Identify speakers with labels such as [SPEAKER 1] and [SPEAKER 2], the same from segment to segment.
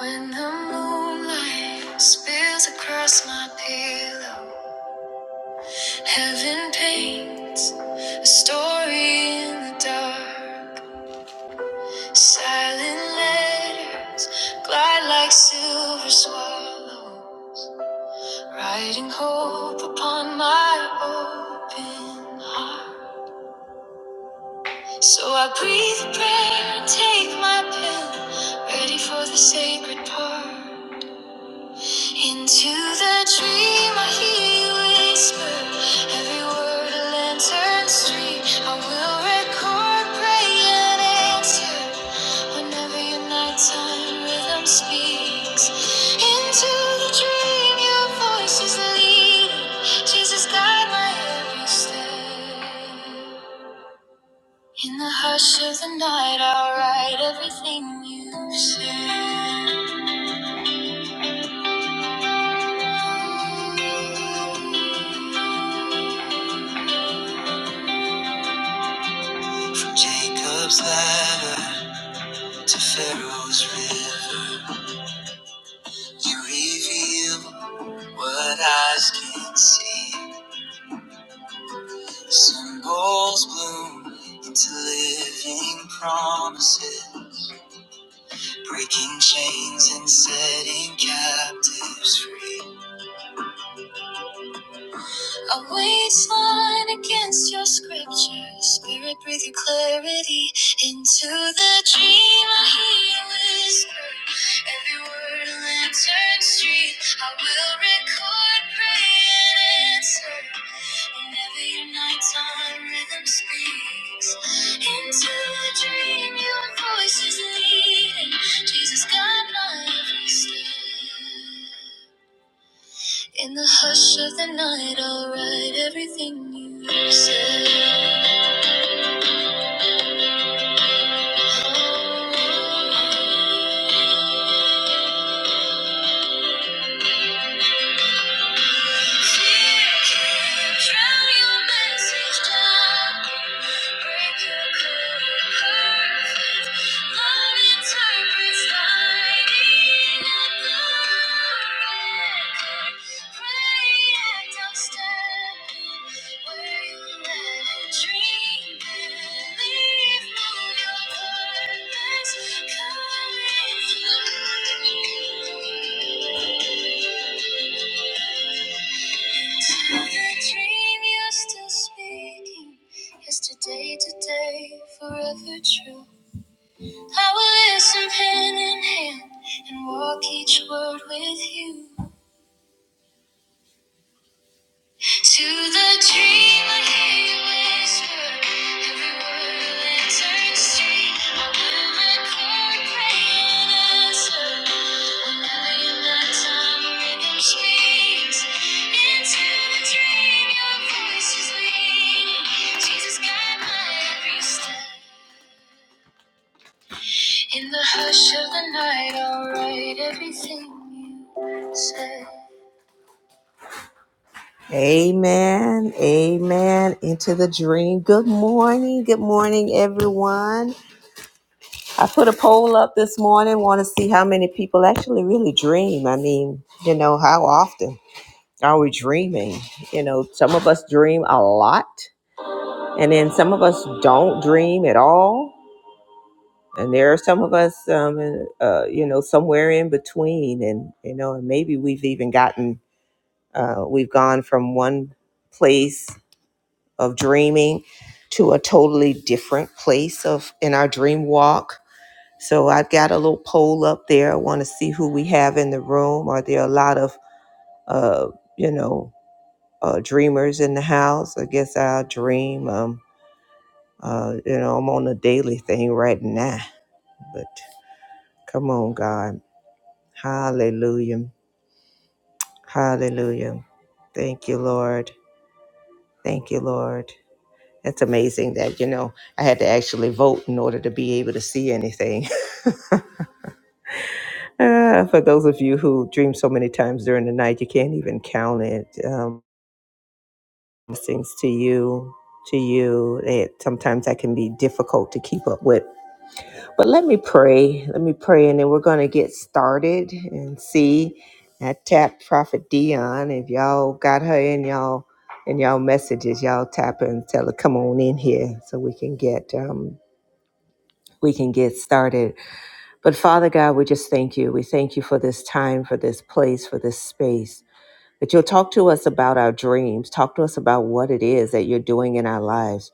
[SPEAKER 1] When the moonlight spills across my pillow, heaven paints a story in the dark. Silent letters glide like silver swallow, writing hope upon my open heart. So I breathe a prayer and take my pen, ready for the sacred part. Into the dream, I hear you whisper every word a lantern street. I will record, pray, and answer whenever your nighttime rhythm speaks. Into the dream, your voice is leading. Jesus, guide my every step. In the hush of the night, I'll write everything you said. From Jacob's ladder to Pharaoh's river, you reveal what eyes can't see. Symbols bloom into living promises, breaking chains and setting captives free. A weight's line against your scripture. Spirit, breathe your clarity into the dream. I hear whisper. Every word a lantern street. I will record, pray, and answer. Whenever your nighttime rhythm speaks. Into the dream, your voice is leading. Jesus, guide my every step. In the hush of the night, I'll write everything you said. Fear can't drown your message down. Break your code perfect. Love interprets lighting at the record. Pray I don't step in where you left. Yesterday, today, forever true. I will listen hand in hand and walk each word with you. To the dream I hear you whisper, every word will turn straight. I will record, pray, and answer. Whenever in that time a rhythm speaks, into the dream your voice is leading. Jesus, guide my every step. In the hush of the night, I'll write everything you said. Amen. Amen. Into the dream. Good morning. Good morning, everyone. I put a poll up this morning. Want to see how many people actually really dream. I mean, you know, how often are we dreaming? You know, some of us dream a lot, and then some of us don't dream at all. And there are some of us, um, uh, you know, somewhere in between. And, you know, and maybe we've even gotten, uh, we've gone from one place of dreaming to a totally different place of in our dream walk. So I've got a little poll up there. I want to see who we have in the room. Are there a lot of uh, you know uh, dreamers in the house? I guess I'll dream. Um, uh, you know, I'm on a daily thing right now. But come on, God, Hallelujah, Hallelujah. Thank you, Lord. Thank you, Lord. It's amazing that you know I had to actually vote in order to be able to see anything. Uh, for those of you who dream so many times during the night, you can't even count it. Um, blessings to you, to you. It, sometimes that can be difficult to keep up with. But let me pray. Let me pray, and then we're going to get started and see. I tapped Prophet Dion. If y'all got her in y'all in y'all messages, y'all tap her and tell her come on in here so we can get um, we can get started. But Father God, we just thank you. We thank you for this time, for this place, for this space. that you'll talk to us about our dreams, talk to us about what it is that you're doing in our lives,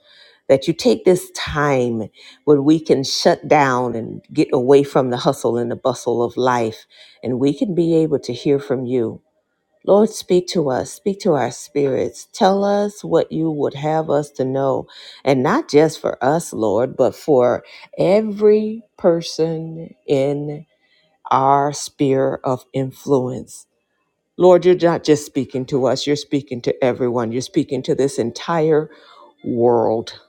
[SPEAKER 1] that you take this time when we can shut down and get away from the hustle and the bustle of life, and we can be able to hear from you. Lord, speak to us, speak to our spirits. Tell us what you would have us to know. And not just for us, Lord, but for every person in our sphere of influence. Lord, you're not just speaking to us, you're speaking to everyone. You're speaking to this entire world.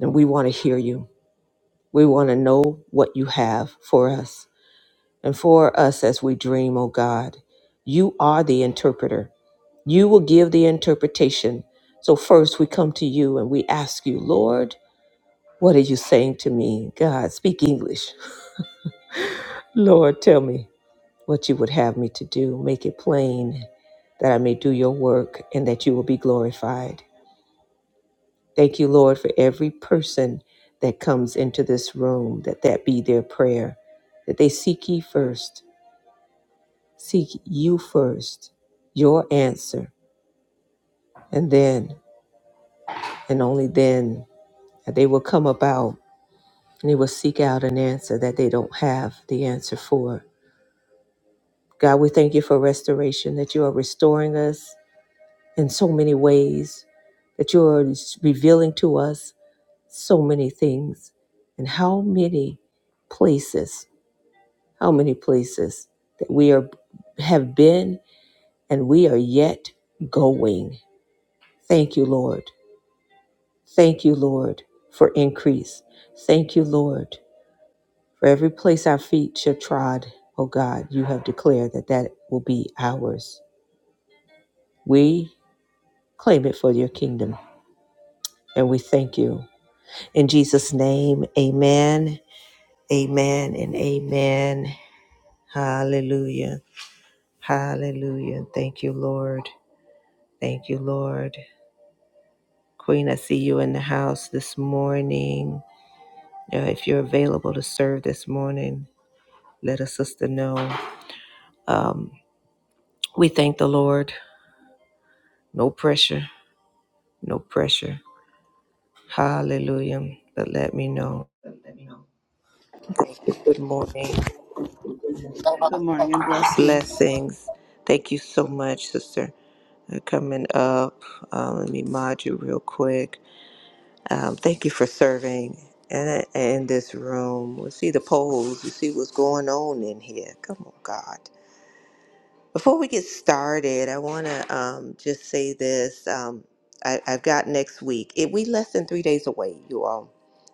[SPEAKER 1] And we want to hear you. We want to know what you have for us. And for us as we dream, oh God, you are the interpreter. You will give the interpretation. So first we come to you and we ask you, Lord, what are you saying to me? God, speak English. Lord, tell me. what you would have me to do. Make it plain that I may do your work and that you will be glorified. Thank you, Lord, for every person that comes into this room, that that be their prayer, that they seek ye first, seek you first, your answer, and then, and only then, that they will come about and they will seek out an answer that they don't have the answer for. God, we thank you for restoration, that you are restoring us in so many ways that you're revealing to us so many things and how many places how many places that we are have been and we are yet going thank you lord thank you lord for increase thank you lord for every place our feet shall trod oh god you have declared that that will be ours we claim it for your kingdom and we thank you In Jesus' name, amen, amen, and amen. Hallelujah. Hallelujah. Thank you, Lord. Thank you, Lord. Queen, I see you in the house this morning. Uh, if you're available to serve this morning, let a sister know. Um, we thank the Lord. No pressure, no pressure. Hallelujah. But let me know. Thank you. Good morning.
[SPEAKER 2] Good morning and blessings.
[SPEAKER 1] Blessings. Thank you so much, sister. You're coming up. Um, let me mod you real quick. Um, thank you for serving in, in this room. We see the polls. We see what's going on in here. Come on, God. Before we get started, I want to um, just say this. Um, I, I've got next week. It, we less than three days away, you all.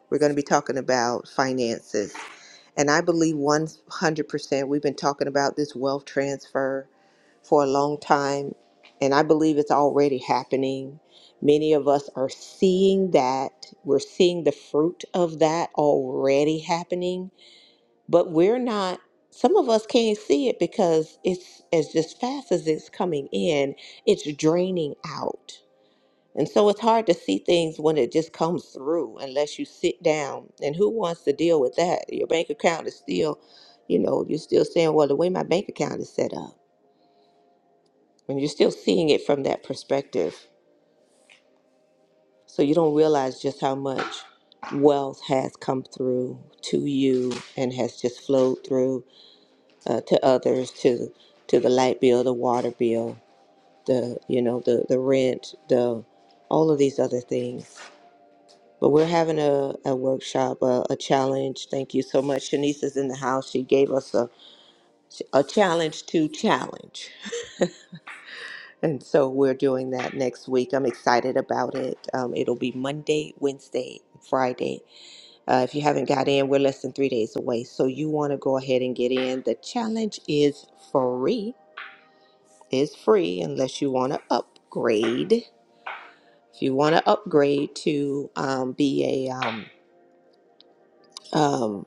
[SPEAKER 1] We're going to be talking about finances. And I believe 100% we've been talking about this wealth transfer for a long time, and I believe it's already happening. Many of us are seeing that. We're seeing the fruit of that already happening, but we're not. Some of us can't see it because it's as just fast as it's coming in, it's draining out. And so it's hard to see things when it just comes through unless you sit down. And who wants to deal with that? Your bank account is still, you know, you're still saying, well, the way my bank account is set up when you're still seeing it from that perspective. So you don't realize just how much wealth has come through to you and has just flowed through uh, to others, to to the light bill, the water bill, the you know the the rent, the all of these other things. But we're having a, a workshop, a, a challenge. Thank you so much. Shanice is in the house. She gave us a, a challenge to challenge. And so we're doing that next week. I'm excited about it. Um, it'll be Monday, Wednesday, Friday. Uh, if you haven't got in, we're less than three days away. So you want to go ahead and get in. The challenge is free. Is free unless you want to upgrade. If you want to upgrade to um, be a, um, um,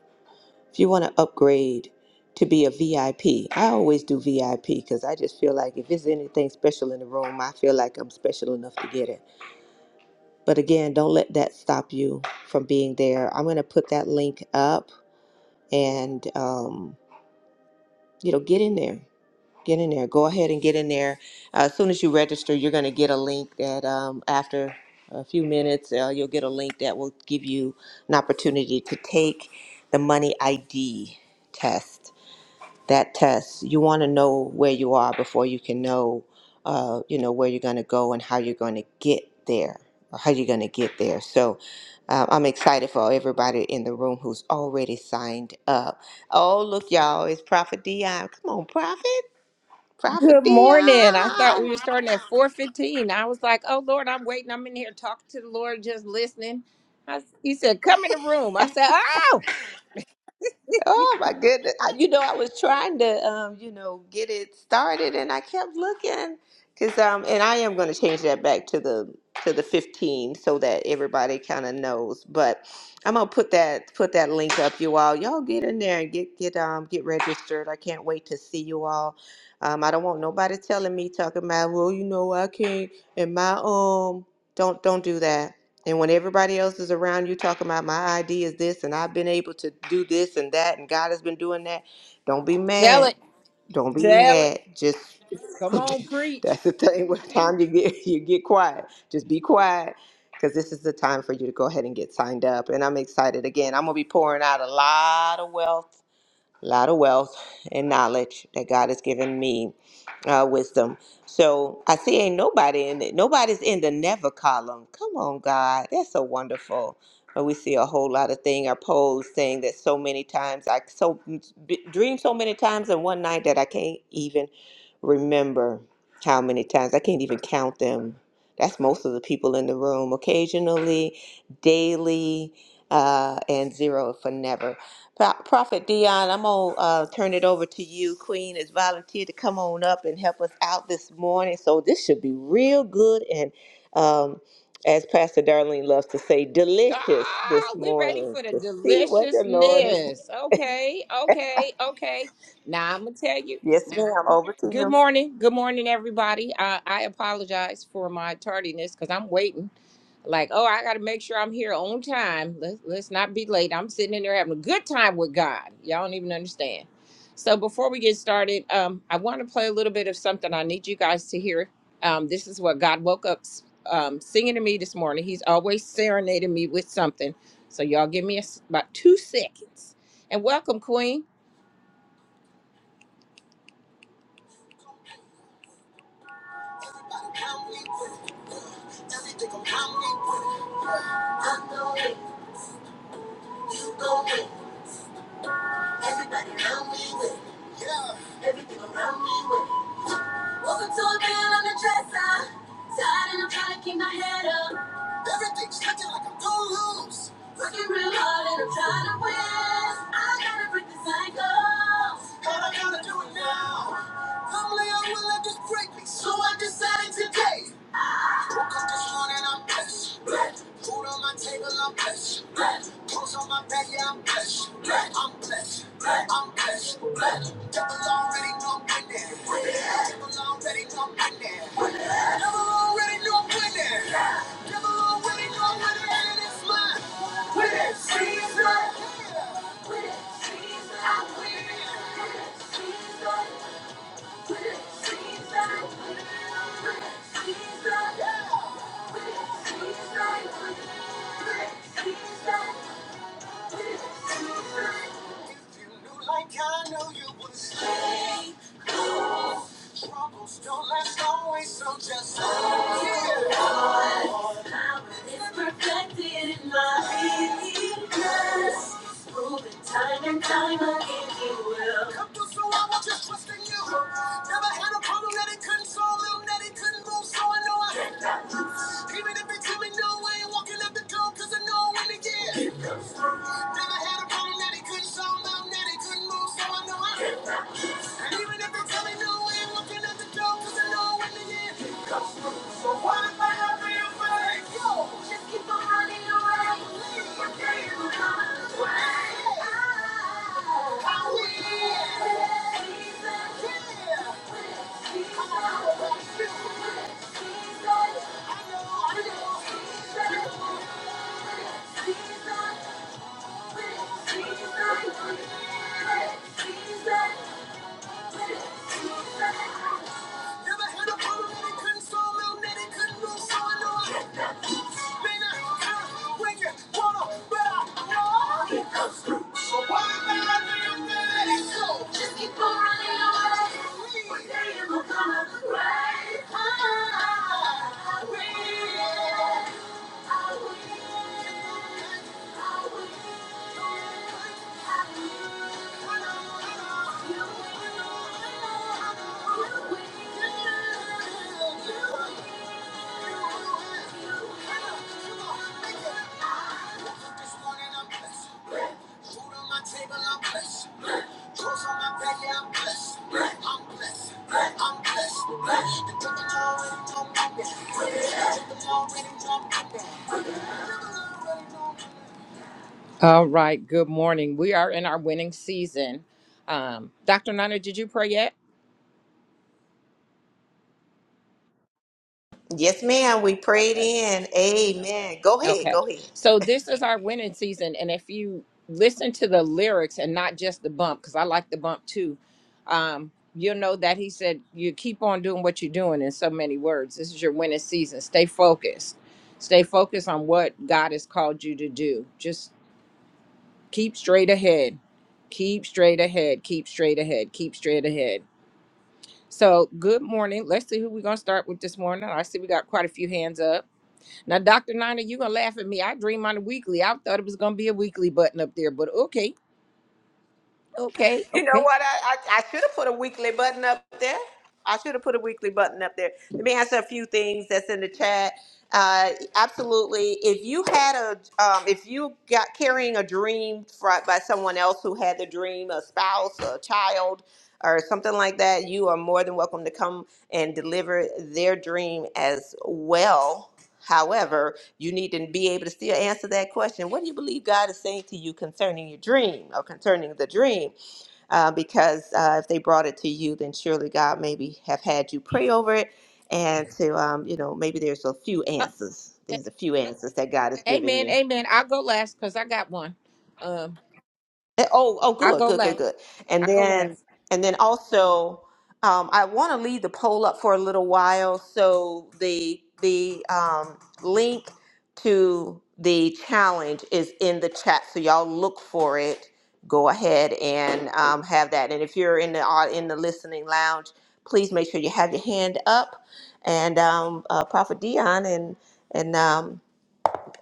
[SPEAKER 1] if you want to upgrade to be a VIP, I P, I always do VIP because I just feel like if there's anything special in the room, I feel like I'm special enough to get it. But again, don't let that stop you from being there. I'm going to put that link up and, um, you know, get in there. Get in there. Go ahead and get in there. Uh, as soon as you register, you're going to get a link that um, after a few minutes, uh, you'll get a link that will give you an opportunity to take the money ID test that test. You want to know where you are before you can know, uh, you know, where you're going to go and how you're going to get there, or how you're going to get there. So uh, I'm excited for everybody in the room who's already signed up. Oh, look, y'all, it's Prophet Dion. Come on, Prophet. Prophet
[SPEAKER 3] Good morning. I thought we were
[SPEAKER 1] Dion.
[SPEAKER 3] starting at 4:15. I was like, "Oh Lord, I'm waiting. I'm in here talking to the Lord, just listening." I, he said, "Come in the room." I said, "Oh,
[SPEAKER 1] Oh my goodness. I, you know, I was trying to, um, you know, get it started and I kept looking because, um, and I am going to change that back to the, to the 15 so that everybody kind of knows, but I'm going to put that, put that link up you all, y'all get in there and get, get, um, get registered. I can't wait to see you all. Um, I don't want nobody telling me talking about, well, you know, I can't and my, um, don't, don't do that and when everybody else is around you talking about my idea is this and I've been able to do this and that and God has been doing that, don't be
[SPEAKER 3] tell
[SPEAKER 1] mad.
[SPEAKER 3] it,
[SPEAKER 1] Don't be
[SPEAKER 3] tell it.
[SPEAKER 1] mad. Just
[SPEAKER 3] Come on, preach."
[SPEAKER 1] that's the thing. What time you get you get quiet. Just be quiet. Because this is the time for you to go ahead and get signed up. And I'm excited again. I'm gonna be pouring out a lot of wealth a lot of wealth and knowledge that God has given me, uh, wisdom. So I see ain't nobody in it. Nobody's in the never column. Come on, God. That's so wonderful. But we see a whole lot of thing. Our polls saying that so many times I so b- dream so many times in one night that I can't even remember how many times. I can't even count them. That's most of the people in the room. Occasionally, daily, uh, and zero for never. Pro- Prophet Dion, I'm gonna uh, turn it over to you. Queen has volunteered to come on up and help us out this morning, so this should be real good and, um, as Pastor Darlene loves to say, delicious this
[SPEAKER 3] Oh, we ready
[SPEAKER 1] morning
[SPEAKER 3] for the
[SPEAKER 1] to see what the Lord is.
[SPEAKER 3] deliciousness. Okay, okay, okay. Now I'm gonna tell you.
[SPEAKER 1] Yes, ma'am. Over to
[SPEAKER 3] Good
[SPEAKER 1] you.
[SPEAKER 3] morning. Good morning, everybody. Uh, I apologize for my tardiness because I'm waiting. Like, oh, I got to make sure I'm here on time. Let's, let's not be late. I'm sitting in there having a good time with God. Y'all don't even understand. So, before we get started, um, I want to play a little bit of something I need you guys to hear. Um, this is what God woke up um, singing to me this morning. He's always serenading me with something. So, y'all give me a s about two seconds. And welcome, Queen. Everything I'm coming with, I know it, you know it. Everybody around me with Yeah. Everything around me with to a bill on the dresser. Tired and I'm trying to keep my head up. Everything's looking like I'm gonna Working real hard and I'm trying to win. I gotta break the cycle. And I gotta do it now. Normally I will let break me, so I decided today. Woke up this morning, I'm blessed. blessed. Food on my table, I'm blessed. blessed. Clothes on my back, yeah, I'm blessed. blessed. I'm blessed. blessed. I'm blessed. Devil already know I'm winning. Devil already know I'm winning. Devil already know I'm winning. Devil already know I'm winning. And it's mine. Winning season. Winning season. I'm winning. Winning season. Like I know you would say, troubles don't last always, so just say. Time and time again, he will. Come through, so I was just trusting Never had a problem that he couldn't solve, that he couldn't move, so I know I had that. Even if it took me no walking up the door, cause I know when it did. Never had a problem that he couldn't solve, that he couldn't move, so I know I had that. And even if it took me no walking up the door, cause I know when it did. So what if I have to fight? Yo, just keep on running away. You can't run away. I will. He's a killer. He's a killer. He's a- I know, I know. He's a- deal. he's a- deal. he's a- deal. he's a- Never had a problem that he couldn't solve, little that he couldn't move, so I know I been a girl when you wanna, but I know it comes through. So why am I letting you let it go? Just keep on running away. One day it will come around. I will. This morning I'm blessed. Food on my table, I'm blessed. Clothes on my back, yeah, I'm blessed. I'm blessed. I'm blessed. The cricket's already done my back. The cricket's already done my back. All right, good morning. We are in our winning season. Um, Dr. Nana, did you pray yet?
[SPEAKER 1] Yes, ma'am. We prayed in. Amen. Go ahead.
[SPEAKER 3] Okay.
[SPEAKER 1] Go ahead.
[SPEAKER 3] So this is our winning season. And if you listen to the lyrics and not just the bump, because I like the bump too, um, you'll know that he said, You keep on doing what you're doing in so many words. This is your winning season. Stay focused. Stay focused on what God has called you to do. Just keep straight ahead. Keep straight ahead. Keep straight ahead. Keep straight ahead. So, good morning. Let's see who we're going to start with this morning. I see we got quite a few hands up. Now, Dr. Nina, you're going to laugh at me. I dream on a weekly. I thought it was going to be a weekly button up there, but okay, okay,
[SPEAKER 1] You know
[SPEAKER 3] okay.
[SPEAKER 1] what? I, I, I should have put a weekly button up there. I should have put a weekly button up there. Let me answer a few things that's in the chat. Uh, absolutely. If you had a, um, if you got carrying a dream fro- by someone else who had the dream, a spouse, a child, or something like that, you are more than welcome to come and deliver their dream as well. However, you need to be able to still answer that question. What do you believe God is saying to you concerning your dream or concerning the dream? uh, because uh, if they brought it to you, then surely God maybe have had you pray over it, and to um, you know maybe there's a few
[SPEAKER 3] Uh,
[SPEAKER 1] answers. There's a few answers that God has given
[SPEAKER 3] amen,
[SPEAKER 1] you.
[SPEAKER 3] amen. I'll go last because I got one. Um,
[SPEAKER 1] Eh, Oh, oh,
[SPEAKER 3] I'll
[SPEAKER 1] good,
[SPEAKER 3] go
[SPEAKER 1] good, good,
[SPEAKER 3] last.
[SPEAKER 1] good. And
[SPEAKER 3] I'll go
[SPEAKER 1] then,
[SPEAKER 3] last.
[SPEAKER 1] and then also, um, I want to leave the poll up for a little while. So the the um, link to the challenge is in the chat. So y'all look for it. Go ahead and um, have that. And if you're in the au- in the listening lounge, please make sure you have your hand up. And um, uh, Prophet Dion and and um,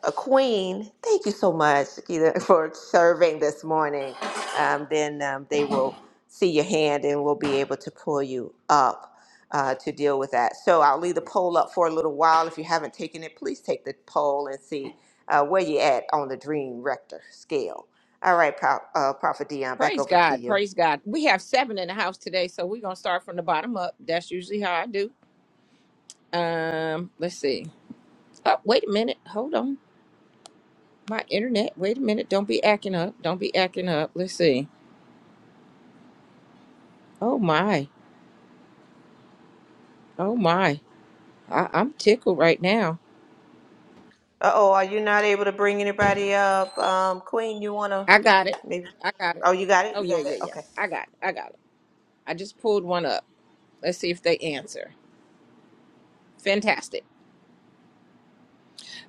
[SPEAKER 1] a queen. Thank you so much, Keita, for serving this morning. Um, then um, they will see your hand and will be able to pull you up uh, to deal with that. So I'll leave the poll up for a little while. If you haven't taken it, please take the poll and see uh, where you're at on the Dream Rector scale. All right, Pro- uh, Prophet Dion, back
[SPEAKER 3] Praise
[SPEAKER 1] over to
[SPEAKER 3] God,
[SPEAKER 1] you.
[SPEAKER 3] praise God. We have seven in the house today, so we're going to start from the bottom up. That's usually how I do. Um, Let's see. Oh, wait a minute. Hold on. My internet. Wait a minute. Don't be acting up. Don't be acting up. Let's see. Oh, my. Oh, my. I- I'm tickled right now.
[SPEAKER 1] Uh oh, are you not able to bring anybody up? Um, queen, you want to
[SPEAKER 3] I got it.
[SPEAKER 1] maybe?
[SPEAKER 3] I got it.
[SPEAKER 1] Oh, you got it?
[SPEAKER 3] Oh
[SPEAKER 1] You
[SPEAKER 3] yeah,
[SPEAKER 1] got it?
[SPEAKER 3] yeah, yeah.
[SPEAKER 1] Okay.
[SPEAKER 3] I got it. I got it. I just pulled one up. Let's see if they answer. Fantastic.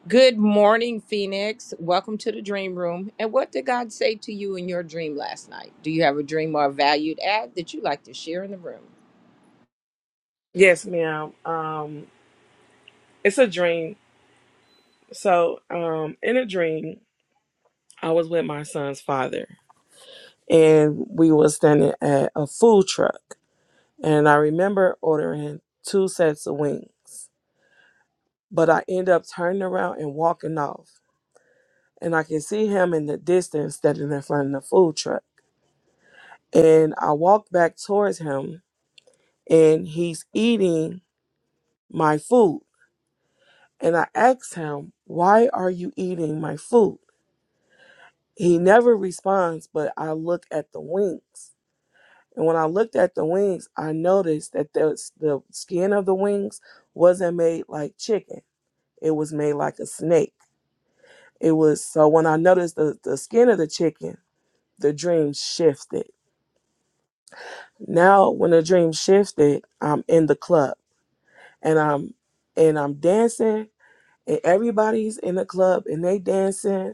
[SPEAKER 3] Good morning, Phoenix. Welcome to the dream room. And what did God say to you in your dream last night? Do you have a dream or a valued ad that you like to share in the room?
[SPEAKER 4] Yes, ma'am. Um, it's a dream. So, um, in a dream, I was with my son's father, and we were standing at a food truck, and I remember ordering two sets of wings, but I end up turning around and walking off, and I can see him in the distance standing in front of the food truck, and I walk back towards him, and he's eating my food, and I ask him, "Why are you eating my food?" He never responds, but I look at the wings. And when I looked at the wings, I noticed that the, the skin of the wings wasn't made like chicken. It was made like a snake. It was so when I noticed the, the skin of the chicken, the dream shifted. Now when the dream shifted, I'm in the club and I'm and I'm dancing and everybody's in the club and they dancing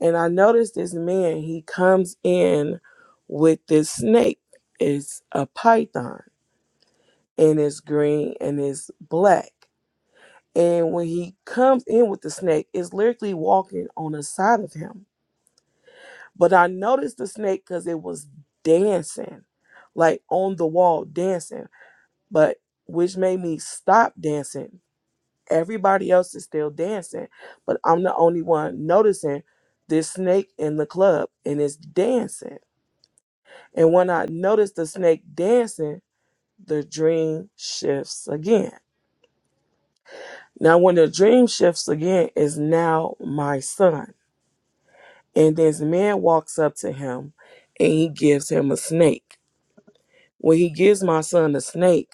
[SPEAKER 4] and i noticed this man he comes in with this snake it's a python and it's green and it's black and when he comes in with the snake it's literally walking on the side of him but i noticed the snake because it was dancing like on the wall dancing but which made me stop dancing Everybody else is still dancing, but I'm the only one noticing this snake in the club and it's dancing. And when I notice the snake dancing, the dream shifts again. Now, when the dream shifts again, is now my son. And this man walks up to him and he gives him a snake. When he gives my son a snake,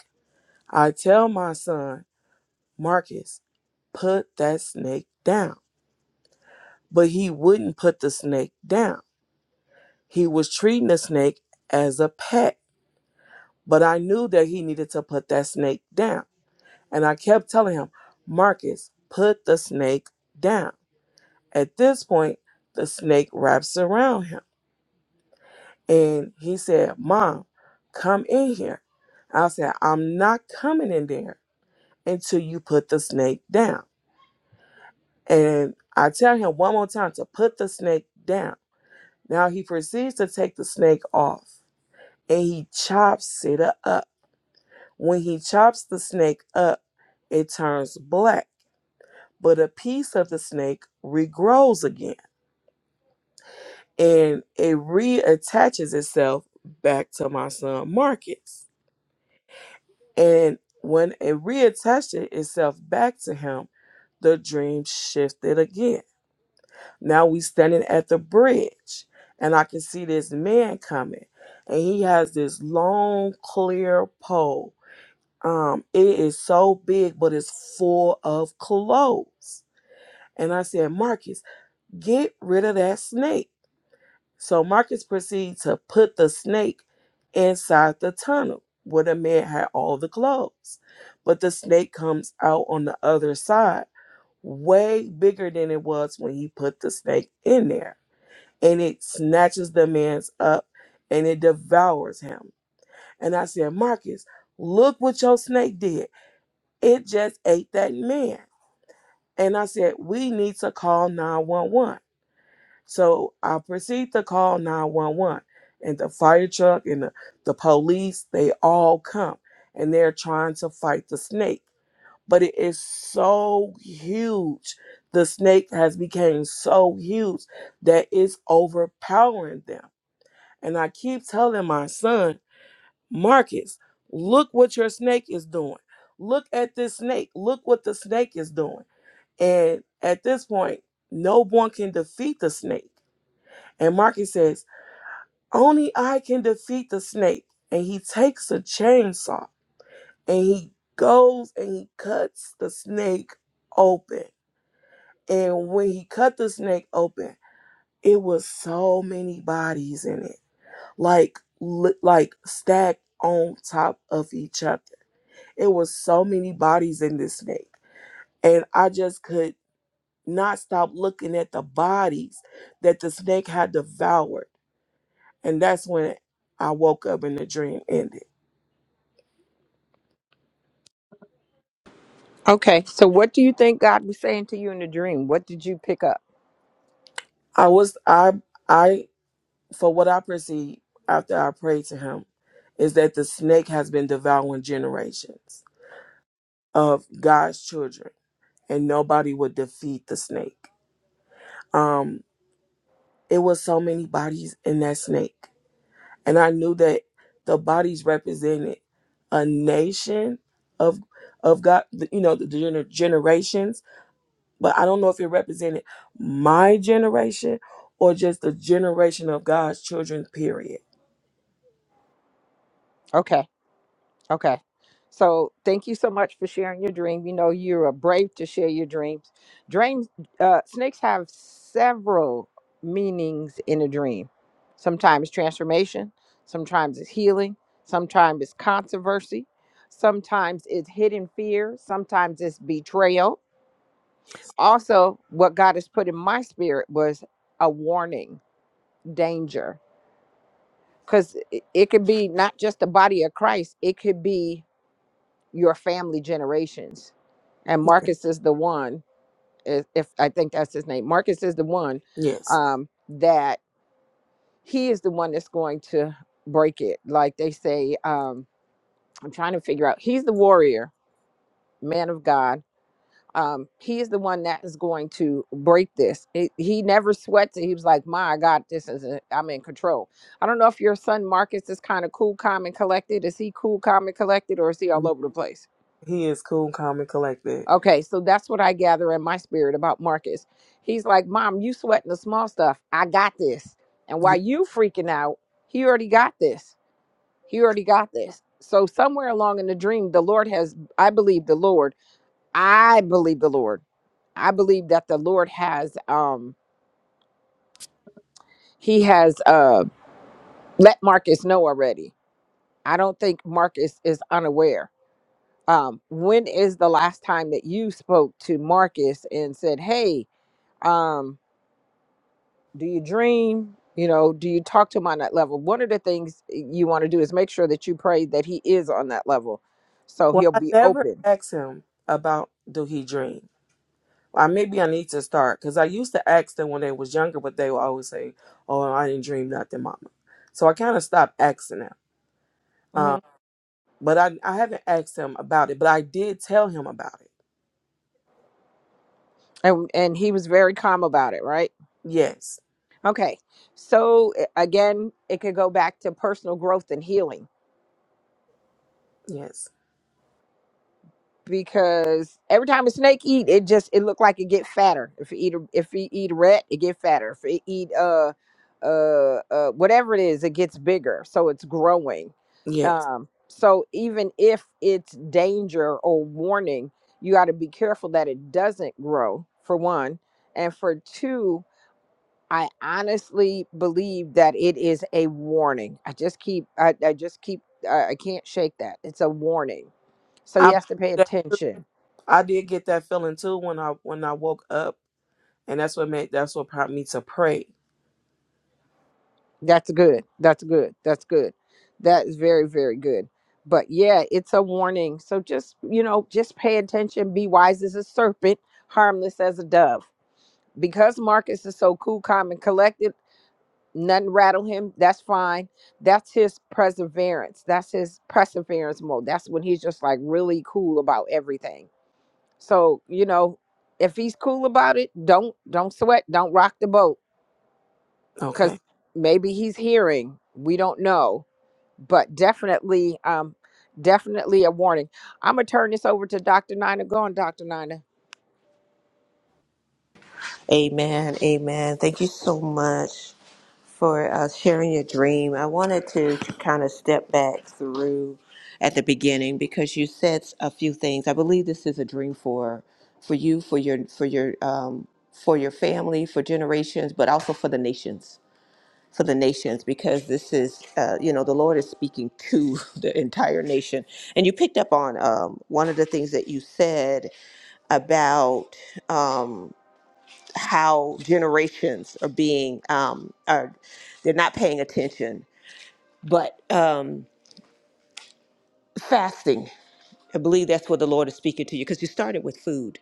[SPEAKER 4] I tell my son, Marcus, put that snake down. But he wouldn't put the snake down. He was treating the snake as a pet, but I knew that he needed to put that snake down. And I kept telling him, Marcus, put the snake down. At this point, the snake wraps around him. And he said, Mom, come in here. I said, I'm not coming in there until you put the snake down. And I tell him one more time to put the snake down. Now he proceeds to take the snake off and he chops it up When he chops the snake up, it turns black, but a piece of the snake regrows again and it reattaches itself back to my son Marcus. And when it reattached itself back to him, the dream shifted again. Now we standing at the bridge and I can see this man coming and he has this long clear pole. Um it is so big but it's full of clothes And I said, Marcus, get rid of that snake. So Marcus proceeded to put the snake inside the tunnel where the man had all the clothes. But the snake comes out on the other side, way bigger than it was when he put the snake in there. And it snatches the man's up and it devours him. And I said, Marcus, look what your snake did. It just ate that man. And I said, we need to call 911. So I proceed to call 911 and the fire truck and the, the police, they all come and they're trying to fight the snake. But it is so huge. The snake has become so huge that it's overpowering them. And I keep telling my son, Marcus, look what your snake is doing. Look at this snake. Look what the snake is doing. And at this point, no one can defeat the snake. And Marcus says. Only I can defeat the snake. And he takes a chainsaw and he goes and he cuts the snake open. And when he cut the snake open, it was so many bodies in it, like li- like stacked on top of each other. It was so many bodies in this snake, and I just could not stop looking at the bodies that the snake had devoured. And that's when I woke up and the dream ended.
[SPEAKER 3] Okay, so what do you think God was saying to you in the dream? What did you pick up?
[SPEAKER 4] I was I I for what I perceive after I prayed to him is that the snake has been devouring generations of God's children and nobody would defeat the snake. Um it was so many bodies in that snake. And I knew that the bodies represented a nation of of God, the- you know, the gener- generations, but I don't know if it represented my generation or just the generation of God's children period
[SPEAKER 3] Okay. Okay. So thank you so much for sharing your dream. You know, you are brave to share your dreams. Dreams, uh, snakes have several meanings in a dream. Sometimes transformation, sometimes it's healing, sometimes it's controversy, sometimes it's hidden fear, sometimes it's betrayal. Also, what God has put in my spirit was a warning, danger, because it, it could be not just the body of Christ, it could be your family generations and Marcus is the one. If, if I think that's his name, Marcus is the one
[SPEAKER 4] Yes.
[SPEAKER 3] um, that he is the one that's going to break it. Like they say, um, I'm trying to figure out. He's the warrior, man of God. Um, he is the one that is going to break this. He, he never sweats it. He was like, "My God, this is i I'm in control." I don't know if your son Marcus is kind of cool, calm, and collected. Is he cool, calm, and collected, or is he all over the place?
[SPEAKER 4] He is cool, calm, and collected.
[SPEAKER 3] Okay, so that's what I gather in my spirit about Marcus. He's like, Mom, you sweating the small stuff. I got this. And
[SPEAKER 4] Yeah.
[SPEAKER 3] while you freaking out, he already got this. He already got this. So somewhere along in the dream, the Lord has, I believe the Lord, I believe the Lord. I believe that the Lord has um he has uh let Marcus know already. I don't think Marcus is unaware. Um when is the last time that you spoke to Marcus and said, "Hey, um do you dream you know do you talk to him on that level one of the things you want to do is make sure that you pray that he is on that level so
[SPEAKER 4] Well,
[SPEAKER 3] he'll
[SPEAKER 4] I
[SPEAKER 3] be
[SPEAKER 4] never
[SPEAKER 3] open
[SPEAKER 4] asked him about do he dream. Well, maybe I need to start because I used to ask them when they was younger, but they would always say, "Oh, I didn't dream nothing, Mama." So I kind of stopped asking them.
[SPEAKER 3] hmm
[SPEAKER 4] Um, but I I haven't asked him about it, but I did tell him about it.
[SPEAKER 3] and and he was very calm about it right
[SPEAKER 4] Yes.
[SPEAKER 3] okay so a- again it could go back to personal growth and healing
[SPEAKER 4] Yes.
[SPEAKER 3] because every time a snake eat, it just it look like it get fatter. If it eat a, if it eat a rat, it get fatter. If it eat uh uh uh whatever it is, it gets bigger. So it's growing.
[SPEAKER 4] Yes.
[SPEAKER 3] Um, so even if it's danger or warning, you got to be careful that it doesn't grow for one, and for two. I honestly believe that it is a warning. I just keep, I, I just keep, I, I can't shake that. It's a warning. So he
[SPEAKER 4] I
[SPEAKER 3] has to pay
[SPEAKER 4] that too.
[SPEAKER 3] attention
[SPEAKER 4] I did get that feeling too when I when I woke up and that's what made that's what prompted me to pray.
[SPEAKER 3] That's good. That's good. That's good. That is very, very good. But yeah, it's a warning. So just, you know, just pay attention. Be wise as a serpent, harmless as a dove. Because Marcus is so cool, calm, and collected, nothing rattle him. That's fine. That's his perseverance. That's his perseverance mode. That's when he's just like really cool about everything. So, you know, if he's cool about it, don't don't sweat. Don't rock the boat.
[SPEAKER 4] Okay.
[SPEAKER 3] Cause maybe he's hearing. We don't know but definitely, um, definitely a warning. I'm gonna turn this over to Dr. Nina. Go on, Dr. Nina.
[SPEAKER 1] Amen. Amen. Thank you so much for uh, sharing your dream. I wanted to kind of step back through at the beginning because you said a few things. I believe this is a dream for for you, for your for your um, for your family, for generations, but also for the nations, for the nations, because this is uh, you know the Lord is speaking to the entire nation. And you picked up on um, one of the things that you said about. Um, how generations are being um, are they're not paying attention. But um, fasting, I believe that's what the Lord is speaking to you because you started with food,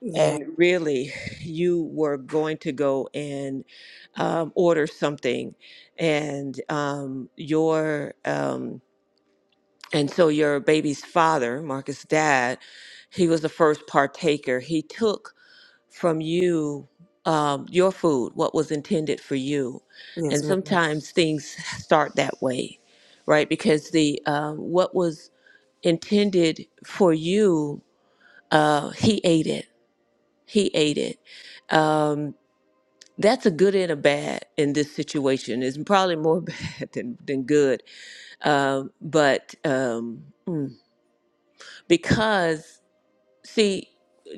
[SPEAKER 4] Yeah.
[SPEAKER 1] and really you were going to go and um, order something, and um, your um, and so your baby's father, Marcus' dad, he was the first partaker. He took from you um, your food, what was intended for you.
[SPEAKER 4] Yes,
[SPEAKER 1] And
[SPEAKER 4] ma'am.
[SPEAKER 1] sometimes things start that way, right? Because the um, what was intended for you, uh, he ate it. He ate it. Um, that's a good and a bad in this situation. It's probably more bad than, than good. Um, but um, mm, because See,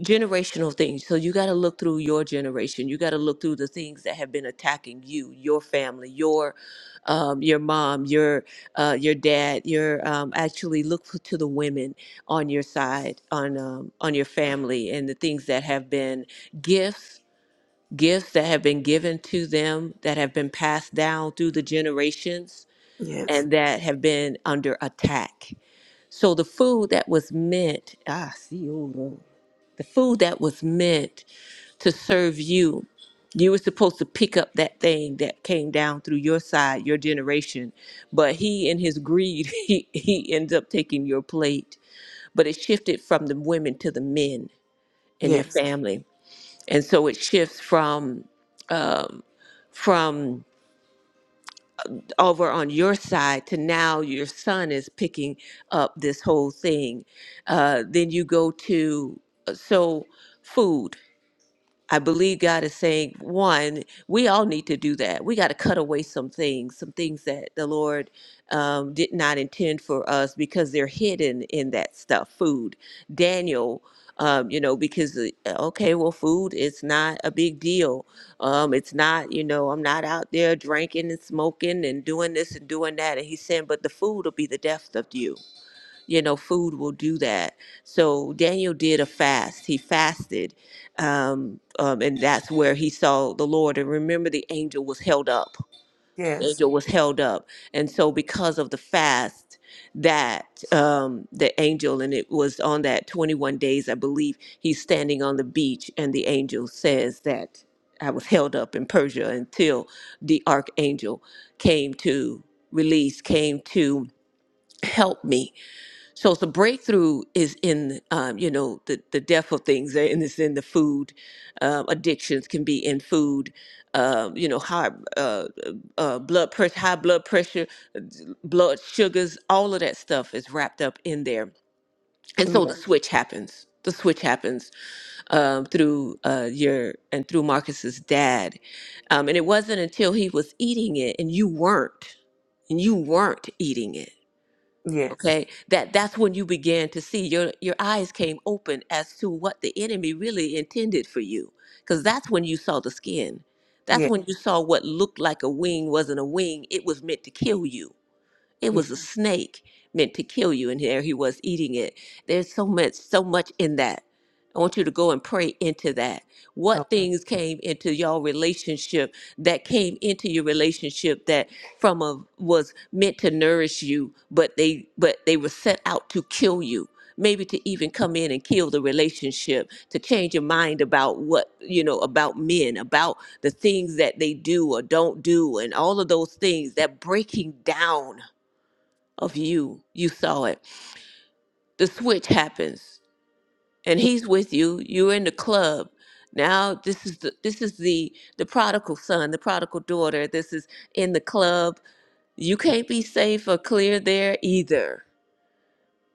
[SPEAKER 1] generational things. So you got to look through your generation. You got to look through the things that have been attacking you, your family, your um, your mom, your uh, your dad. Your um, actually look for, to the women on your side, on um, on your family, and the things that have been gifts, gifts that have been given to them, that have been passed down through the generations,
[SPEAKER 4] Yes.
[SPEAKER 1] and that have been under attack. So the food that was meant, ah, see, the food that was meant to serve you. You were supposed to pick up that thing that came down through your side, your generation. But he, in his greed, he, he ends up taking your plate. But it shifted from the women to the men in your
[SPEAKER 4] Yes.
[SPEAKER 1] family. And so it shifts from um, from over on your side to now your son is picking up this whole thing. Uh, then you go to uh, so food. I believe God is saying, one, we all need to do that. We got to cut away some things, some things that the Lord um, did not intend for us because they're hidden in that stuff, food. Daniel, um, you know, because, uh, okay, well, food is not a big deal. Um, it's not, you know, I'm not out there drinking and smoking and doing this and doing that. And he's saying, but the food will be the death of you you know food will do that so daniel did a fast he fasted um, um, and that's where he saw the lord and remember the angel was held up the
[SPEAKER 4] Yes.
[SPEAKER 1] angel was held up and so because of the fast that um, the angel and it was on that 21 days i believe he's standing on the beach and the angel says that i was held up in persia until the archangel came to release came to help me so the breakthrough is in, um, you know, the, the depth of things, and it's in the food. Um, addictions can be in food. Um, you know, high uh, uh, blood pressure, high blood pressure, uh, blood sugars, all of that stuff is wrapped up in there. And so the
[SPEAKER 4] Yes.
[SPEAKER 1] switch happens. The switch happens um, through uh, your and through Marcus's dad, um, and it wasn't until he was eating it and you weren't, and you weren't eating it
[SPEAKER 4] Yes.
[SPEAKER 1] okay that that's when you began to see your your eyes came open as to what the enemy really intended for you because that's when you saw the skin that's
[SPEAKER 4] Yes.
[SPEAKER 1] when you saw what looked like a wing wasn't a wing it was meant to kill you it
[SPEAKER 4] Yes.
[SPEAKER 1] was a snake meant to kill you, and there he was eating it. There's so much, so much in that. I want you to go and pray into that.
[SPEAKER 4] Oh,
[SPEAKER 1] What things came into your relationship that came into your relationship that from a was meant to nourish you, but they but they were set out to kill you. Maybe to even come in and kill the relationship, to change your mind about what, you know, about men, about the things that they do or don't do, and all of those things, that breaking down of you. You saw it. The switch happens and
[SPEAKER 4] ye-
[SPEAKER 1] he's with you. You're in the club. Now this is the this is the the prodigal son, the prodigal daughter. This is in the club. You can't be safe or clear there either.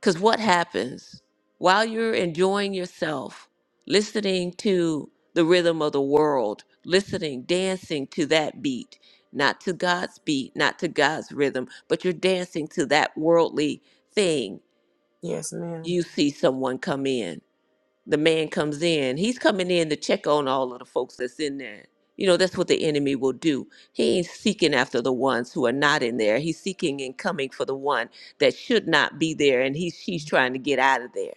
[SPEAKER 1] Cuz what happens while you're enjoying yourself, listening to the rhythm of the world, listening, dancing to that beat, not to God's beat, not to God's rhythm, but you're dancing to that worldly thing
[SPEAKER 4] yes, ma'am.
[SPEAKER 1] you see someone come in. The man comes in. He's coming in to check on all of the folks that's in there. You know, that's what the enemy will do. He ain't seeking after the ones who are not in there. He's seeking and coming for the one that should not be there and he's she's trying to get out of there.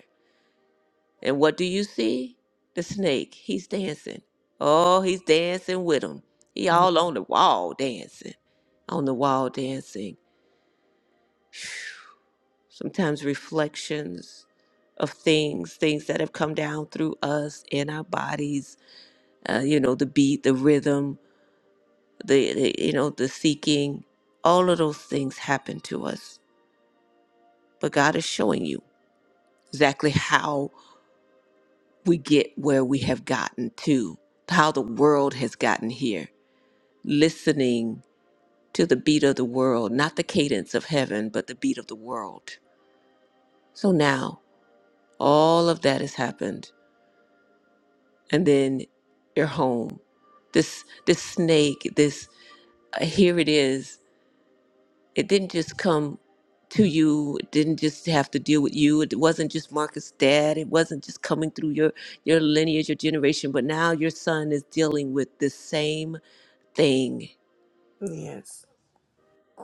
[SPEAKER 1] And what do you see? The snake. He's dancing. Oh, he's dancing with him. He
[SPEAKER 4] Ye-
[SPEAKER 1] all on the wall dancing. On the wall dancing sometimes reflections of things, things that have come down through us in our bodies, uh, you know, the beat, the rhythm, the, the, you know, the seeking, all of those things happen to us. But God is showing you exactly how we get where we have gotten to, how the world has gotten here. Listening to the beat of the world, not the cadence of heaven, but the beat of the world. So now all of that has happened and then you're home. This this snake, this uh, here it is. It didn't just come to you. It didn't just have to deal with you. It wasn't just Marcus' dad. It wasn't just coming through your your lineage, your generation. But now your son is dealing with this same thing,
[SPEAKER 4] Yes.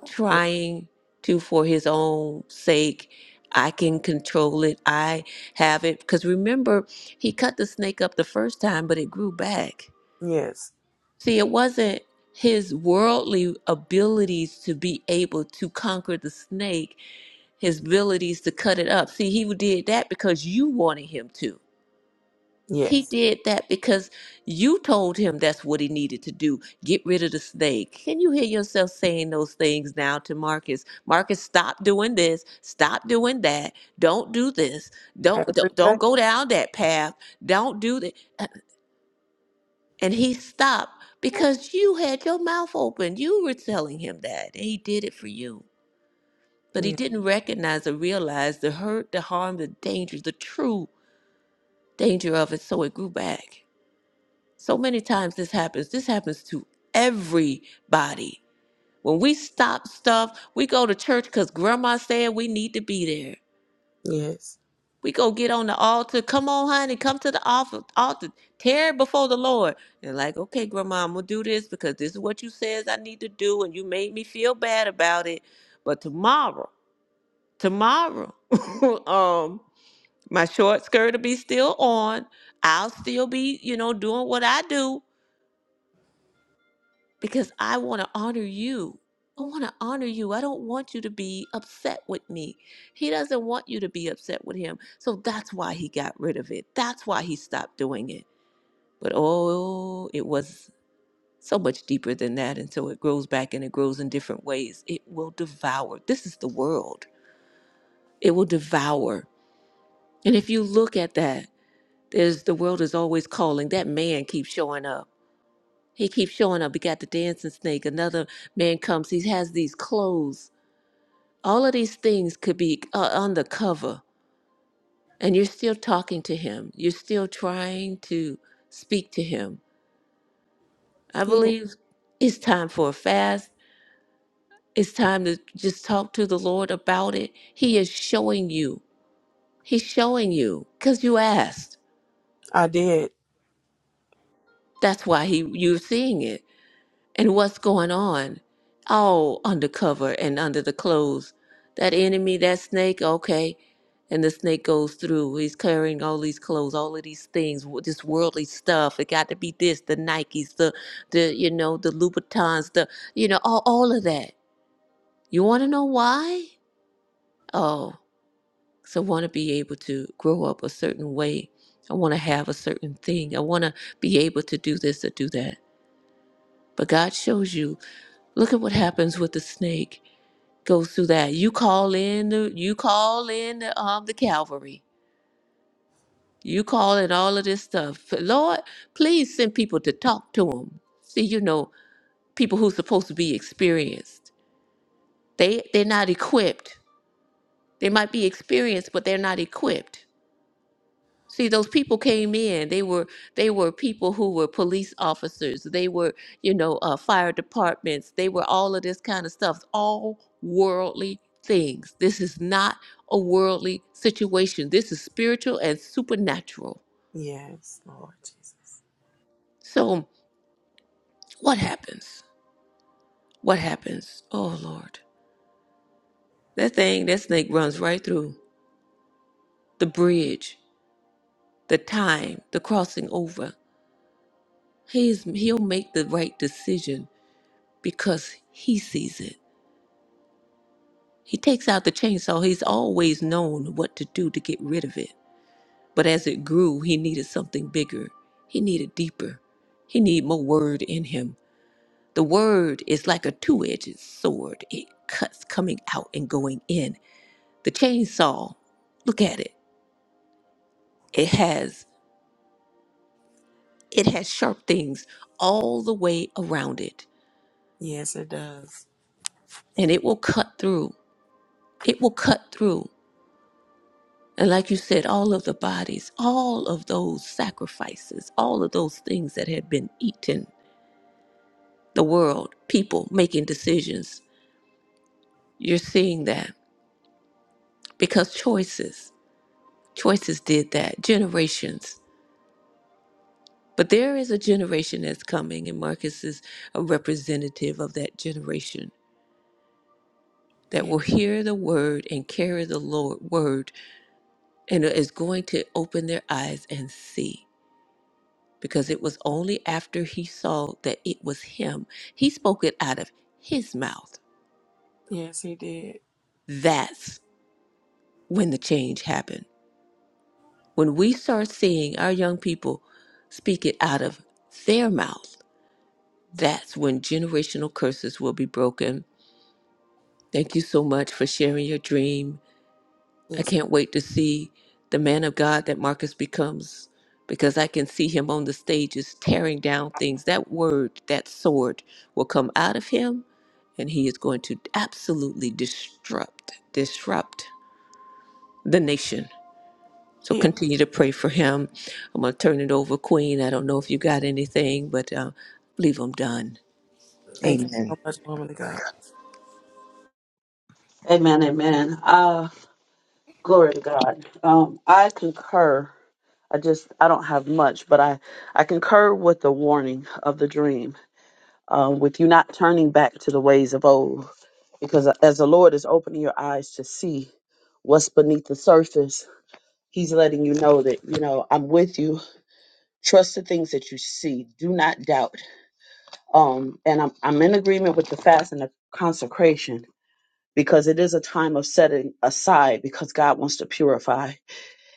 [SPEAKER 1] trying to for his own sake. I can control it. I have it. Because remember, he cut the snake up the first time, but it grew back
[SPEAKER 4] Yes.
[SPEAKER 1] See, it wasn't his worldly abilities to be able to conquer the snake, his abilities to cut it up. See, he did that because you wanted him to. He
[SPEAKER 4] Yes.
[SPEAKER 1] did that because you told him that's what he needed to do. Get rid of the snake. Can you hear yourself saying those things now to Marcus? Marcus, stop doing this. Stop doing that. Don't do this. Don't
[SPEAKER 4] Every
[SPEAKER 1] don't,
[SPEAKER 4] day.
[SPEAKER 1] don't go down that path. Don't do that. And he stopped because you had your mouth open. You were telling him that. And he did it for you. But he
[SPEAKER 4] Yeah.
[SPEAKER 1] didn't recognize or realize the hurt, the harm, the danger, the true danger of it. So it grew back. So many times this happens. This happens to everybody. When we stop stuff, we go to church because grandma said we need to be there.
[SPEAKER 4] Yes.
[SPEAKER 1] We go get on the altar. Come on, honey, come to the altar. altar. Tear it before the Lord. And like, okay, grandma, I'm gonna do this because this is what you says I need to do, and you made me feel bad about it. But tomorrow, tomorrow, um, my short skirt will be still on. I'll still be, you know, doing what I do. because I want to honor you. I want to honor you. I don't want you to be upset with me. He doesn't want you to be upset with him. So that's why he got rid of it. That's why he stopped doing it. But oh, it was so much deeper than that. And so it grows back and it grows in different ways. It will devour. This is the world. It will devour. And if you look at that, there's the world is always calling. That man keeps showing up He keeps showing up. We got the dancing snake. Another man comes. He has these clothes. All of these things could be uh, undercover, and you're still talking to him. You're still trying to speak to him. I
[SPEAKER 4] Yeah.
[SPEAKER 1] believe it's time for a fast. It's time to just talk to the Lord about it. He is showing you. He's showing you because you asked.
[SPEAKER 4] I did.
[SPEAKER 1] That's why he you're seeing it. and what's going on all undercover and under the clothes that enemy that snake okay and the snake goes through he's carrying all these clothes all of these things wo- this worldly stuff it got to be this the nikes the the you know the louboutins the you know all, all of that you want to know why oh so I want to be able to grow up a certain way i want to have a certain thing i want to be able to do this or do that but god shows you look at what happens with the snake goes through that. You call in the you call in the um the Calvary. You call in all of this stuff. Lord, please send people to talk to them. See, you know, people who's supposed to be experienced. They they're not equipped. They might be experienced, but they're not equipped. See, those people came in. They were they were people who were police officers. They were, you know, uh, fire departments. They were all of this kind of stuff. All worldly things. This is not a worldly situation. This is spiritual and supernatural.
[SPEAKER 4] Yes, Lord Jesus.
[SPEAKER 1] So, what happens? What happens? Oh Lord, that thing, that snake runs right through the bridge, the time, the crossing over. He's he'll make the right decision because he sees it. He takes out the chainsaw. He's always known what to do to get rid of it. But as it grew, he needed something bigger. He needed deeper. He needed more word in him. The word is like a two edged sword, it cuts coming out and going in. The chainsaw, look at it. It has it has sharp things all the way around it
[SPEAKER 4] Yes, it does.
[SPEAKER 1] and it will cut through. It will cut through. And like you said, all of the bodies, all of those sacrifices, all of those things that had been eaten, the world, people making decisions, you're seeing that because choices, choices did that, generations. But there is a generation that's coming, and Marcus is a representative of that generation that
[SPEAKER 4] Yeah.
[SPEAKER 1] will hear the word and carry the Lord word and is going to open their eyes and see. because it was only after he saw that it was him, he spoke it out of his mouth.
[SPEAKER 4] Yes, he did.
[SPEAKER 1] That's when the change happened. When we start seeing our young people speak it out of their mouth, that's when generational curses will be broken. Thank you so much for sharing your dream I
[SPEAKER 4] Yes.
[SPEAKER 1] can't wait to see the man of God that Marcus becomes because I can see him on the stages tearing down things. That word, that sword will come out of him and he is going to absolutely disrupt, disrupt the nation. So
[SPEAKER 4] Yeah.
[SPEAKER 1] continue to pray for him. I'm going to turn it over, Queen. I don't know if you got anything, but uh, leave him done.
[SPEAKER 4] Thank you
[SPEAKER 1] Amen.
[SPEAKER 4] so much, woman of God.
[SPEAKER 2] Amen, amen. Uh, glory to God. Um, I concur. I just I don't have much, but I I concur with the warning of the dream, um, with you not turning back to the ways of old, because as the Lord is opening your eyes to see what's beneath the surface, He's letting you know that you know I'm with you. Trust the things that you see. Do not doubt. Um, and I'm I'm in agreement with the fast and the consecration because it is a time of setting aside because God wants to purify.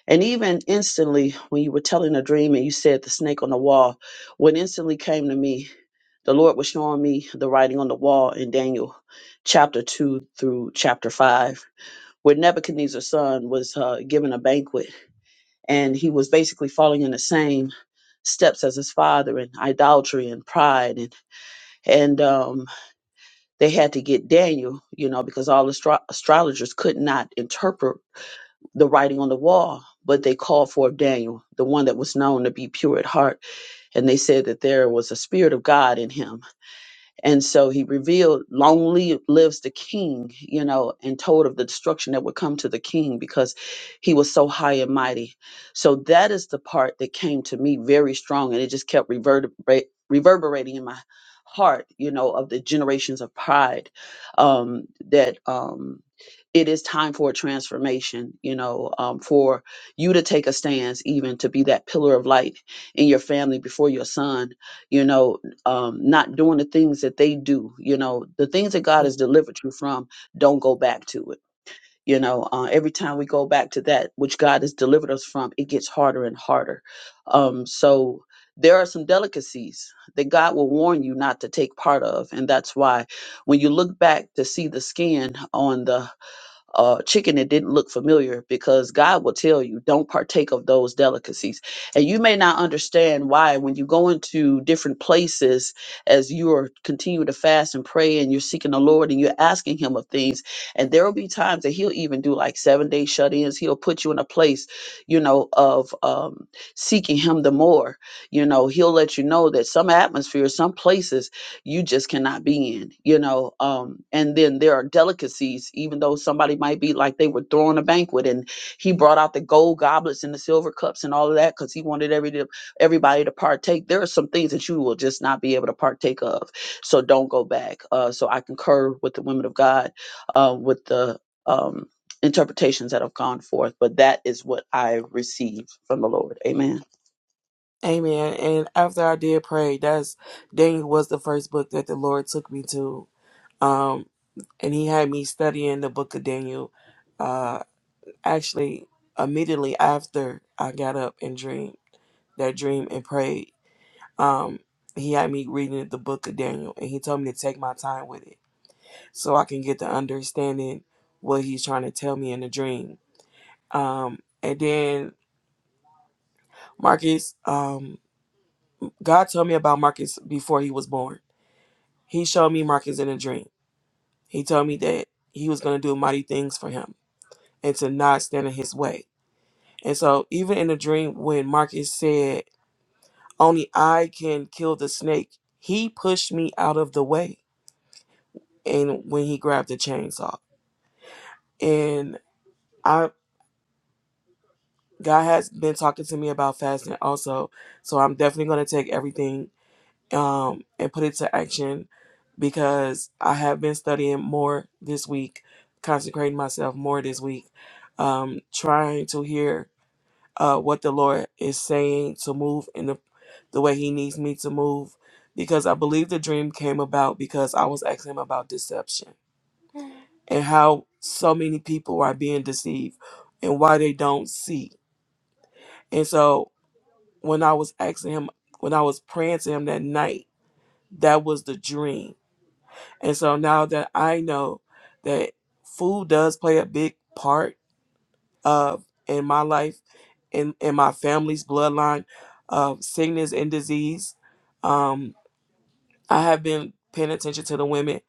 [SPEAKER 2] And even instantly, when you were telling a dream and you said the snake on the wall, what instantly came to me, the Lord was showing me the writing on the wall in Daniel chapter 2 through chapter 5, where Nebuchadnezzar's son was uh, given a banquet and he was basically falling in the same steps as his father in idolatry and pride and, and um they had to get Daniel, you know, because all astro- astrologers could not interpret the writing on the wall, but they called for Daniel, the one that was known to be pure at heart. And they said that there was a spirit of God in him and so he revealed, Long li- lives the king, you know, and told of the destruction that would come to the king because he was so high and mighty. So that is the part that came to me very strong. And it just kept reverberate, reverberating in my heart, you know, of the generations of pride um, that um, it is time for a transformation, you know, um, for you to take a stance, even to be that pillar of light in your family before your son, you know um, not doing the things that they do. You know, the things that God has delivered you from, don't go back to it. You know, uh, every time we go back to that which God has delivered us from, it gets harder and harder. Um, so there are some delicacies that God will warn you not to take part of, and that's why when you look back to see the skin on the uh, chicken that didn't look familiar because God will tell you, don't partake of those delicacies. And you may not understand why when you go into different places as you are continue to fast and pray and you're seeking the Lord and you're asking Him of things. And there will be times that He'll even do like seven day shut ins. He'll put you in a place, you know, of um, seeking Him the more. You know, He'll let you know that some atmospheres, some places, you just cannot be in, you know. Um, and then there are delicacies, even though somebody might be like they were throwing a banquet and he brought out the gold goblets and the silver cups and all of that because he wanted every to- everybody to partake. There are some things that you will just not be able to partake of. So don't go back. Uh, so I concur with the women of God, uh, with the um, interpretations that have gone forth, but that is what I receive from the Lord. Amen.
[SPEAKER 4] Amen. And after I did pray, that's Daniel was the first book that the Lord took me to. Um, and he had me studying the book of Daniel. Uh, actually, immediately after I got up and dreamed that dream and prayed, um, he had me reading the book of Daniel, and he told me to take my time with it so I can get the understanding what he's trying to tell me in the dream. Um, and then Marcus, um, God told me about Marcus before he was born He showed me Marcus in a dream. He told me that he was going to do mighty things for him and to not stand in his way. And so, even in the dream, when Marcus said, Only I can kill the snake, he pushed me out of the way. And when he grabbed the chainsaw, and I, God has been talking to me about fasting also. So, I'm definitely going to take everything um, and put it to action because I have been studying more this week, consecrating myself more this week, um, trying to hear uh, what the Lord is saying to move in the, the way He needs me to move. Because I believe the dream came about because I was asking Him about deception and how so many people are being deceived and why they don't see. And so when I was asking Him, when I was praying to Him that night, that was the dream And so now that I know that food does play a big part of in my life, in in my family's bloodline of sickness and disease, um, I have been paying attention to the women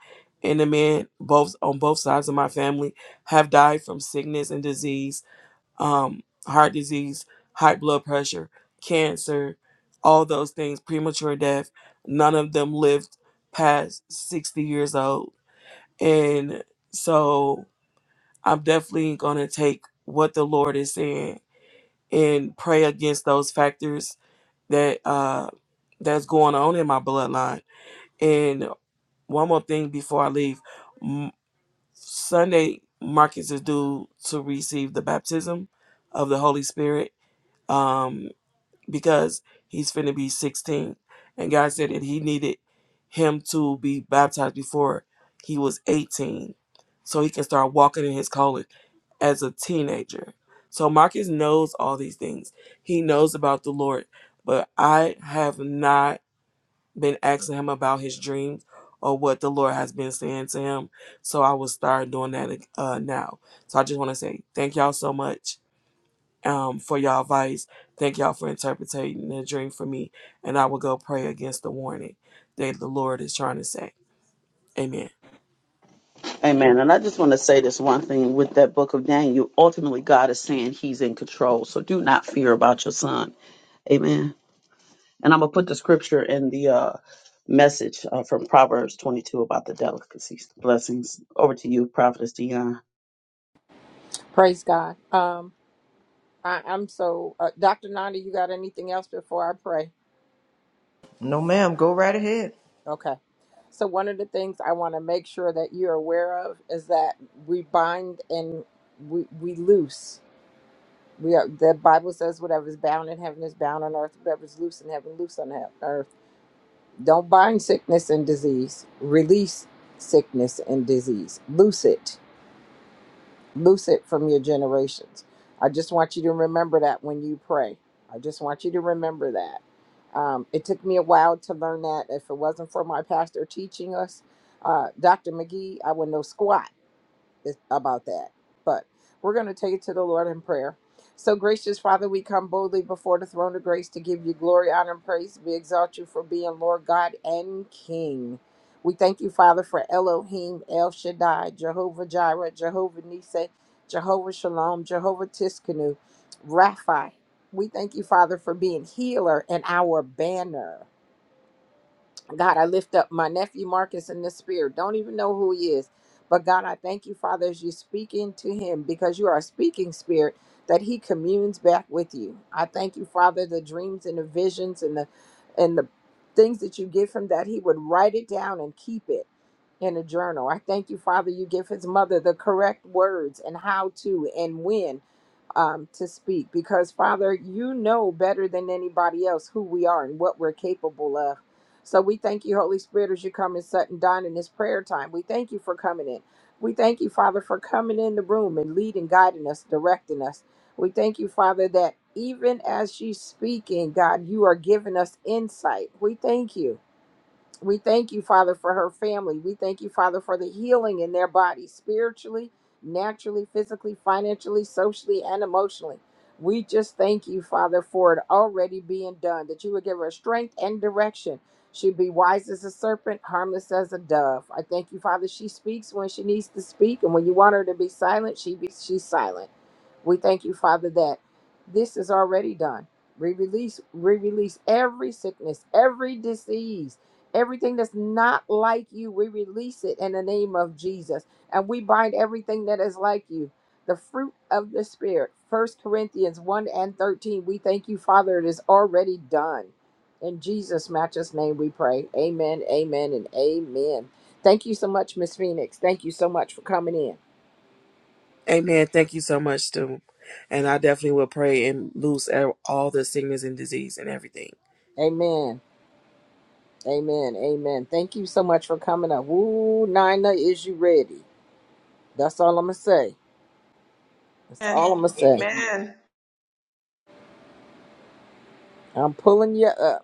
[SPEAKER 4] and the men both on both sides of my family have died from sickness and disease, um, heart disease, high blood pressure, cancer, all those things, premature death. None of them lived past sixty years old and so I'm definitely going to take what the Lord is saying and pray against those factors that uh that's going on in my bloodline. And one more thing before I leave, M- Sunday Marcus is due to receive the baptism of the Holy Spirit. Um, because he's finna be 16. And God said that he needed him to be baptized before he was 18 so he can start walking in his calling as a teenager. So Marcus knows all these things. He knows about the Lord, but I have not been asking him about his dreams or what the Lord has been saying to him. So I will start doing that uh, now. So I just want to say thank y'all so much um, for y'all advice. Thank y'all for interpreting the dream for me, and I will go pray against the warning that the Lord is trying to say. Amen.
[SPEAKER 2] Amen. And I just want to say this one thing with that book of Daniel. Ultimately, God is saying he's in control. So do not fear about your son. Amen. And I'm going to put the scripture in the uh, message uh, from Proverbs 22 about the delicacies. Blessings. Over to you, Prophetess Dion.
[SPEAKER 3] Praise God. Um, I, I'm so uh, Dr. Nina. You got anything else before I pray?
[SPEAKER 1] No, ma'am. Go right ahead.
[SPEAKER 3] Okay. So one of the things I want to make sure that you're aware of is that we bind and we we loose. We are, the Bible says whatever is bound in heaven is bound on earth. Whatever is loose in heaven, loose on he- earth. Don't bind sickness and disease. Release sickness and disease. Loose it loose it from your generations. I just want you to remember that when you pray. I just want you to remember that. Um, it took me a while to learn that. If it wasn't for my pastor teaching us, uh, Dr. McGee, I would know squat is- about that. But we're going to take it to the Lord in prayer. So, gracious Father, we come boldly before the throne of grace to give you glory, honor, and praise. We exalt you for being Lord God and King. We thank you, Father, for Elohim, El Shaddai, Jehovah Jireh, Jehovah Nisei, Jehovah Shalom, Jehovah Tiskanu, Rapha. We thank you, Father, for being healer and our banner. God, I lift up my nephew Marcus in the spirit. Don't even know who he is. But God, I thank you, Father, as you speak into him because you are a speaking spirit that he communes back with you. I thank you, Father, the dreams and the visions and the and the things that you give him that he would write it down and keep it in a journal. I thank you, Father, you give his mother the correct words and how to and when um, to speak because, Father, you know better than anybody else who we are and what we're capable of. So we thank you, Holy Spirit, as you come and sit and dine in this prayer time. We thank you for coming in. We thank you, Father, for coming in the room and leading, guiding us, directing us. We thank you, Father, that even as she's speaking, God, you are giving us insight. We thank you. We thank you, Father, for her family. We thank you, Father, for the healing in their body, spiritually, naturally, physically, financially, socially, and emotionally. We just thank you, Father, for it already being done, that you would give her strength and direction. She'd be wise as a serpent, harmless as a dove. I thank you, Father. She speaks when she needs to speak, and when you want her to be silent, she be, she's silent. We thank you, Father, that this is already done. We release, we release every sickness, every disease Everything that's not like you, we release it in the name of Jesus. And we bind everything that is like you. The fruit of the Spirit, First Corinthians 1 and 13. We thank you, Father. It is already done. In Jesus' matchless name we pray. Amen, amen, and amen. Thank you so much, Miss Phoenix. Thank you so much for coming in.
[SPEAKER 4] Amen. Thank you so much, too. And I definitely will pray and loose e- all the sickness and disease and everything.
[SPEAKER 3] Amen, amen, amen. Thank you so much for coming up. Woo, Nina, is you ready? That's all I'm going to say. That's
[SPEAKER 1] Amen.
[SPEAKER 3] all I'm going to say.
[SPEAKER 1] Amen.
[SPEAKER 3] I'm pulling you up.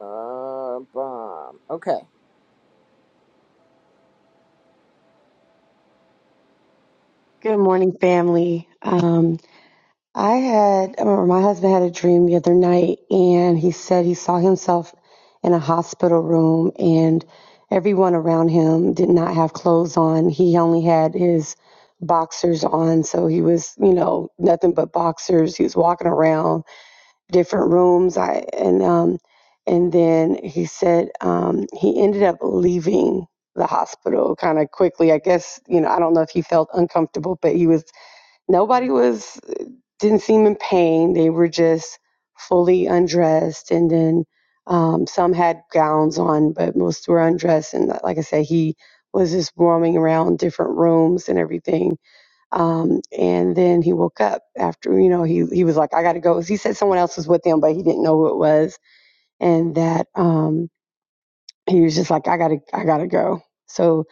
[SPEAKER 3] Uh, bomb. Okay.
[SPEAKER 5] Good morning, family. Um, I had, or my husband had a dream the other night, and he said he saw himself in a hospital room, and everyone around him did not have clothes on. He only had his boxers on, so he was, you know, nothing but boxers. He was walking around different rooms. I and um, and then he said um, he ended up leaving the hospital kind of quickly. I guess you know, I don't know if he felt uncomfortable, but he was nobody was didn't seem in pain they were just fully undressed and then um, some had gowns on but most were undressed and uh, like i said he was just roaming around different rooms and everything um, and then he woke up after you know he, he was like i gotta go he said someone else was with him but he didn't know who it was and that um, he was just like i gotta i gotta go so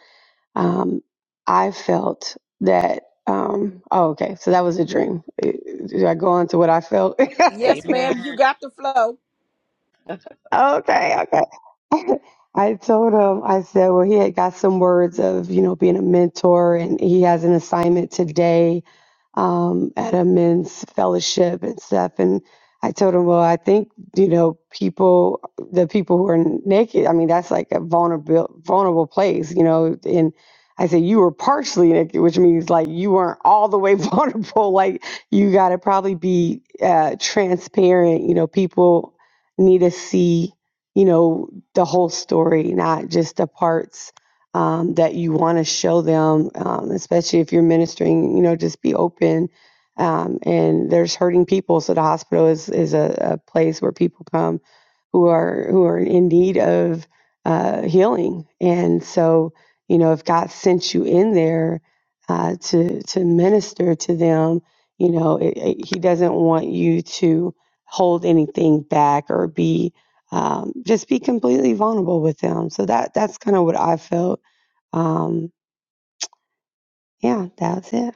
[SPEAKER 5] um, I felt that. Um, oh, okay. So that was a dream. Eh, Did I go on to what I felt?
[SPEAKER 3] Yes, ma'am.
[SPEAKER 1] Amen.
[SPEAKER 3] You got the flow.
[SPEAKER 5] Okay, okay. I told him, I said, well, he had got some words of, you know, being a mentor and he has an assignment today um, at a men's fellowship and stuff. And I told him, well, I think, you know, people, the people who are naked, I mean, that's like a vulnerable, vulnerable place, you know. And I said, you were partially naked, which means like you weren't all the way vulnerable. Like you got to probably be uh, transparent, you know, people need to see, you know, the whole story, not just the parts um, that you want to show them, um, especially if you're ministering, you know, just be open. Um, and there's hurting people. So the hospital is, is a, a place where people come who are who are in need of uh, healing. And so, you know, if God sent you in there uh, to to minister to them, you know, it, it, He doesn't want you to hold anything back or be um, just be completely vulnerable with them. So that that's kind of what I felt. Um, yeah, that's it.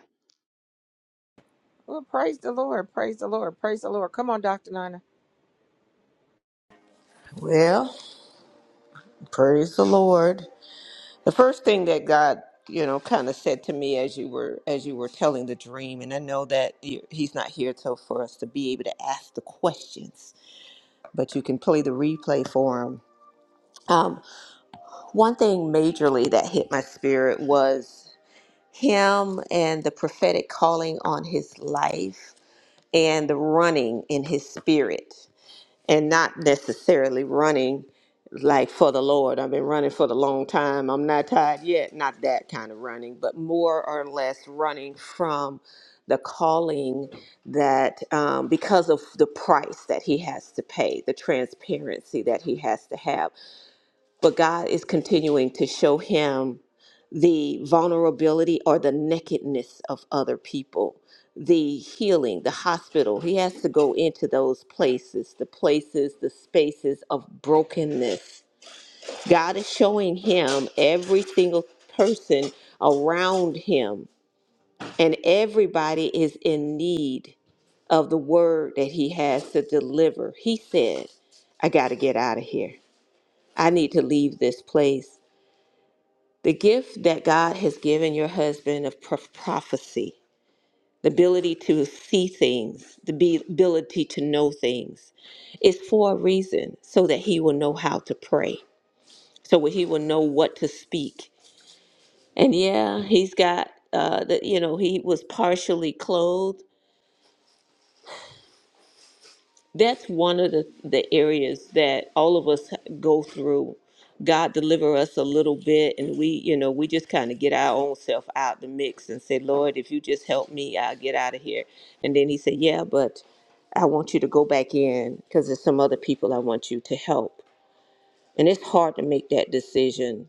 [SPEAKER 3] Well, praise the Lord. Praise the Lord. Praise the Lord. Come on, Doctor Nina.
[SPEAKER 1] Well, praise the Lord. The first thing that God, you know, kind of said to me as you were as you were telling the dream, and I know that you- He's not here till for us to be able to ask the questions, but you can play the replay for Him. Um, one thing majorly that hit my spirit was Him and the prophetic calling on His life and the running in His spirit. and not necessarily running like for the Lord. I've been running for the long time. I'm not tired yet. Not that kind of running, but more or less running from the calling that um, because of the price that he has to pay, the transparency that he has to have but God is continuing to show him the vulnerability or the nakedness of other people, the healing, the hospital. He has to go into those places, the places, the spaces of brokenness. God is showing him every single person around him, and everybody is in need of the word that he has to deliver. He said, I got to get out of here. I need to leave this place. The gift that God has given your husband of prof- prophecy, the ability to see things, the be- ability to know things, is for a reason so that he will know how to pray, so he will know what to speak. And yeah, he's got, uh, the, you know, he was partially clothed That's one of the, the areas that all of us go through. God deliver us a little bit, and we, you know, we just kind of get our own self out the mix and say, Lord, if you just help me, I'll get out of here. And then He said, Yeah, but I want you to go back in because there's some other people I want you to help. And it's hard to make that decision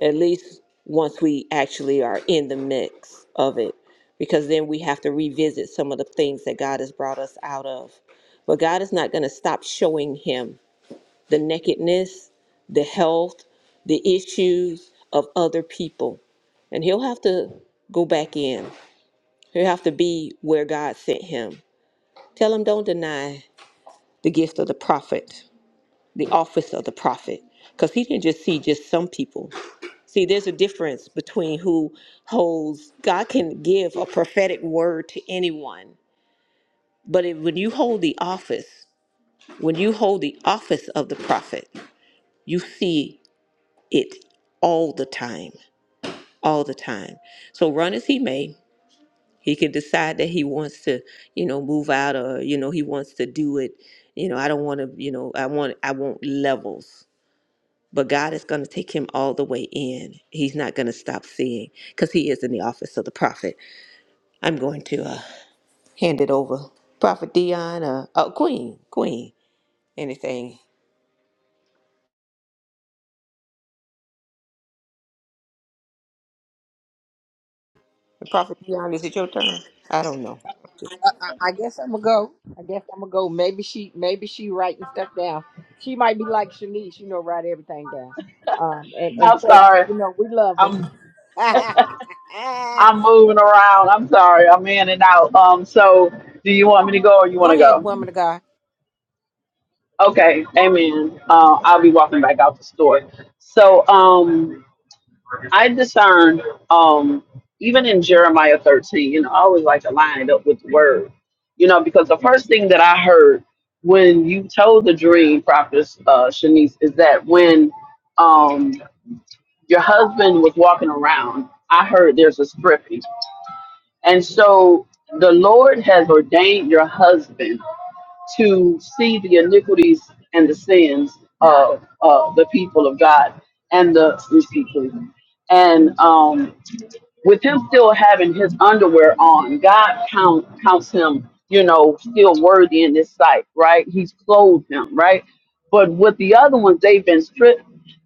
[SPEAKER 1] at least once we actually are in the mix of it, because then we have to revisit some of the things that God has brought us out of. But God is not going to stop showing him the nakedness, the health, the issues of other people. And he'll have to go back in, he'll have to be where God sent him. Tell him, don't deny the gift of the prophet, the office of the prophet, because he didn't just see just some people. See, there's a difference between who holds, God can give a prophetic word to anyone, but if, when you hold the office, when you hold the office of the prophet, you see it all the time, all the time. So run as he may, he can decide that he wants to, you know, move out or, you know, he wants to do it. You know, I don't want to, you know, I want, I want levels. But God is going to take him all the way in. He's not going to stop seeing because he is in the office of the prophet. I'm going to uh, hand it over. Prophet Dion, uh, uh, Queen, Queen, anything. Prophet Dion, is it your turn? I don't know.
[SPEAKER 3] Uh, I, I guess I'm gonna go. I guess I'm gonna go. Maybe she. Maybe she writing stuff down. She might be like Shanice. You know, write everything down. Um, and and
[SPEAKER 2] I'm
[SPEAKER 3] Kat,
[SPEAKER 2] sorry.
[SPEAKER 3] you know, we love them.
[SPEAKER 2] I'm. I'm moving around. I'm sorry. I'm in and out. Um, so do you want me to go or you want
[SPEAKER 3] go
[SPEAKER 2] to
[SPEAKER 3] ahead,
[SPEAKER 2] go?
[SPEAKER 3] woman of God.
[SPEAKER 2] Okay. Amen. Uh, I'll be walking back out the store. So um, I discerned um, even in Jeremiah 13, you know, I always like to line it up with the word, you know, because the first thing that I heard when you told the dream prophetess uh, Shanice is that when um, your husband was walking around, I heard there's a stripping And so the Lord has ordained your husband to see the iniquities and the sins of uh, the people of God and the excuse me, please. And um, with him still having his underwear on, God count, counts him, you know, still worthy in his sight, right? He's clothed him, right? But with the other ones, they've been stripped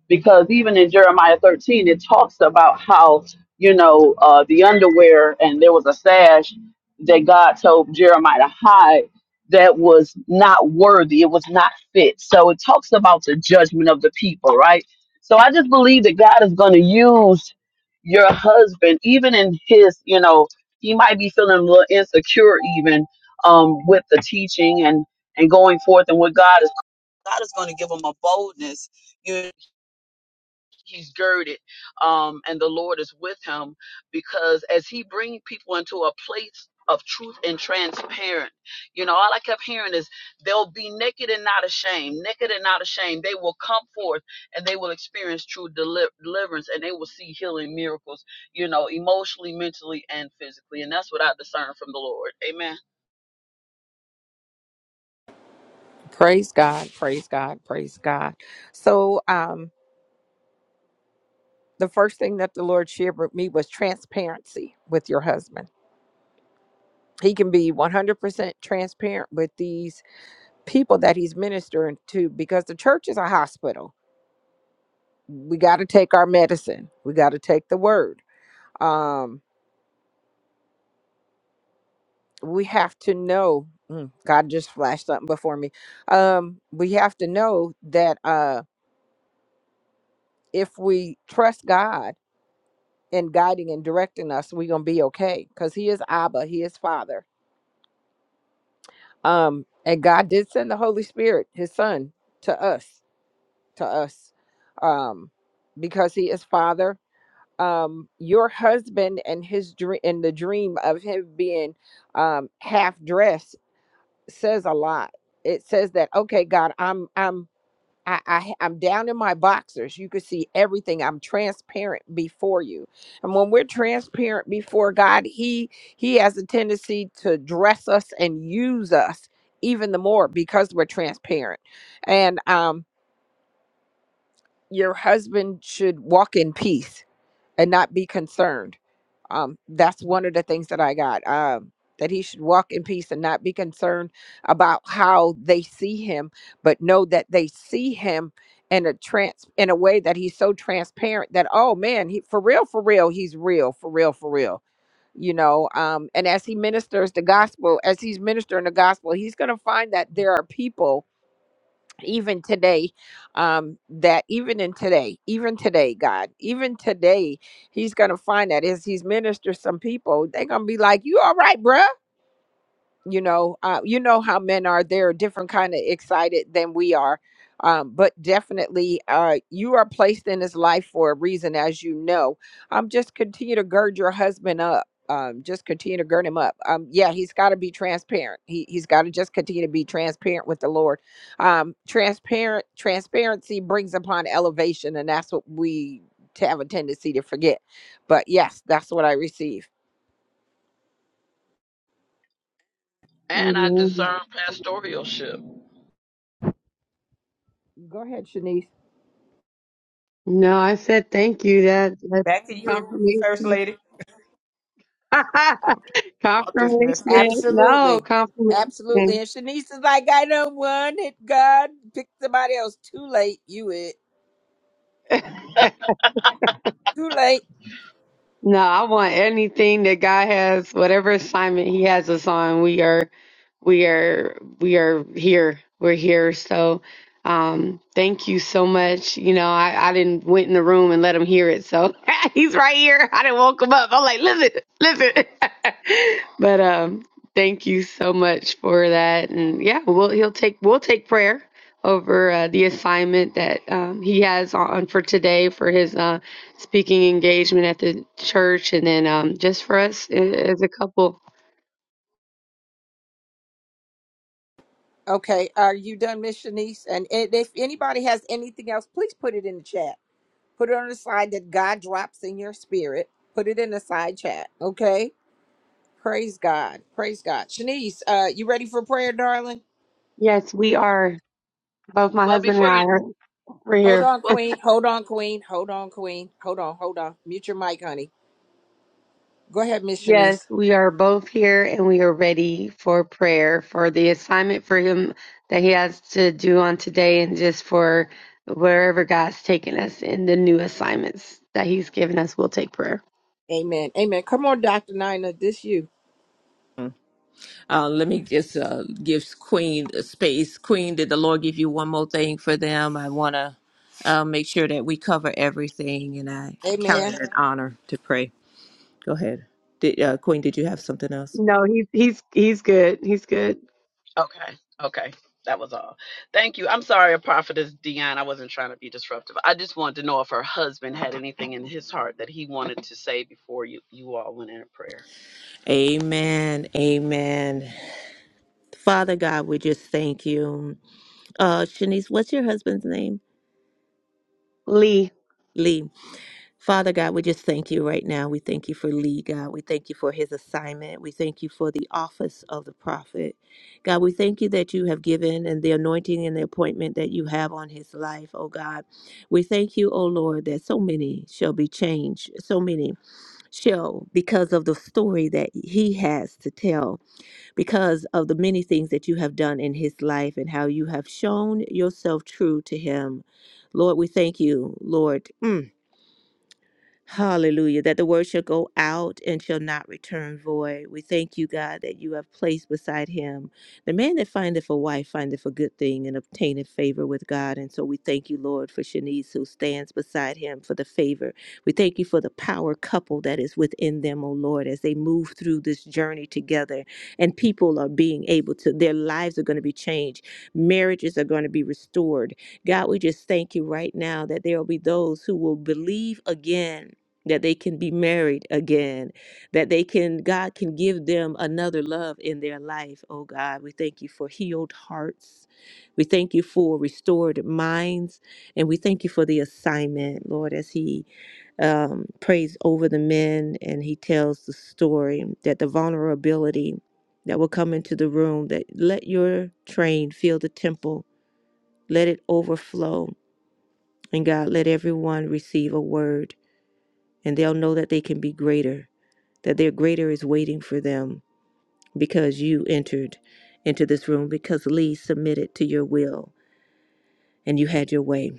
[SPEAKER 2] because even in Jeremiah 13, it talks about how, you know, uh, the underwear and there was a sash that God told Jeremiah to hide that was not worthy, it was not fit. So it talks about the judgment of the people, right? So I just believe that God is going to use your husband, even in his, you know, he might be feeling a little insecure even um, with the teaching and and going forth and what God is God is going to give him a boldness, you he's girded um and the lord is with him because as he brings people into a place of truth and transparent you know all i kept hearing is they'll be naked and not ashamed naked and not ashamed they will come forth and they will experience true deli- deliverance and they will see healing miracles you know emotionally mentally and physically and that's what i discern from the lord amen
[SPEAKER 3] Praise God. Praise God. Praise God. So, um, the first thing that the Lord shared with me was transparency with your husband he can be 100% transparent with these people that he's ministering to because the church is a hospital we got to take our medicine we got to take the word um we have to know mm, god just flashed something before me um we have to know that uh if we trust god in guiding and directing us we're gonna be okay because he is abba he is father um and god did send the holy spirit his son to us to us um because he is father um your husband and his dream and the dream of him being um half dressed says a lot it says that okay god i'm i'm I, I i'm down in my boxers you can see everything i'm transparent before you and when we're transparent before god he he has a tendency to dress us and use us even the more because we're transparent and um your husband should walk in peace and not be concerned. Um, that's one of the things that I got. Um, that he should walk in peace and not be concerned about how they see him, but know that they see him in a trans in a way that he's so transparent that oh man, he for real, for real, he's real, for real, for real. You know, um, and as he ministers the gospel, as he's ministering the gospel, he's gonna find that there are people even today um that even in today even today god even today he's gonna find that as he's ministered some people they're gonna be like you all right bruh you know uh, you know how men are they're a different kind of excited than we are um, but definitely uh, you are placed in his life for a reason as you know um, just continue to gird your husband up um, just continue to gird him up um, yeah he's got to be transparent he, he's got to just continue to be transparent with the lord um, transparent transparency brings upon elevation and that's what we t- have a tendency to forget but yes that's what i receive
[SPEAKER 2] and i
[SPEAKER 5] Amen.
[SPEAKER 2] discern pastoralship
[SPEAKER 3] go ahead shanice
[SPEAKER 5] No, I said thank you. That that's
[SPEAKER 1] Back to you, First
[SPEAKER 5] confirmation.
[SPEAKER 1] Lady. I'm just messing.
[SPEAKER 5] confirmation. No,
[SPEAKER 3] Absolutely. Absolutely.
[SPEAKER 5] confirmation.
[SPEAKER 3] And Shanice is like, I don't want it. God, pick somebody else. Too late. You it. Too late.
[SPEAKER 5] No, I want anything that God has, whatever assignment He has us on, we are we are we are here we're here so um thank you so much you know i i didn't went in the room and let him hear it so he's right here i didn't woke him up i'm like listen listen but um thank you so much for that and yeah we'll he'll take we'll take prayer over uh, the assignment that um, he has on for today for his uh, speaking engagement at the church and then um, just for us a- as a couple
[SPEAKER 3] Okay. Are you done, Miss Shanice? And and if anybody has anything else, please put it in the chat. Put it on the side that God drops in your spirit. Put it in the side chat. Okay. Praise God. Praise God. Shanice, uh, you ready for prayer, darling?
[SPEAKER 5] yes we are Both my
[SPEAKER 2] well
[SPEAKER 5] husband and
[SPEAKER 2] before
[SPEAKER 5] I
[SPEAKER 2] you
[SPEAKER 5] are we're
[SPEAKER 3] Hold
[SPEAKER 5] here.
[SPEAKER 3] on,
[SPEAKER 2] well
[SPEAKER 3] Queen. Hold on, Queen. Hold on, Queen. Hold on, hold on. Mute your mic, honey. Go ahead, Miss
[SPEAKER 5] Yes,
[SPEAKER 3] Shanice.
[SPEAKER 5] we are both here and we are ready for prayer for the assignment for him that he has to do on today and just for wherever God's taken us in the new assignments that he's given us, we'll take prayer.
[SPEAKER 3] Amen. Amen. Come on, Dr. Nina. This you.
[SPEAKER 1] Uh, let me just uh, give Queen a space. Queen, did the Lord give you one more thing for them? I want to uh, make sure that we cover everything, and I count
[SPEAKER 3] Amen.
[SPEAKER 1] it an honor to pray. Go ahead. Did, uh, Queen, did you have something else?
[SPEAKER 5] No, he's he's he's good. He's good.
[SPEAKER 2] Okay. Okay. That was all. Thank you. I'm sorry, Prophetess Dion. I wasn't trying to be disruptive. I just wanted to know if her husband had anything in his heart that he wanted to say before you, you all went into prayer.
[SPEAKER 1] Amen. Amen. Father God, we just thank you. Uh, Shanice, what's your husband's name?
[SPEAKER 5] Lee,
[SPEAKER 1] Lee. Father God, we just thank you right now. We thank you for Lee, God. We thank you for his assignment. We thank you for the office of the prophet. God, we thank you that you have given and the anointing and the appointment that you have on his life, oh God. We thank you, oh Lord, that so many shall be changed, so many shall, because of the story that he has to tell, because of the many things that you have done in his life and how you have shown yourself true to him. Lord, we thank you, Lord. Mm Hallelujah. That the word shall go out and shall not return void. We thank you, God, that you have placed beside him the man that findeth a wife findeth a good thing and obtaineth favor with God. And so we thank you, Lord, for Shanice who stands beside him for the favor. We thank you for the power couple that is within them, O Lord, as they move through this journey together and people are being able to, their lives are going to be changed. Marriages are going to be restored. God, we just thank you right now that there will be those who will believe again that they can be married again, that they can, God can give them another love in their life. Oh God, we thank you for healed hearts. We thank you for restored minds. And we thank you for the assignment, Lord, as He um, prays over the men and He tells the story that the vulnerability that will come into the room, that let your train fill the temple, let it overflow. And God, let everyone receive a word and they'll know that they can be greater that their greater is waiting for them because you entered into this room, because Lee submitted to your will and you had your way.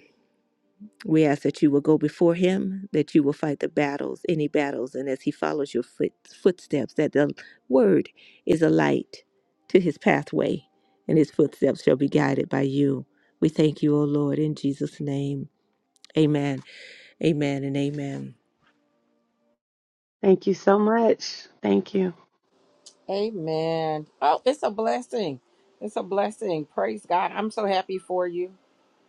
[SPEAKER 1] We ask that you will go before him, that you will fight the battles, any battles, and as he follows your foot, footsteps, that the word is a light to his pathway, and his footsteps shall be guided by you. We thank you, O Lord, in Jesus' name. Amen, amen, and amen.
[SPEAKER 5] thank you so much. Thank you.
[SPEAKER 3] Amen. Oh, it's a blessing. It's a blessing. Praise God. I'm so happy for you.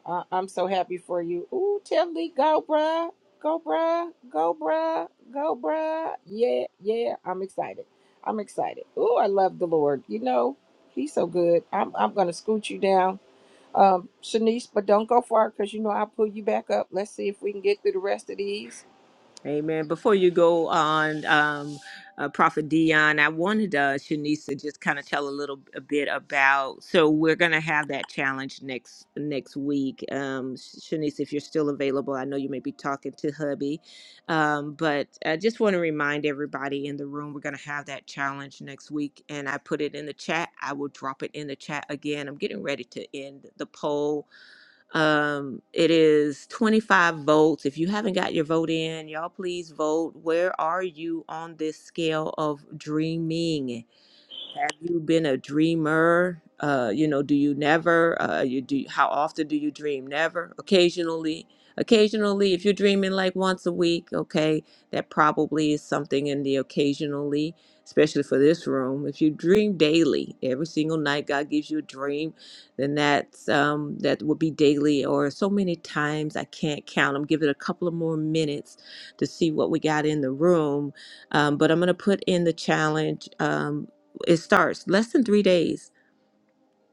[SPEAKER 3] Uh, I'm so happy for you. Ooh, Tiffany, go, bruh. Go, bruh. Go, bruh. Go, bruh. Yeah, yeah. I'm excited. I'm excited. Ooh, I love the Lord. You know, He's so good. I'm, I'm going to scoot you down. Um, Shanice, but don't go far because you know I'll pull you back up. Let's see if we can get through the rest of these.
[SPEAKER 1] Amen. Before you go on, um, uh, Prophet Dion, I wanted uh, Shanice to just kind of tell a little a bit about. So we're going to have that challenge next next week. Um, Shanice, if you're still available, I know you may be talking to hubby, um, but I just want to remind everybody in the room we're going to have that challenge next week, and I put it in the chat. I will drop it in the chat again. I'm getting ready to end the poll um, it is 25 votes. If you haven't got your vote in, y'all please vote. Where are you on this scale of dreaming? Have you been a dreamer? Uh, you know, do you never? Uh, you do. How often do you dream? Never. Occasionally. Occasionally, if you're dreaming like once a week, okay, that probably is something in the occasionally, especially for this room. If you dream daily, every single night, God gives you a dream, then that's um, that would be daily or so many times I can't count. I'm giving it a couple of more minutes to see what we got in the room, um, but I'm gonna put in the challenge. Um, it starts less than three days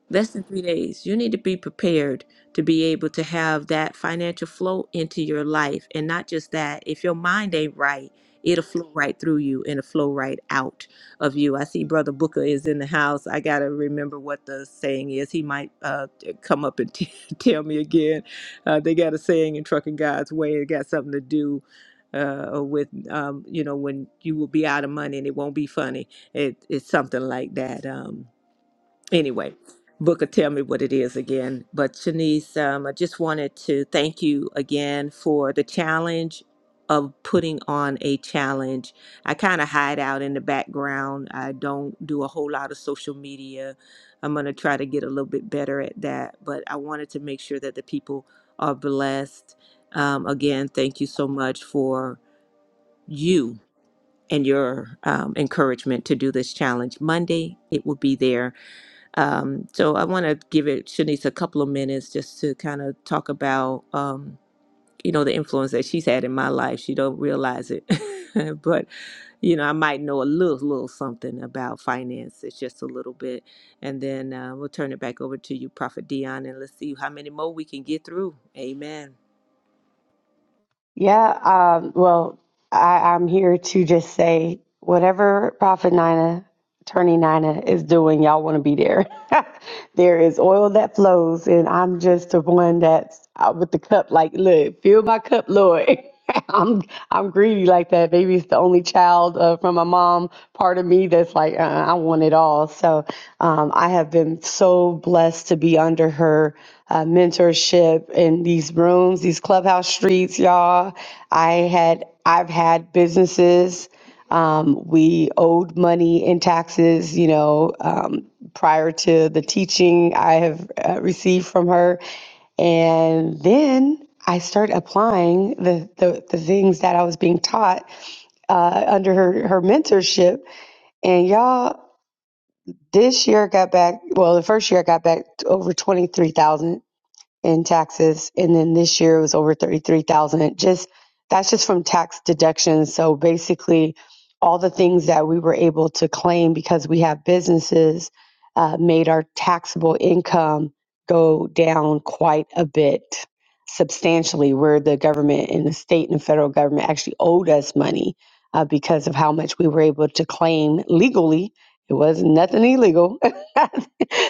[SPEAKER 1] Less than three days. You need to be prepared to be able to have that financial flow into your life. And not just that, if your mind ain't right, it'll flow right through you and it'll flow right out of you. I see Brother Booker is in the house. I got to remember what the saying is. He might uh, come up and t- tell me again. Uh, they got a saying in Trucking God's Way, it got something to do. Uh, with um, you know when you will be out of money and it won't be funny it, it's something like that Um, anyway, Booker, tell me what it is again. But Shanice, um, I just wanted to thank you again for the challenge of putting on a challenge. I kind of hide out in the background. I don't do a whole lot of social media. I'm going to try to get a little bit better at that. But I wanted to make sure that the people are blessed. Um, again, thank you so much for you and your um, encouragement to do this challenge. Monday, it will be there um, so I want to give it Shanice a couple of minutes just to kind of talk about, um, you know, the influence that she's had in my life. She don't realize it, but you know, I might know a little, little something about finance. It's just a little bit, and then uh, we'll turn it back over to you, Prophet Dion, and let's see how many more we can get through. Amen.
[SPEAKER 5] Yeah, um, well, I, I'm here to just say whatever Prophet Nina Attorney Nina is doing. Y'all want to be there. there is oil that flows, and I'm just the one that's out with the cup. Like, look, fill my cup, Lord. I'm I'm greedy like that. Maybe it's the only child uh, from my mom part of me that's like, uh, I want it all. So um, I have been so blessed to be under her uh, mentorship in these rooms, these clubhouse streets, y'all. I had I've had businesses. Um, we owed money in taxes, you know, um, prior to the teaching I have uh, received from her. And then I started applying the, the, the things that I was being taught uh, under her, her mentorship. And y'all, this year I got back, well, the first year I got back over 23,000 in taxes. And then this year it was over 33,000. Just that's just from tax deductions. So basically, all the things that we were able to claim because we have businesses uh, made our taxable income go down quite a bit substantially, where the government and the state and federal government actually owed us money uh, because of how much we were able to claim legally. It was nothing illegal.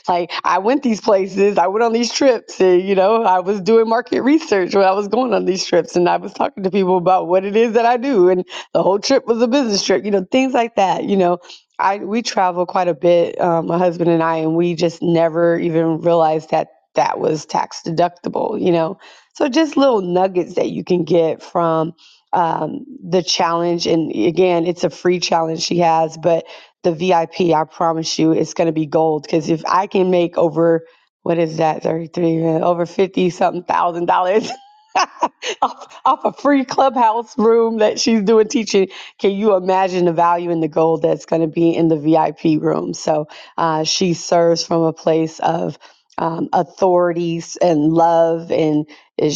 [SPEAKER 5] like I went these places, I went on these trips, and you know, I was doing market research when I was going on these trips, and I was talking to people about what it is that I do, and the whole trip was a business trip, you know, things like that, you know. I we travel quite a bit, um, my husband and I, and we just never even realized that that was tax deductible, you know. So just little nuggets that you can get from um, the challenge, and again, it's a free challenge she has, but the VIP, I P, I promise you, it's going to be gold. Because if I can make over, what is that, 33, uh, over 50 something thousand dollars off, off a free clubhouse room that she's doing teaching, can you imagine the value in the gold that's going to be in the VIP room? So uh, she serves from a place of um, authorities and love and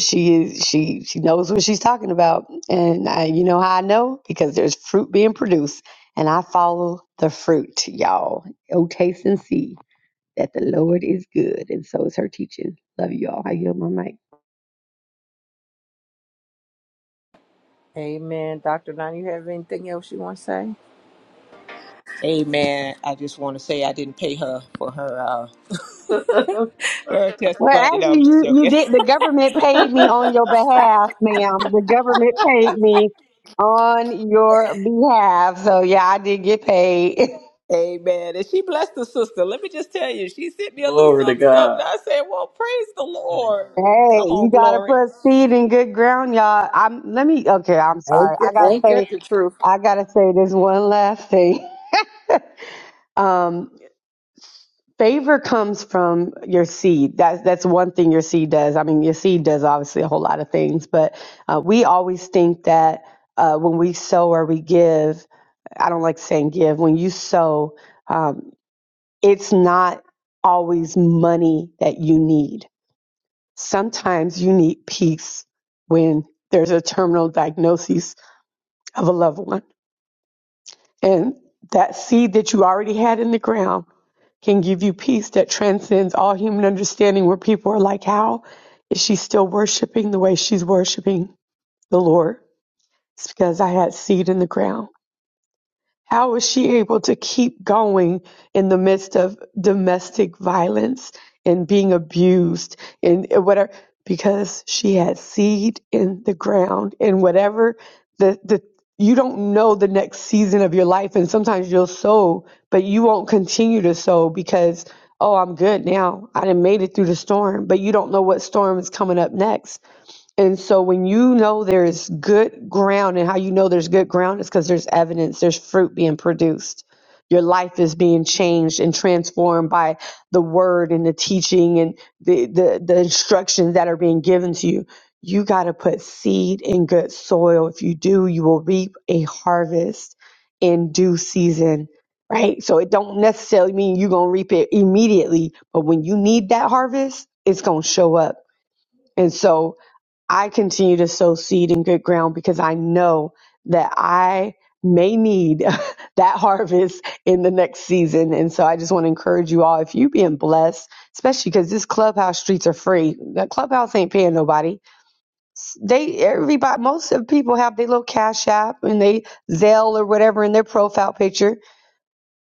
[SPEAKER 5] she she she knows what she's talking about and I, you know how i know because there's fruit being produced and I follow the fruit, y'all. Oh, taste and see that the Lord is good. And so is her teaching. Love you all. I yield my mic.
[SPEAKER 3] Amen. Dr. Don, you have anything else you want to say?
[SPEAKER 1] Amen. I just want to say I didn't pay her for her uh, for her
[SPEAKER 5] Well,
[SPEAKER 1] testimony. No,
[SPEAKER 5] actually,
[SPEAKER 1] I'm just
[SPEAKER 5] you, you
[SPEAKER 1] joking.
[SPEAKER 5] did. The government paid me on your behalf, ma'am. The government paid me on your behalf. So, yeah, I did get paid. hey,
[SPEAKER 1] Amen. And she blessed the sister. Let me just tell you, she sent me a little
[SPEAKER 2] Glory to God.
[SPEAKER 1] something, something. I said, Well, praise the Lord. Come
[SPEAKER 5] you
[SPEAKER 1] on,
[SPEAKER 5] got to
[SPEAKER 1] glory.
[SPEAKER 5] put seed in good ground, y'all. I'm, let me, okay, I'm sorry.
[SPEAKER 3] Ain't
[SPEAKER 5] I
[SPEAKER 3] that,
[SPEAKER 5] got to
[SPEAKER 3] ain't that
[SPEAKER 5] say,
[SPEAKER 3] the truth?
[SPEAKER 5] I got to say this one last thing. Um. Favor comes from your seed. That's that's one thing your seed does. I mean, your seed does obviously a whole lot of things, but uh, we always think that uh, when we sow or we give, I don't like saying give. When you sow, um, it's not always money that you need. Sometimes you need peace when there's a terminal diagnosis of a loved one, and that seed that you already had in the ground can give you peace that transcends all human understanding, where people are like, How is she still worshiping the way she's worshiping the Lord? It's because I had seed in the ground. How was she able to keep going in the midst of domestic violence and being abused and whatever? Because she had seed in the ground and whatever the, the you don't know the next season of your life. And sometimes you'll sow, but you won't continue to sow because, oh, I'm good now. I done made it through the storm, but you don't know what storm is coming up next and so when you know there's good ground and how you know there's good ground is because there's evidence, there's fruit being produced. Your life is being changed and transformed by the word and the teaching and the the, the instructions that are being given to you. You got to put seed in good soil. If you do, you will reap a harvest in due season, right? So it don't necessarily mean you're going to reap it immediately, but when you need that harvest, it's going to show up. And so I continue to sow seed in good ground because I know that I may need that harvest in the next season. And so I just want to encourage you all if you being blessed, especially because this clubhouse streets are free. The clubhouse ain't paying nobody. They everybody most of the people have their little cash app and they Zelle or whatever in their profile picture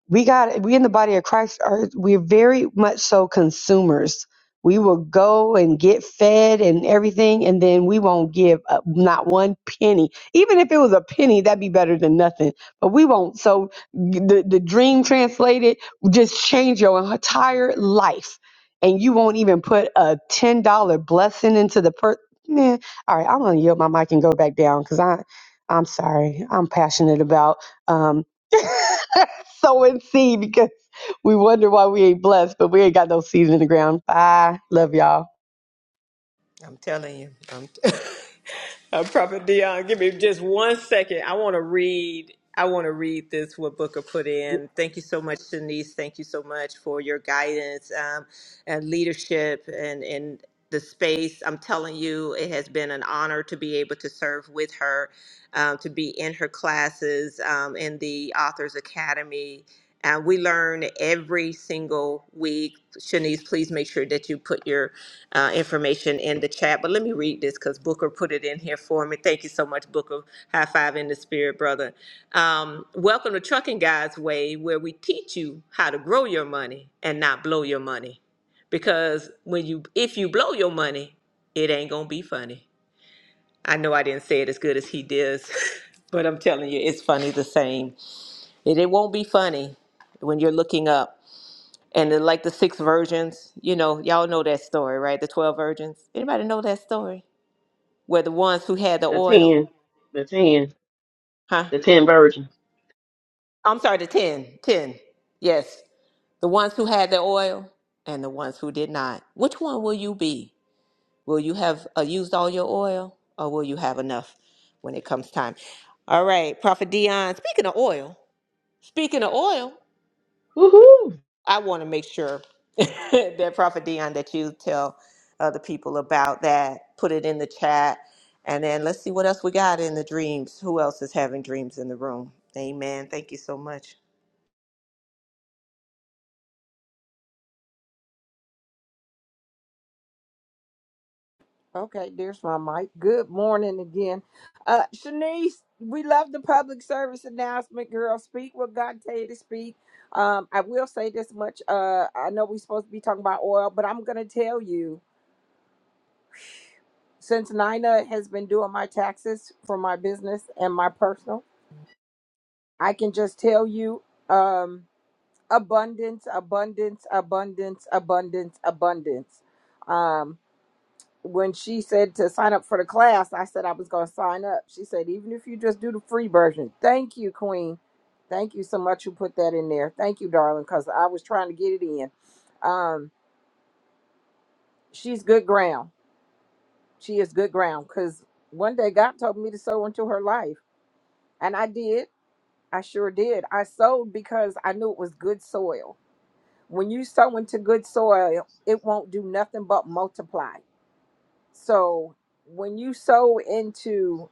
[SPEAKER 5] we got we in the body of Christ are we're very much so consumers. We will go and get fed and everything, and then we won't give up not one penny. Even if it was a penny, that'd be better than nothing. But we won't. So the the dream translated just change your entire life, and you won't even put a ten dollar blessing into the per. Man, all right, I'm gonna yield my mic and go back down because I, I'm sorry, I'm passionate about um. sow and seed because we wonder why we ain't blessed, but we ain't got no seeds in the ground. Bye. Love y'all.
[SPEAKER 1] I'm telling you. I'm Uh, Prophet Dion, give me just one second. I want to read. I want to read this what Booker put
[SPEAKER 3] Good-
[SPEAKER 1] in. Thank you so much, Denise. Thank you so much for your guidance um, and leadership and and the space. I'm telling you, it has been an honor to be able to serve with her, um, to be in her classes um, in the Authors Academy. And we learn every single week. Shanice, please make sure that you put your uh, information in the chat, but let me read this because Booker put it in here for me. Thank you so much, Booker. High five in the spirit, brother. Um, welcome to Trucking Guys Way, where we teach you how to grow your money and not blow your money. Because when you, if you blow your money, it ain't gonna be funny. I know I didn't say it as good as he does, but I'm telling you, it's funny the same. It, it won't be funny when you're looking up and the, like the six virgins you know y'all know that story right the 12 virgins anybody know that story where the ones who had the
[SPEAKER 2] The
[SPEAKER 1] oil
[SPEAKER 2] ten, the ten,
[SPEAKER 1] huh
[SPEAKER 2] the ten virgins.
[SPEAKER 1] i'm sorry the 10, 10. yes the ones who had the oil and the ones who did not which one will you be will you have uh, used all your oil or will you have enough when it comes time all right prophet dion speaking of oil speaking of oil
[SPEAKER 2] Woohoo!
[SPEAKER 1] I want to make sure that Prophet Dion that you tell other people about that. Put it in the chat, and then let's see what else we got in the dreams. Who else is having dreams in the room? Amen. Thank you so much.
[SPEAKER 3] Okay, there's my mic. Good morning again. Uh, Shanice, we love the public service announcement, girl. Speak what God tell you to speak. Um, I will say this much. Uh, I know we're supposed to be talking about oil, but I'm going to tell you since Nina has been doing my taxes for my business and my personal, I can just tell you. Um, abundance, abundance, abundance, abundance, abundance. Um, when she said to sign up for the class, I said I was going to sign up. She said, even if you just do the free version. Thank you, Queen. Thank you so much. You put that in there. Thank you, darling, because I was trying to get it in. Um, she's good ground. She is good ground because one day God told me to sow into her life, and I did. I sure did. I sowed because I knew it was good soil. when you sow into good soil, it won't do nothing but multiply. So when you sow into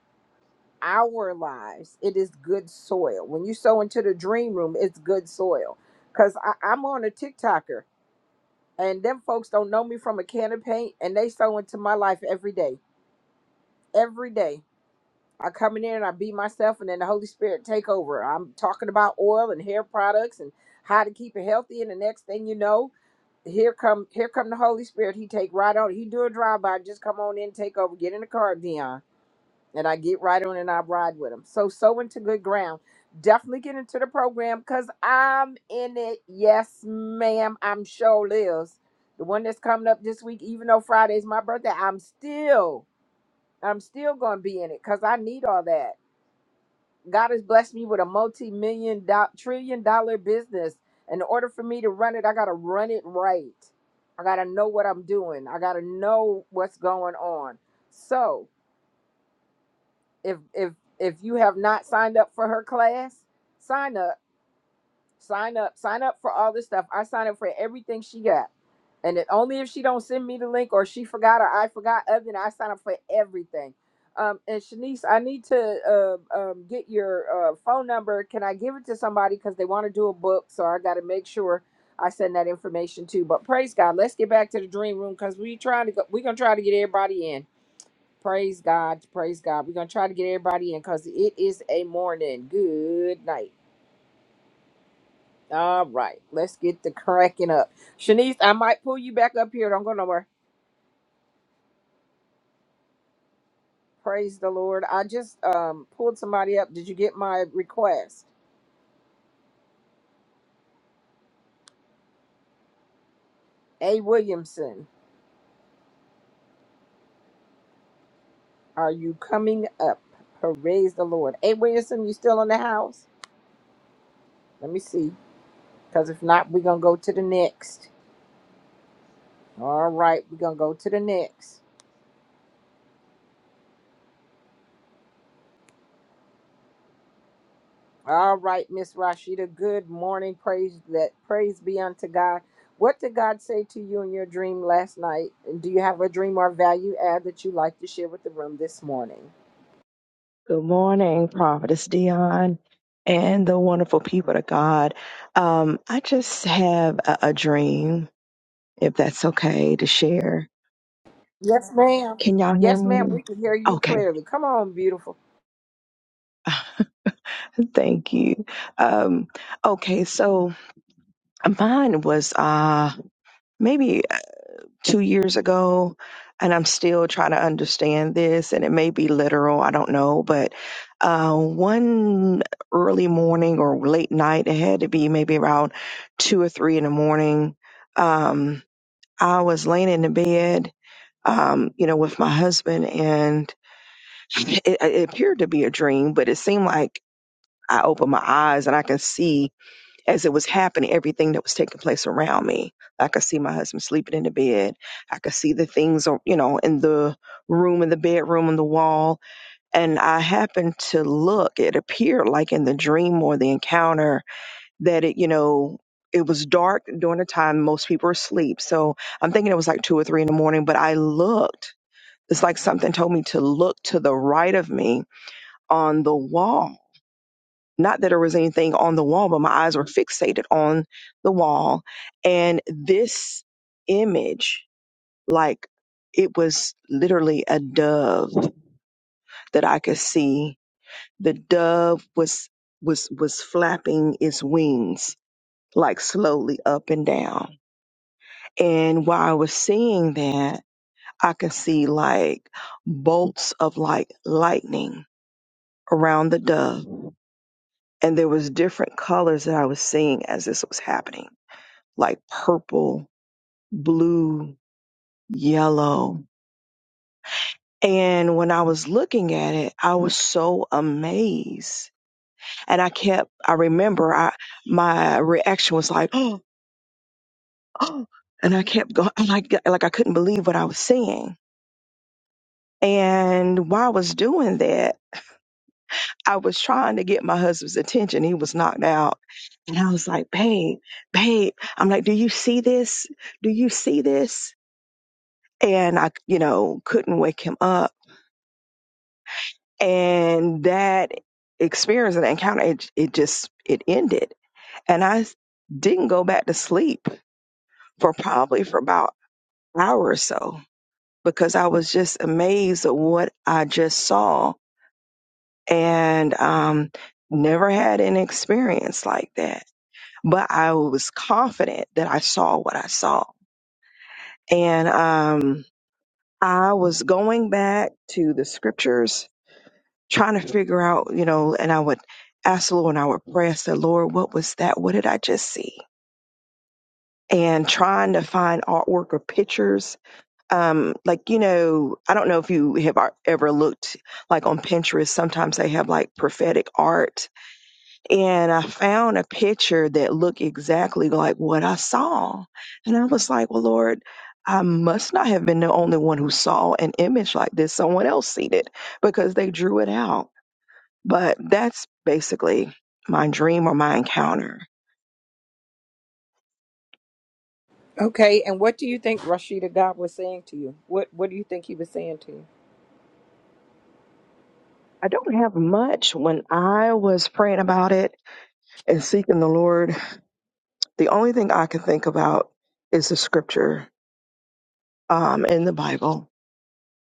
[SPEAKER 3] our lives, it is good soil. When you sow into the dream room, it's good soil. Cause I, I'm on a TikToker and them folks don't know me from a can of paint and they sow into my life every day. Every day. I come in there and I be myself and then the Holy Spirit take over. I'm talking about oil and hair products and how to keep it healthy and the next thing you know, here come here come the Holy Spirit. He take right on. He do a drive by. Just come on in, take over, get in the car, Dion, and I get right on and I ride with him. So so into good ground. Definitely get into the program because I'm in it. Yes, ma'am. I'm sure Liz, the one that's coming up this week. Even though Friday's my birthday, I'm still I'm still gonna be in it because I need all that. God has blessed me with a multi-million do- trillion dollar business. In order for me to run it, I gotta run it right. I gotta know what I'm doing. I gotta know what's going on. So if if if you have not signed up for her class, sign up Sign up. Sign up for all this stuff. I sign up for everything she got. And it, only if she don't send me the link or she forgot or I forgot, other than I sign up for everything. Um, and Shanice, I need to uh, um, get your uh, phone number. Can I give it to somebody because they want to do a book? So I got to make sure I send that information too. But praise God. Let's get back to the dream room because we trying to go. We're gonna try to get everybody in. Praise God. Praise God. We're gonna try to get everybody in because it is a morning. Good night. All right, let's get to cracking up. Shanice, I might pull you back up here. Don't go nowhere. Praise the Lord. I just um pulled somebody up. Did you get my request? A. Williamson, are you coming up? Praise the Lord. A. Williamson, you still in the house? Let me see. Because if not, we're going to go to the next. All right, we're going to go to the next. All right, Miss Rashida. Good morning. Praise that praise be unto God. What did God say to you in your dream last night? And do you have a dream or value add that you'd like to share with the room this morning?
[SPEAKER 6] Good morning, Prophetess Dion, and the wonderful people of God. Um, I just have a, a dream, if that's okay to share.
[SPEAKER 3] Yes, ma'am.
[SPEAKER 6] Can y'all hear
[SPEAKER 3] Yes, ma'am.
[SPEAKER 6] me?
[SPEAKER 3] We can hear you
[SPEAKER 6] Okay,
[SPEAKER 3] clearly. Come on, beautiful.
[SPEAKER 6] thank you. Um, okay, so mine was uh, maybe two years ago and i'm still trying to understand this and it may be literal i don't know but uh, one early morning or late night it had to be maybe around two or three in the morning um, i was laying in the bed um, you know with my husband and it, it appeared to be a dream but it seemed like i opened my eyes and i can see as it was happening, everything that was taking place around me. I could see my husband sleeping in the bed. I could see the things, uh, you know, in the room, in the bedroom, on the wall. And I happened to look. It appeared like in the dream or the encounter that it, you know, it was dark during the time most people were asleep. So I'm thinking it was like two or three in the morning, but I looked. It's like something told me to look to the right of me on the wall not that there was anything on the wall, but my eyes were fixated on the wall. And this image, like it was literally a dove that I could see. The dove was was was flapping its wings like slowly up and down. And while I was seeing that, I could see like bolts of like lightning around the dove. And there was different colors that I was seeing as this was happening like purple, blue, yellow. And when I was looking at it, I was so amazed. And I kept, I remember I, my reaction was like, oh, oh, and I kept going, like, like I couldn't believe what I was seeing. And while I was doing that, I was trying to get my husband's attention. He was knocked out. And I was like, babe, babe, I'm like, do you see this? Do you see this? And I, you know, couldn't wake him up. and that experience and encounter it, it just it ended and I s- didn't go back to sleep for probably for about an hour or so because i was just amazed at what i just saw and um never had an experience like that but i was confident that i saw what i saw and um i was going back to the scriptures trying to figure out, you know, and I would ask the Lord and I would pray, I said, Lord, what was that? What did I just see? And trying to find artwork or pictures. Um, like, you know, I don't know if you have ar- ever looked like on Pinterest, sometimes they have like prophetic art. And I found a picture that looked exactly like what I saw. And I was like, well, Lord, I must not have been the only one who saw an image like this. Someone else seen it because they drew it out. But that's basically my dream or my encounter.
[SPEAKER 3] Okay, and what do you think Rashida God was saying to you? What what do you think he was saying to you?
[SPEAKER 6] I don't have much. When I was praying about it and seeking the Lord, the only thing I could think about is the scripture um, in the Bible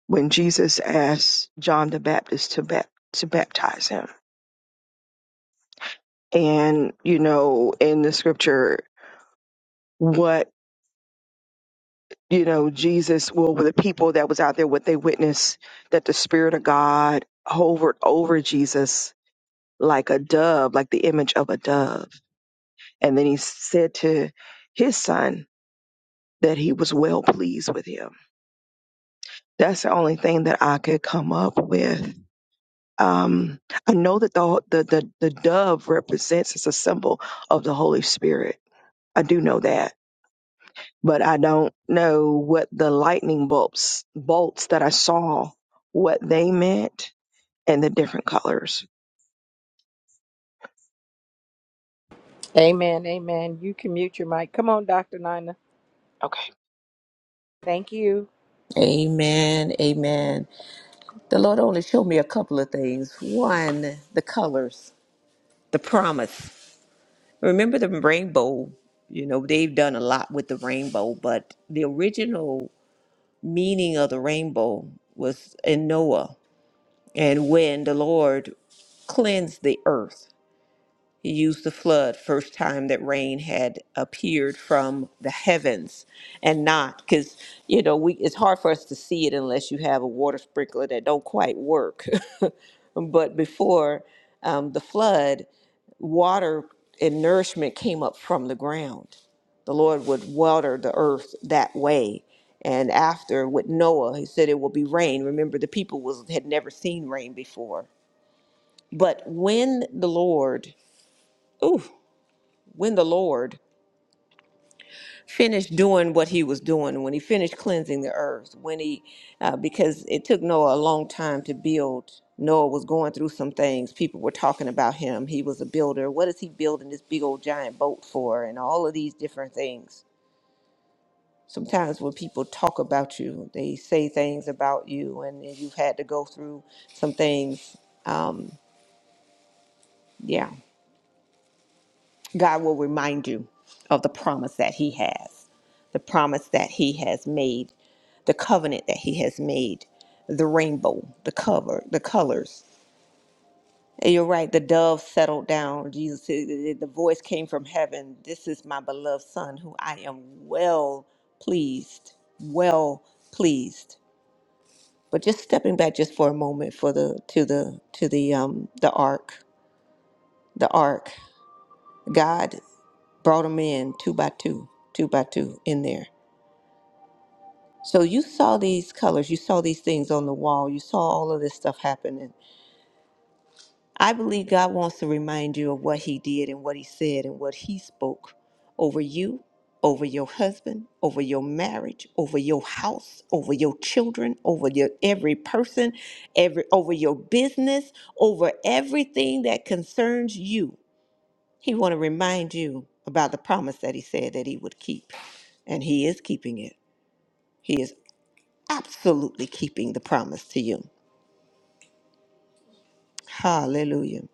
[SPEAKER 6] when Jesus asked John the Baptist to, bap- to baptize him. And, you know, in the scripture, what, you know, Jesus, well, with the people that was out there, what they witnessed, that the Spirit of God hovered over Jesus like a dove, like the image of a dove. And then he said to his son that he was well pleased with him. That's the only thing that I could come up with. Um, I know that the, the the the dove represents as a symbol of the Holy Spirit. I do know that, but I don't know what the lightning bolts bolts that I saw what they meant and the different colors.
[SPEAKER 3] Amen, amen. You can mute your mic. Come on, Dr. Nina.
[SPEAKER 6] Okay.
[SPEAKER 3] Thank you.
[SPEAKER 1] Amen. Amen. The Lord only showed me a couple of things. One, the colors, the promise. Remember the rainbow? You know, they've done a lot with the rainbow, but the original meaning of the rainbow was in Noah. and when the Lord cleansed the earth. He used the flood, first time that rain had appeared from the heavens, and not because you know we. It's hard for us to see it unless you have a water sprinkler that don't quite work. but before um, the flood, water and nourishment came up from the ground. The Lord would water the earth that way. And after with Noah, he said it will be rain. Remember, the people was had never seen rain before. But when the Lord, oof, when the Lord finished doing what he was doing, when he finished cleansing the earth, when he, uh, because it took Noah a long time to build. Noah was going through some things. People were talking about him. He was a builder. What is he building this big old giant boat for? And all of these different things. Sometimes when people talk about you, they say things about you, and you've had to go through some things. Um, yeah. God will remind you of the promise that He has, the promise that He has made, the covenant that He has made, the rainbow, the cover, the colors. And you're right, the dove settled down. Jesus said, The the voice came from heaven This is my beloved Son, who I am well pleased, well pleased. But just stepping back just for a moment for the to the to the um the ark, the ark. God brought them in two by two, two by two in there. So you saw these colors, you saw these things on the wall, you saw all of this stuff happening. I believe God wants to remind you of what He did and what He said and what He spoke over you, over your husband, over your marriage, over your house, over your children, over your every person, every over your business, over everything that concerns you. He want to remind you about the promise that he said that he would keep, and he is keeping it. He is absolutely keeping the promise to you. Hallelujah.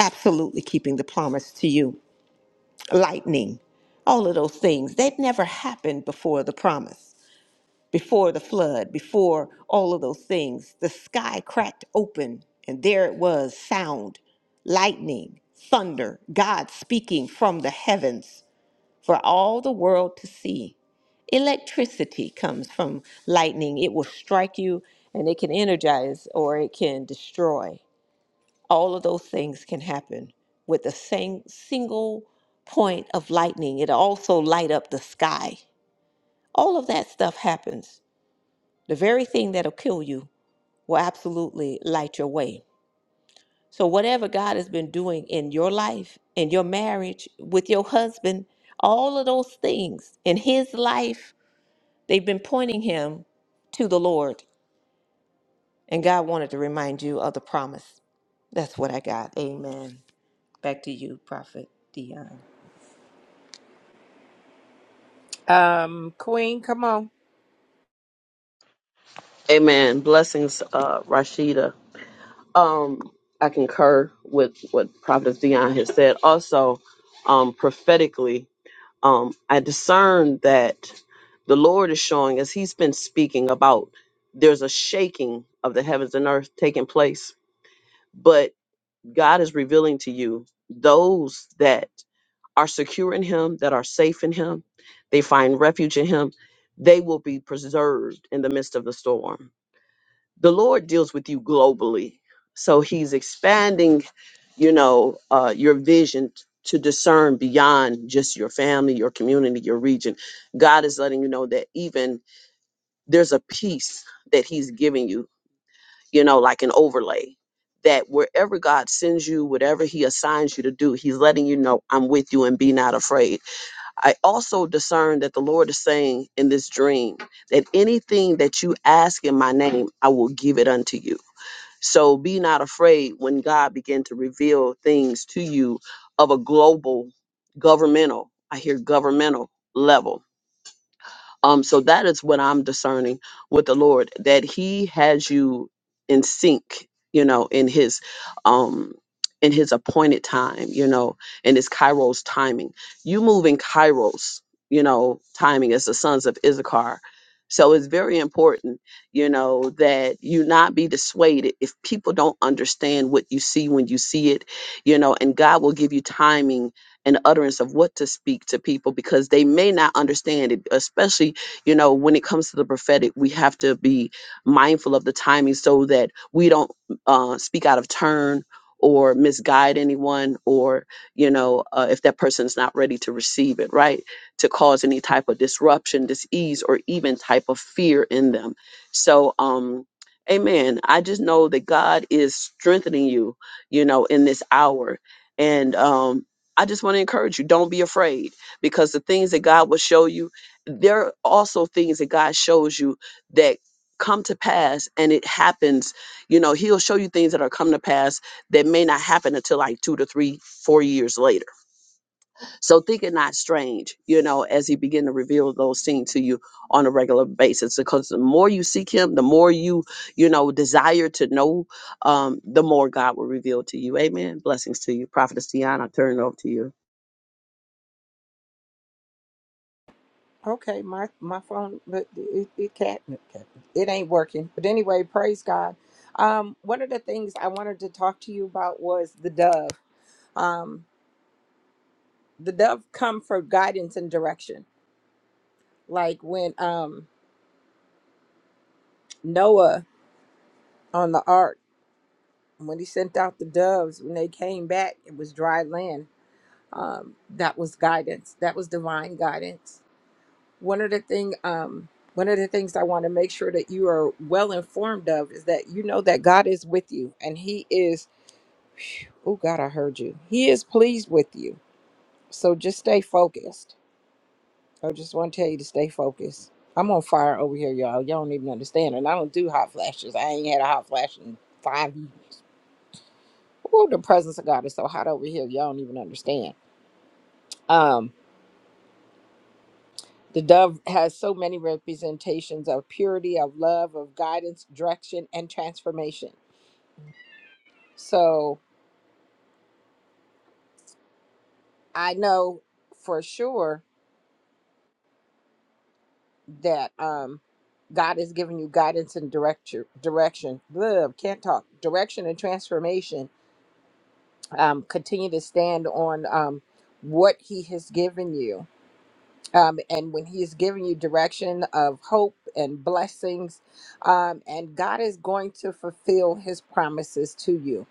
[SPEAKER 1] Absolutely keeping the promise to you. Lightning, all of those things, they'd never happened before the promise, before the flood, before all of those things. The sky cracked open, and there it was sound, lightning, thunder, God speaking from the heavens for all the world to see. Electricity comes from lightning. It will strike you and it can energize or it can destroy. All of those things can happen with a sing- single point of lightning. It also light up the sky. All of that stuff happens. The very thing that'll kill you will absolutely light your way. So whatever God has been doing in your life, in your marriage, with your husband, all of those things in his life They've been pointing him to the Lord, and God wanted to remind you of the promise. That's what I got. Amen. Back to you, Prophet Dion.
[SPEAKER 3] Um, Queen, come on.
[SPEAKER 2] Amen. Blessings, uh, Rashida. Um, I concur with what Prophetess Dion has said. Also, um, prophetically. um, I discern that the Lord is showing us, He's been speaking about there's a shaking of the heavens and earth taking place, but God is revealing to you those that are secure in Him, that are safe in Him, they find refuge in Him, they will be preserved in the midst of the storm. The Lord deals with you globally. So he's expanding you know, uh, your vision t- to discern beyond just your family, your community, your region. God is letting you know that even there's a piece that He's giving you, you know, like an overlay. That wherever God sends you, whatever He assigns you to do, He's letting you know, I'm with you and be not afraid. I also discern that the Lord is saying in this dream that anything that you ask in my name, I will give it unto you so be not afraid when God begin to reveal things to you of a global governmental, I hear governmental level um, so that is what I'm discerning with the Lord that He has you in sync, you know, in His, um, in His appointed time, you know, in His Kairos timing. You move in Kairos, you know, timing as the sons of Issachar. So it's very important, you know, that you not be dissuaded if people don't understand what you see when you see it, you know, and God will give you timing and utterance of what to speak to people because they may not understand it, especially you know when it comes to the prophetic we have to be mindful of the timing so that we don't uh, speak out of turn or misguide anyone or you know uh, if that person is not ready to receive it right to cause any type of disruption disease or even type of fear in them so um amen i just know that god is strengthening you you know in this hour and um i just want to encourage you don't be afraid because the things that god will show you there are also things that God shows you that come to pass and it happens. You know, He'll show you things that are come to pass that may not happen until like two to three, four years later. So think it not strange, you know, as He begin to reveal those things to you on a regular basis. Because the more you seek Him, the more you, you know, desire to know, um, the more God will reveal to you. Amen. Blessings to you. Prophetess Tiana, I turn it over to you.
[SPEAKER 3] Okay, my my phone, but it it can't it ain't working. But anyway, praise God. Um, one of the things I wanted to talk to you about was the dove. Um, the dove come for guidance and direction. Like when um Noah on the ark, when he sent out the doves, when they came back, it was dry land. Um, that was guidance. That was divine guidance one of the thing um one of the things I want to make sure that you are well informed of is that you know that God is with you and he is oh God I heard you. He is pleased with you. So just stay focused. I just want to tell you to stay focused. I'm on fire over here, y'all. Y'all don't even understand. And I don't do hot flashes. I ain't had a hot flash in five years. Oh, the presence of God is so hot over here. Y'all don't even understand. Um, The dove has so many representations of purity, of love, of guidance, direction, and transformation. So I know for sure that um, God has given you guidance and direction. Direction. Love can't talk. Direction and transformation. Um, continue to stand on um, what He has given you. Um, and when He has given you direction of hope and blessings, um, and God is going to fulfill His promises to you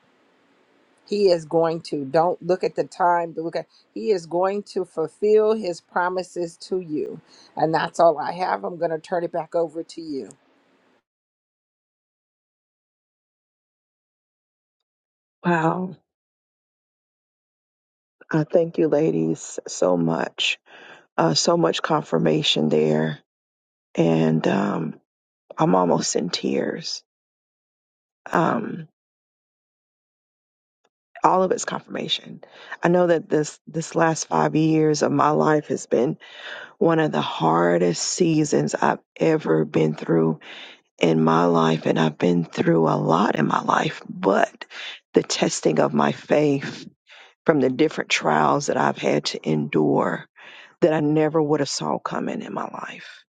[SPEAKER 3] He is going to. Don't look at the time. but Look at. He is going to fulfill his promises to you, and that's all I have. I'm going to turn it back over to you.
[SPEAKER 6] Wow. I thank you, ladies, so much. Uh, so much confirmation there. And um, I'm almost in tears. Um, all of it's confirmation. I know that this this last five years of my life has been one of the hardest seasons I've ever been through in my life, and I've been through a lot in my life. But the testing of my faith from the different trials that I've had to endure that I never would have saw coming in my life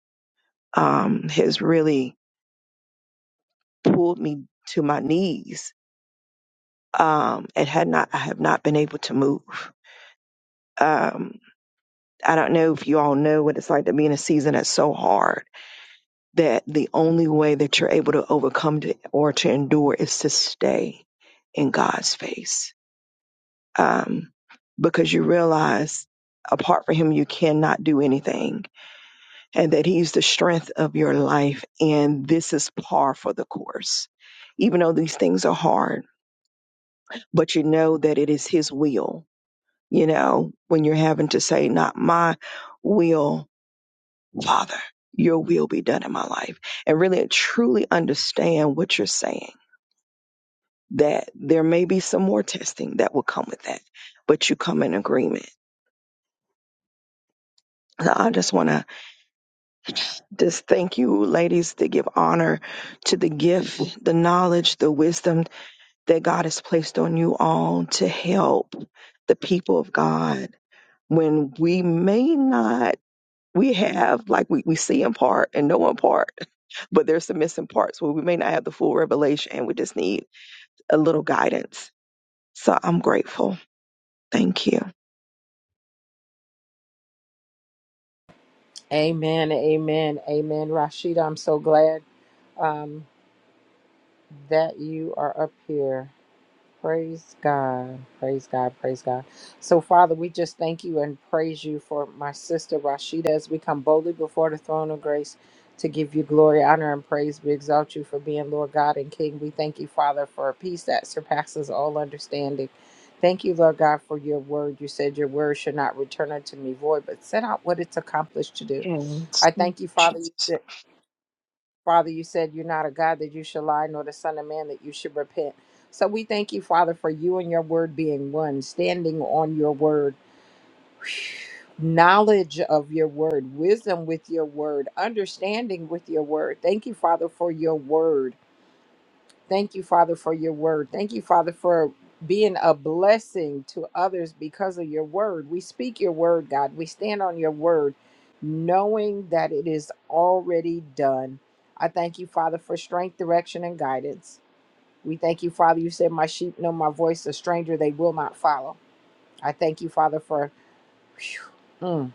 [SPEAKER 6] um, has really pulled me to my knees um, and had not I have not been able to move. Um, I don't know if you all know what it's like to be in a season that's so hard that the only way that you're able to overcome to, or to endure is to stay in God's face um, because you realize apart from Him you cannot do anything and that He's the strength of your life and this is par for the course. Even though these things are hard but you know that it is his will. You know, when you're having to say, not my will, Father, your will be done in my life. And really truly understand what you're saying. That there may be some more testing that will come with that, but you come in agreement. So I just want to just thank you, ladies, to give honor to the gift, the knowledge, the wisdom that God has placed on you all to help the people of God when we may not we have like we, we see in part and know in part but there's some missing parts where we may not have the full revelation and we just need a little guidance so i'm grateful thank you
[SPEAKER 3] Amen. Amen. Amen. Rashida, I'm so glad um, that you are up here. Praise God. Praise God. Praise God. So, Father, we just thank you and praise you for my sister Rashida as we come boldly before the throne of grace to give you glory, honor, and praise. We exalt you for being Lord God and King. We thank you, Father, for a peace that surpasses all understanding. Thank you, Lord God, for your word. You said your word should not return unto me void, but set out what it's accomplished to do.
[SPEAKER 6] Yes.
[SPEAKER 3] I
[SPEAKER 6] Thank
[SPEAKER 3] thank
[SPEAKER 6] you,
[SPEAKER 3] you, Father.
[SPEAKER 6] Jesus.
[SPEAKER 3] Father, you said you're not a God that you should lie, nor the Son of Man that you should repent. So we thank you, Father, for you and your word being one, standing on your word, knowledge of your word, wisdom with your word, understanding with your word. Thank you, Father, for your word. Thank you, Father, for your word. Thank you, Father, for being a blessing to others because of your word. We speak your word, God. We stand on your word, knowing that it is already done. I thank you, Father, for strength, direction, and guidance. We thank you, Father. You said, My sheep know my voice, a stranger they will not follow. I thank you, Father, for phew, mm,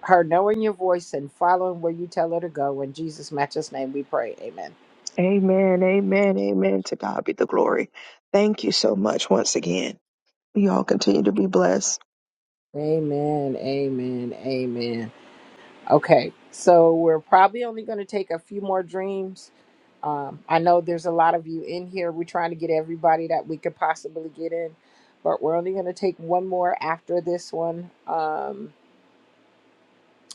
[SPEAKER 3] her knowing your voice and following where you tell her to go. In Jesus' matchless name, we pray. Amen.
[SPEAKER 6] Amen. Amen. Amen. To God be the glory. Thank you so much once again. y'all continue to be blessed
[SPEAKER 3] Amen. Amen. Amen. Okay, so we're probably only going to take a few more dreams. Um, I know there's a lot of you in here. We're trying to get everybody that we could possibly get in, but we're only going to take one more after this one, um,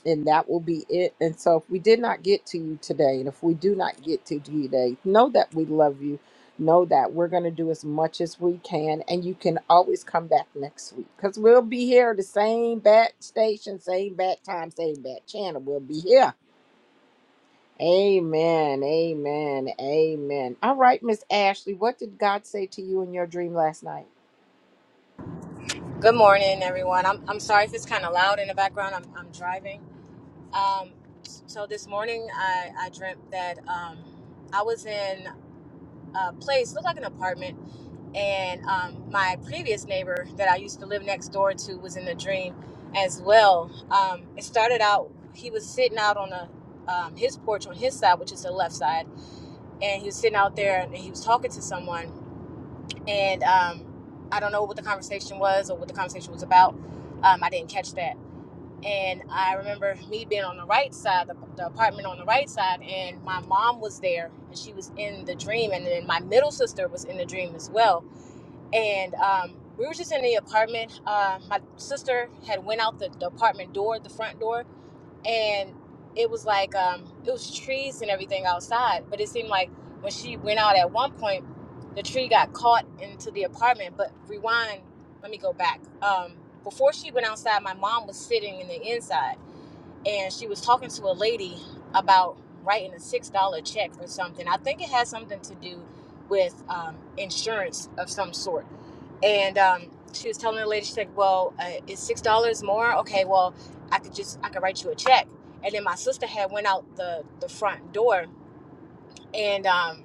[SPEAKER 3] and that will be it. And so, if we did not get to you today, and if we do not get to you today, know that we love you. Know that we're going to do as much as we can, and you can always come back next week because we'll be here the same bat station, same bat time, same bat channel. We'll be here Amen. Amen. Amen. All right, Miss Ashley, what did God say to you in your dream last night?
[SPEAKER 7] Good morning, everyone. I'm, I'm sorry if it's kind of loud in the background. I'm, I'm driving. Um, so this morning, I, I dreamt that um, I was in a place, looked like an apartment, and um, my previous neighbor that I used to live next door to was in the dream as well. Um, it started out, he was sitting out on a um, his porch on his side, which is the left side, and he was sitting out there and he was talking to someone, and um, I don't know what the conversation was or what the conversation was about. Um, I didn't catch that and I remember me being on the right side, the, the apartment on the right side, and my mom was there, and she was in the dream, and then my middle sister was in the dream as well, and um, we were just in the apartment. Uh, my sister had went out the, the apartment door, the front door, and it was like um, it was trees and everything outside, but it seemed like when she went out at one point, the tree got caught into the apartment. But rewind, let me go back. Um, before she went outside, my mom was sitting in the inside and she was talking to a lady about writing a six dollar check for something. I think it has something to do with um, insurance of some sort. And um, she was telling the lady, she's like, "Well, uh, is six dollars more? Okay, well, I could just I could write you a check." And then my sister had went out the the front door, and um,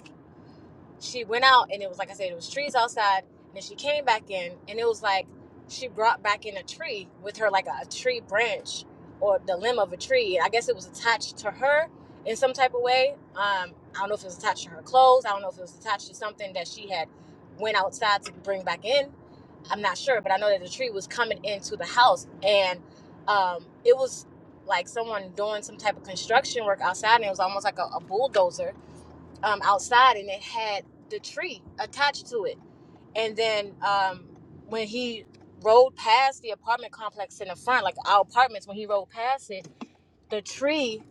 [SPEAKER 7] she went out and it was like I said, it was trees outside, and then she came back in and it was like she brought back in a tree with her like a, a tree branch or the limb of a tree. I guess it was attached to her in some type of way. Um, I don't know if it was attached to her clothes. I don't know if it was attached to something that she had went outside to bring back in. I'm not sure, but I know that the tree was coming into the house and um, it was like someone doing some type of construction work outside and it was almost like a, a bulldozer um, outside and it had the tree attached to it. And then um, when he rode past the apartment complex in the front, like our apartments, when he rode past it, the tree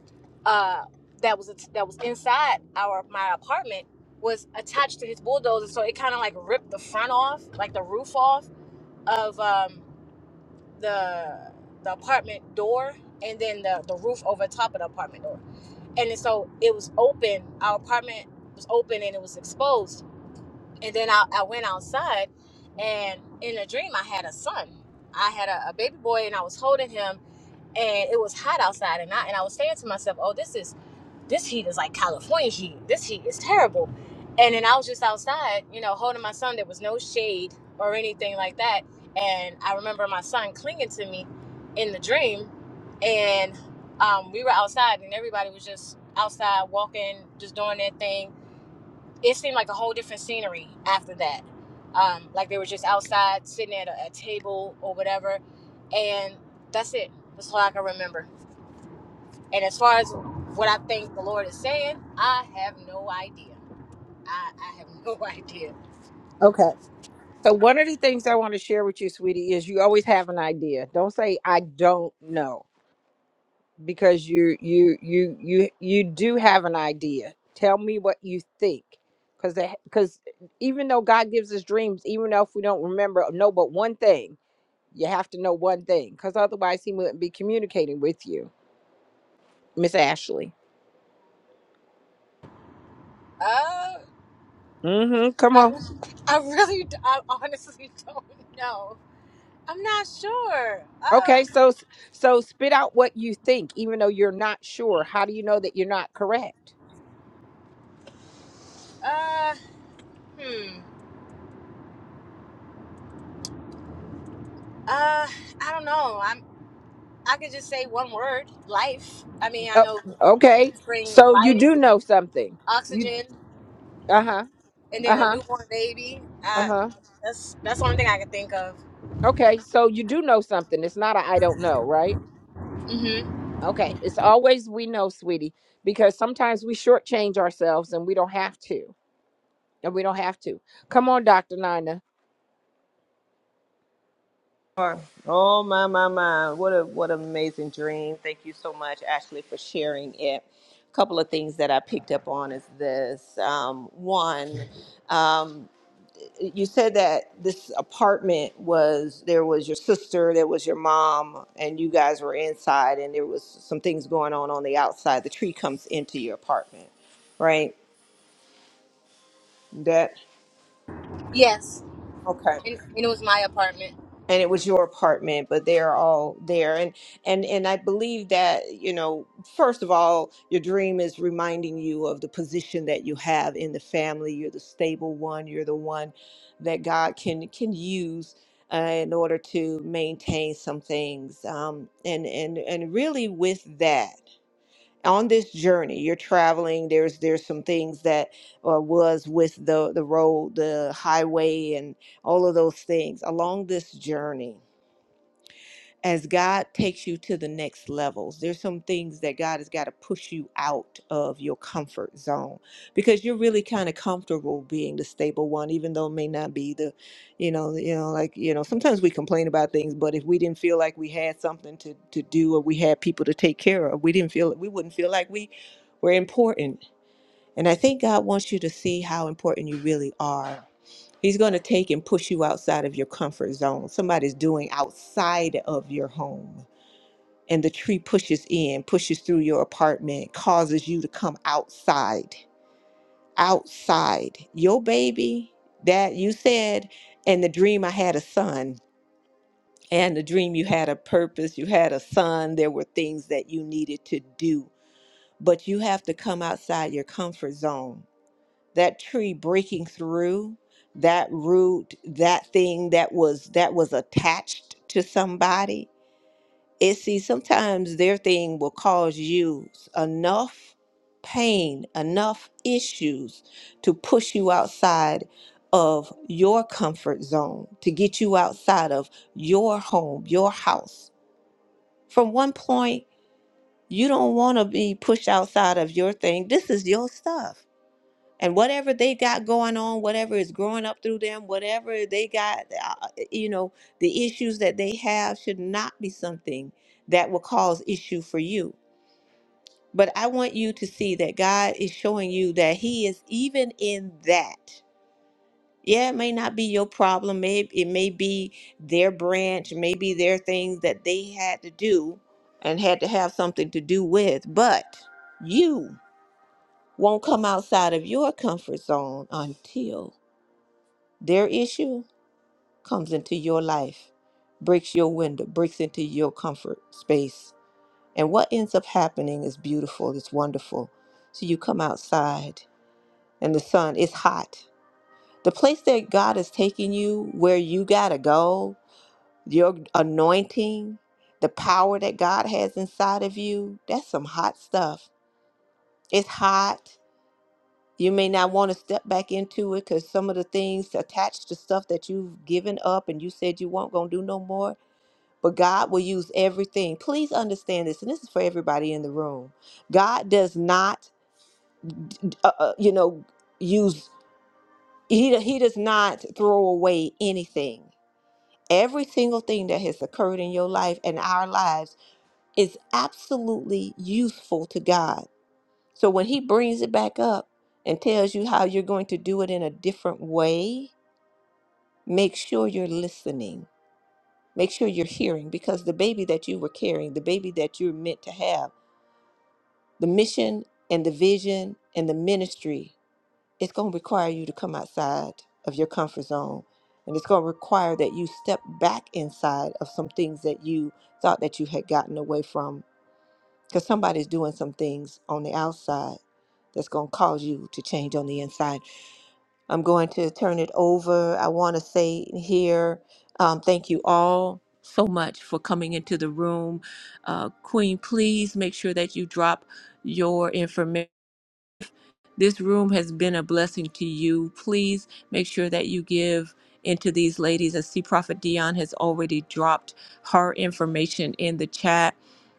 [SPEAKER 7] uh, that was that was inside our my apartment was attached to his bulldozer, so it kind of like ripped the front off, like the roof off of um, the the apartment door, and then the the roof over top of the apartment door. And then so it was open. Our apartment was open and it was exposed and then I, I went outside, and in a dream, I had a son. I had a, a baby boy, and I was holding him, and it was hot outside, and I and I was saying to myself, "Oh, this is this heat is like California heat. This heat is terrible." And then I was just outside, you know, holding my son. There was no shade or anything like that, and I remember my son clinging to me in the dream, and um, we were outside, and everybody was just outside walking, just doing their thing it seemed like a whole different scenery after that. Um, like they were just outside sitting at a, a table or whatever, and that's it. That's all I can remember. And as far as what I think the Lord is saying, I have no idea. I, I have no idea.
[SPEAKER 3] Okay. So one of the things I want to share with you, sweetie, is you always have an idea. Don't say I don't know because you you you you you do have an idea. Tell me what you think. Cuz cuz even though God gives us dreams, even though if we don't remember no but one thing, you have to know one thing cuz otherwise he wouldn't be communicating with you. Miss Ashley.
[SPEAKER 7] Uh,
[SPEAKER 3] Mhm. Come
[SPEAKER 7] I,
[SPEAKER 3] on.
[SPEAKER 7] re- I really, d- I honestly don't know. I'm not sure.
[SPEAKER 3] Okay,
[SPEAKER 7] Um,
[SPEAKER 3] so so spit out what you think, even though you're not sure. How do you know that you're not correct?
[SPEAKER 7] uh, hmm. Uh, I don't know. I could just say one word, life. I mean, I
[SPEAKER 3] Oh,
[SPEAKER 7] know trees
[SPEAKER 3] okay,
[SPEAKER 7] bring
[SPEAKER 3] so you
[SPEAKER 7] life
[SPEAKER 3] do
[SPEAKER 7] and
[SPEAKER 3] know something. You
[SPEAKER 7] oxygen,
[SPEAKER 3] uh huh
[SPEAKER 7] and
[SPEAKER 3] uh
[SPEAKER 7] then a
[SPEAKER 3] huh
[SPEAKER 7] newborn baby.
[SPEAKER 3] uh
[SPEAKER 7] Uh,
[SPEAKER 3] huh.
[SPEAKER 7] that's that's the only thing I could think of.
[SPEAKER 3] Okay, so you do know something. It's not a I don't know, right?
[SPEAKER 7] hmm
[SPEAKER 3] Okay, it's always we know, sweetie, because sometimes we shortchange ourselves and we don't have to, and we don't have to. Come on, Doctor Nina.
[SPEAKER 1] Sure. Oh my my my! What a what an amazing dream! Thank you so much, Ashley, for sharing it. A couple of things that I picked up on is this: um, one, um, you said that this apartment was there was your sister, there was your mom, and you guys were inside, and there was some things going on on the outside. The tree comes into your apartment, right? That
[SPEAKER 7] Yes,
[SPEAKER 1] okay.
[SPEAKER 7] and, and it was my apartment.
[SPEAKER 1] and it was your apartment but they're all there and and and i believe that you know first of all your dream is reminding you of the position that you have in the family you're the stable one you're the one that god can can use uh, in order to maintain some things um, and and and really with that on this journey you're traveling there's there's some things that uh, was with the the road the highway and all of those things along this journey as God takes you to the next levels, there's some things that God has got to push you out of your comfort zone because you're really kind of comfortable being the stable one, even though it may not be the, you know, you know, like you know, sometimes we complain about things, but if we didn't feel like we had something to to do or we had people to take care of, we didn't feel we wouldn't feel like we were important. And I think God wants you to see how important you really are. He's going to take and push you outside of your comfort zone. Somebody's doing outside of your home and the tree pushes in, pushes through your apartment, causes you to come outside, outside. Your baby that you said, and the dream I had a son, and the dream you had a purpose, you had a son, there were things that you needed to do, but you have to come outside your comfort zone. That tree breaking through, that root, that thing that was that was attached to somebody it see sometimes their thing will cause you enough pain enough issues to push you outside of your comfort zone to get you outside of your home your house from one point you don't want to be pushed outside of your thing this is your stuff and whatever they got going on, whatever is growing up through them, whatever they got, uh, uh, you know, the issues that they have should not be something that will cause issue for you. But I want you to see that God is showing you that He is even in that. Yeah, it may not be your problem. Maybe it may be their branch, maybe their things that they had to do and had to have something to do with. But you won't come outside of your comfort zone until Their issue comes into your life, breaks your window, breaks into your comfort space. And what ends up happening is beautiful, it's wonderful. So you come outside and the sun is hot. The place that God is taking you, where you got to go, your anointing, the power that God has inside of you, that's some hot stuff. It's hot. You may not want to step back into it because some of the things attached to stuff that you've given up and you said you weren't going to do no more, but God will use everything. Please understand this, and this is for everybody in the room. God does not, uh, uh, you know, use he he does not throw away anything. Every single thing that has occurred in your life and our lives is absolutely useful to God. So when He brings it back up and tells you how you're going to do it in a different way, make sure you're listening. Make sure you're hearing because the baby that you were carrying, the baby that you're meant to have the mission and the vision and the ministry, it's going to require you to come outside of your comfort zone. And it's going to require that you step back inside of some things that you thought that you had gotten away from because somebody's doing some things on the outside that's going to cause you to change on the inside. I'm going to turn it over. I want to say here, um, thank you all so much for coming into the room. Uh, Queen, please make sure that you drop your information. This room has been a blessing to you. Please make sure that you give into these ladies. I see Prophet Dion has already dropped her information in the chat.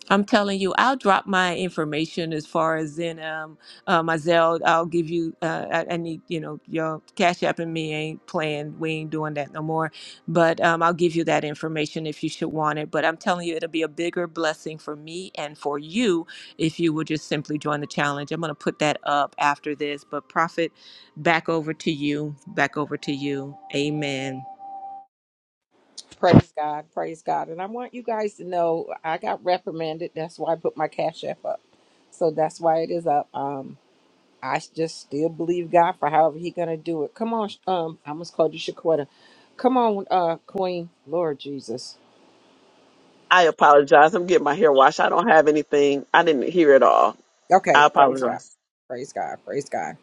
[SPEAKER 1] I'm telling you, I'll drop my information as far as in um, uh, my Zelle. I'll give you. Uh, I, I need you know your Cash App and me ain't playing. We ain't doing that no more. But um, I'll give you that information if you should want it. But I'm telling you, it'll be a bigger blessing for me and for you if you would just simply join the challenge. I'm going to put that up after this, but Prophet, back over to you. Back over to you. Amen.
[SPEAKER 3] Praise God, praise God. And I want you guys to know I got reprimanded. That's why I put my cash app up. So that's why it is up. Um, I s- just still believe God for however He gonna do it. Come on, sh- um, I almost called you Shaquetta. Come on, uh, Queen, Lord Jesus.
[SPEAKER 2] I apologize. I'm getting my hair washed. I don't have anything. I didn't hear it all. I
[SPEAKER 3] Okay, praise God,
[SPEAKER 2] apologize.
[SPEAKER 3] praise God, praise God.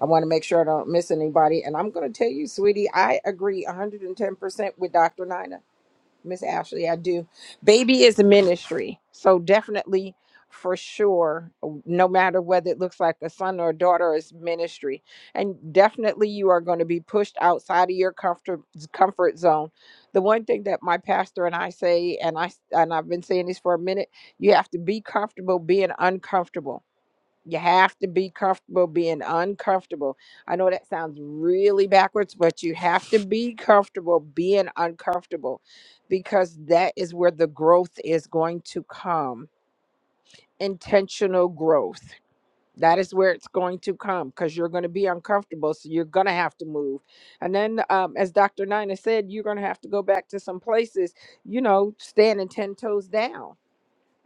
[SPEAKER 3] I want to make sure I don't miss anybody. And I'm gonna tell you, sweetie, I agree 110% with Dr. Nina. Miss Ashley, I do. Baby is a ministry. So definitely for sure, no matter whether it looks like a son or a daughter, is ministry. And definitely you are going to be pushed outside of your comfort comfort zone. The one thing that my pastor and I say, and I and I've been saying this for a minute, you have to be comfortable being uncomfortable you have to be comfortable being uncomfortable. I know that sounds really backwards, but you have to be comfortable being uncomfortable because that is where the growth is going to come. Intentional growth. That is where it's going to come because you're going to be uncomfortable. So you're going to have to move. And then, um, as Dr. Nina said, you're going to have to go back to some places, you know, standing 10 toes down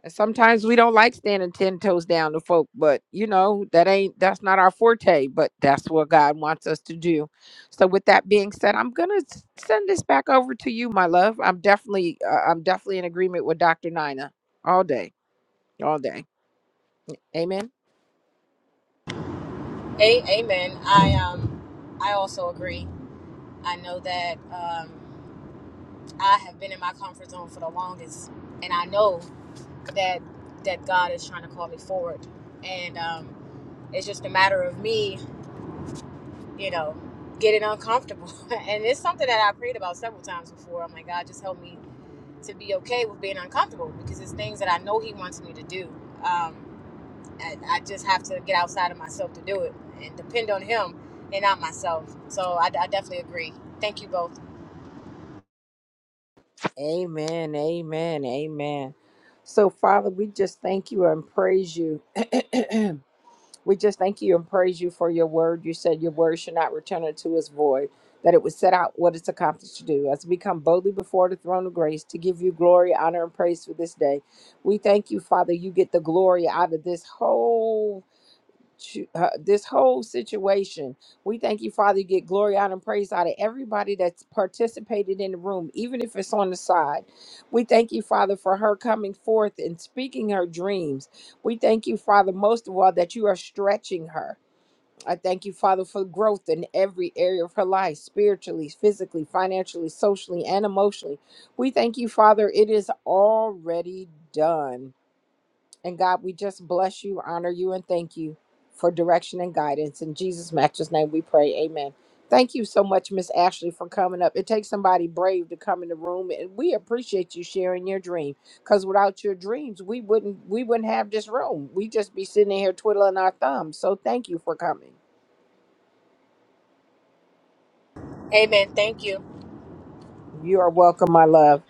[SPEAKER 3] and sometimes we don't like standing ten toes down to folk, but you know, that ain't that's not our forte, but that's what God wants us to do. So with that being said, I'm gonna send this back over to you, my love. I'm definitely uh, I'm definitely in agreement with Dr. Nina all day, all day. Amen.
[SPEAKER 7] A- amen. I um, I also agree. I know that um, I have been in my comfort zone for the longest, and I know that that God is trying to call me forward, and um, it's just a matter of me you know, getting uncomfortable. and it's something that I prayed about several times before. I'm like, God, just help me to be okay with being uncomfortable because it's things that I know He wants me to do. Um, and I just have to get outside of myself to do it and depend on Him and not myself. So I, I definitely agree. Thank you both.
[SPEAKER 3] Amen. Amen. Amen. So Father, we just thank you and praise you. We just thank you and praise you for your word. You said your word should not return unto us void, that it would set out what it's accomplished to do. As we come boldly before the throne of grace to give you glory, honor, and praise for this day, we thank you, Father. You get the glory out of this whole to- uh, this whole situation. We thank you, Father. You get glory out and praise out of everybody that's participated in the room, even if it's on the side. We thank you, Father, for her coming forth and speaking her dreams. We thank you, Father, most of all, that you are stretching her. I thank you, Father, for growth in every area of her life, spiritually, physically, financially, socially, and emotionally. We thank you, Father, it is already done. And God, we just bless you, honor you, and thank you for direction and guidance. In Jesus' matchless name we pray. Amen. Thank you so much, Miss Ashley, for coming up. It takes somebody brave to come in the room, and we appreciate you sharing your dream. Because without your dreams, we wouldn't we wouldn't have this room. We'd just be sitting in here twiddling our thumbs. So thank you for coming.
[SPEAKER 7] Amen. Thank you.
[SPEAKER 3] You are welcome, my love.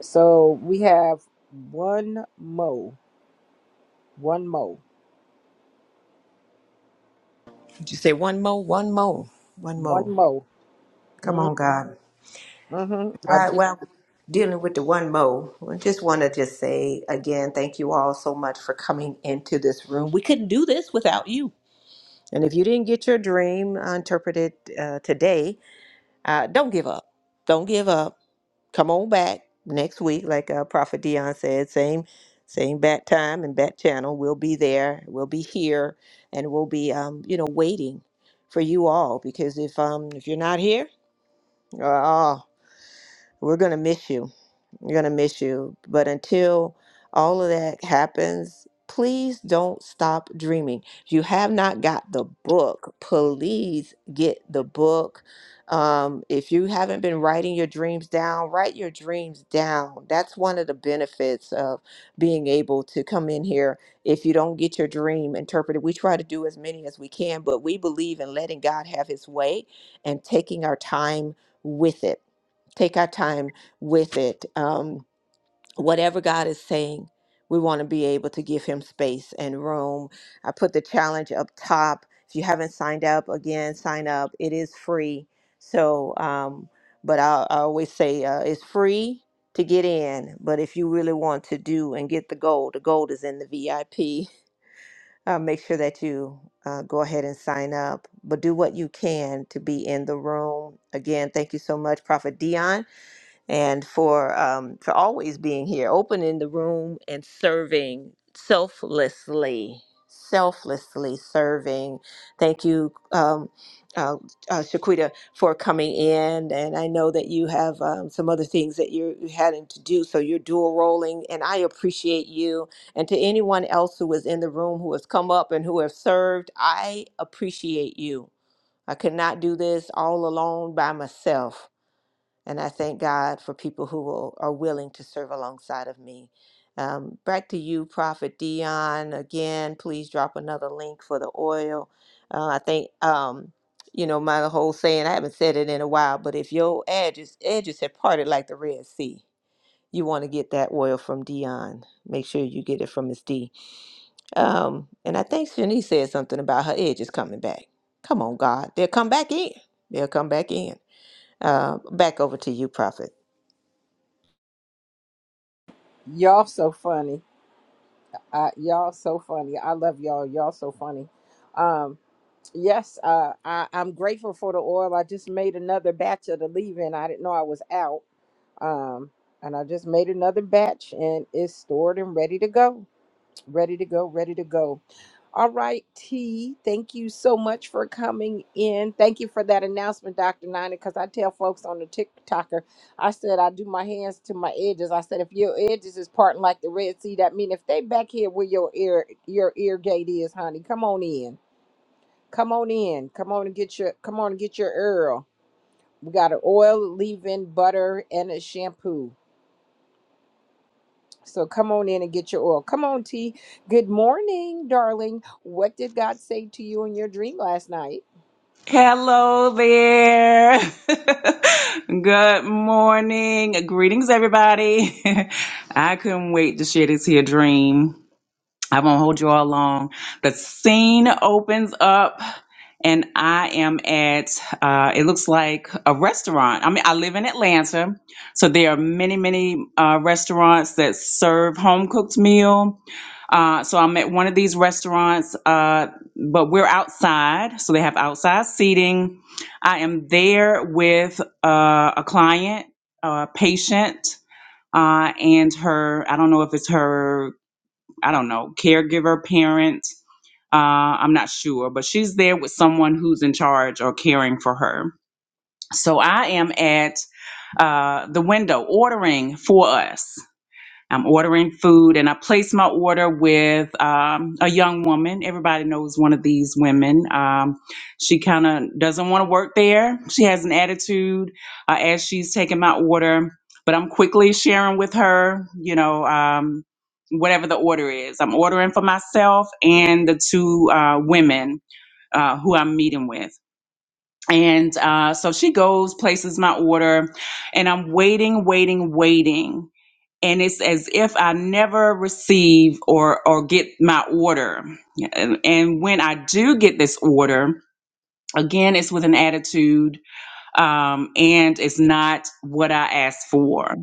[SPEAKER 3] So we have one mo, one mo,
[SPEAKER 1] Just say one more, one more, one
[SPEAKER 3] one
[SPEAKER 1] more.
[SPEAKER 3] mo.
[SPEAKER 1] Come on, God.
[SPEAKER 3] Mm-hmm. I
[SPEAKER 1] While
[SPEAKER 3] just
[SPEAKER 1] why dealing with the one more? I just want to just say again, thank you all so much for coming into this room. We couldn't do this without you. And if you didn't get your dream interpreted uh, today, uh, don't give up. Don't give up come on back next week, like uh, Prophet Dion said, same same bat time and bat channel. We'll be there. We'll be here, and we'll be um, you know waiting for you all because if um if you're not here, uh, oh, we're gonna miss you. We're going to miss you. But until all of that happens, please don't stop dreaming. If you have not got the book, please get the book. Um, if you haven't been writing your dreams down, write your dreams down. That's one of the benefits of being able to come in here. If you don't get your dream interpreted, we try to do as many as we can, but we believe in letting God have his way and taking our time with it. Take our time with it. Um, whatever God is saying, we want to be able to give Him space and room. I put the challenge up top. If you haven't signed up, again, sign up. It is free. So, um, but I, I always say uh, it's free to get in. But if you really want to do and get the gold, the gold is in the VIP. Uh, make sure that you uh, go ahead and sign up, but do what you can to be in the room. Again, thank you so much, Prophet Dion and for um, for always being here, opening the room and serving selflessly, selflessly serving. Thank you, um, uh, uh, Shaquita, for coming in, and I know that you have um, some other things that you're you having to do, so you're dual rolling, and I appreciate you. And to anyone else who was in the room who has come up and who have served, I appreciate you. I could not do this all alone by myself. And I thank God for people who will, are willing to serve alongside of me. Um, back to you, Prophet Dion. Again, please drop another link for the oil. Uh, I think, um, you know, my whole saying, I haven't said it in a while, but if your edges, edges have parted like the Red Sea, you want to get that oil from Dion. Make sure you get it from Miss D. Um, and I think Shanice said something about her edges coming back. Come on, God. They'll come back in. They'll come back in. Uh, back over to you, Prophet.
[SPEAKER 3] y'all so funny. Uh, y'all so funny. I love y'all. Y'all so funny. Um, yes, uh, I, I'm grateful for the oil. I just made another batch of the leave-in. I didn't know I was out. Um, and I just made another batch and it's stored and ready to go. Ready to go, ready to go. All right, T, thank you so much for coming in. Thank you for that announcement, Dr. Nina, because I tell folks on the TikToker, I said I do my hands to my edges. I said, if your edges is parting like the Red Sea, that mean if they back here where your ear your ear gate is, honey, come on in. Come on in. Come on and get your come on and get your Earl. We got an oil, leave-in, butter, and a shampoo. So come on in and get your oil. Come on, T. Good morning, darling. What did God say to you in your dream last night?
[SPEAKER 8] Hello there. Good morning. Greetings, everybody. I couldn't wait to share this here dream. I won't hold you all long. The scene opens up, and I am at, uh, it looks like a restaurant. I mean, I live in Atlanta, so there are many, many uh, restaurants that serve home cooked meal. Uh, so I'm at one of these restaurants, uh, but we're outside, so they have outside seating. I am there with uh, a client, a patient, uh, and her, I don't know if it's her I don't know, caregiver, parent. Uh, I'm not sure, but she's there with someone who's in charge or caring for her. So I am at uh, the window ordering for us. I'm ordering food, and I placed my order with um, a young woman. Everybody knows one of these women. Um, she kind of doesn't want to work there. She has an attitude uh, as she's taking my order, but I'm quickly sharing with her, you know, um, whatever the order is. I'm ordering for myself and the two uh, women uh, who I'm meeting with. And uh, so she goes, places my order, and I'm waiting, waiting, waiting and it's as if I never receive or or get my order. And, and when I do get this order, again, it's with an attitude um, and it's not what I asked for.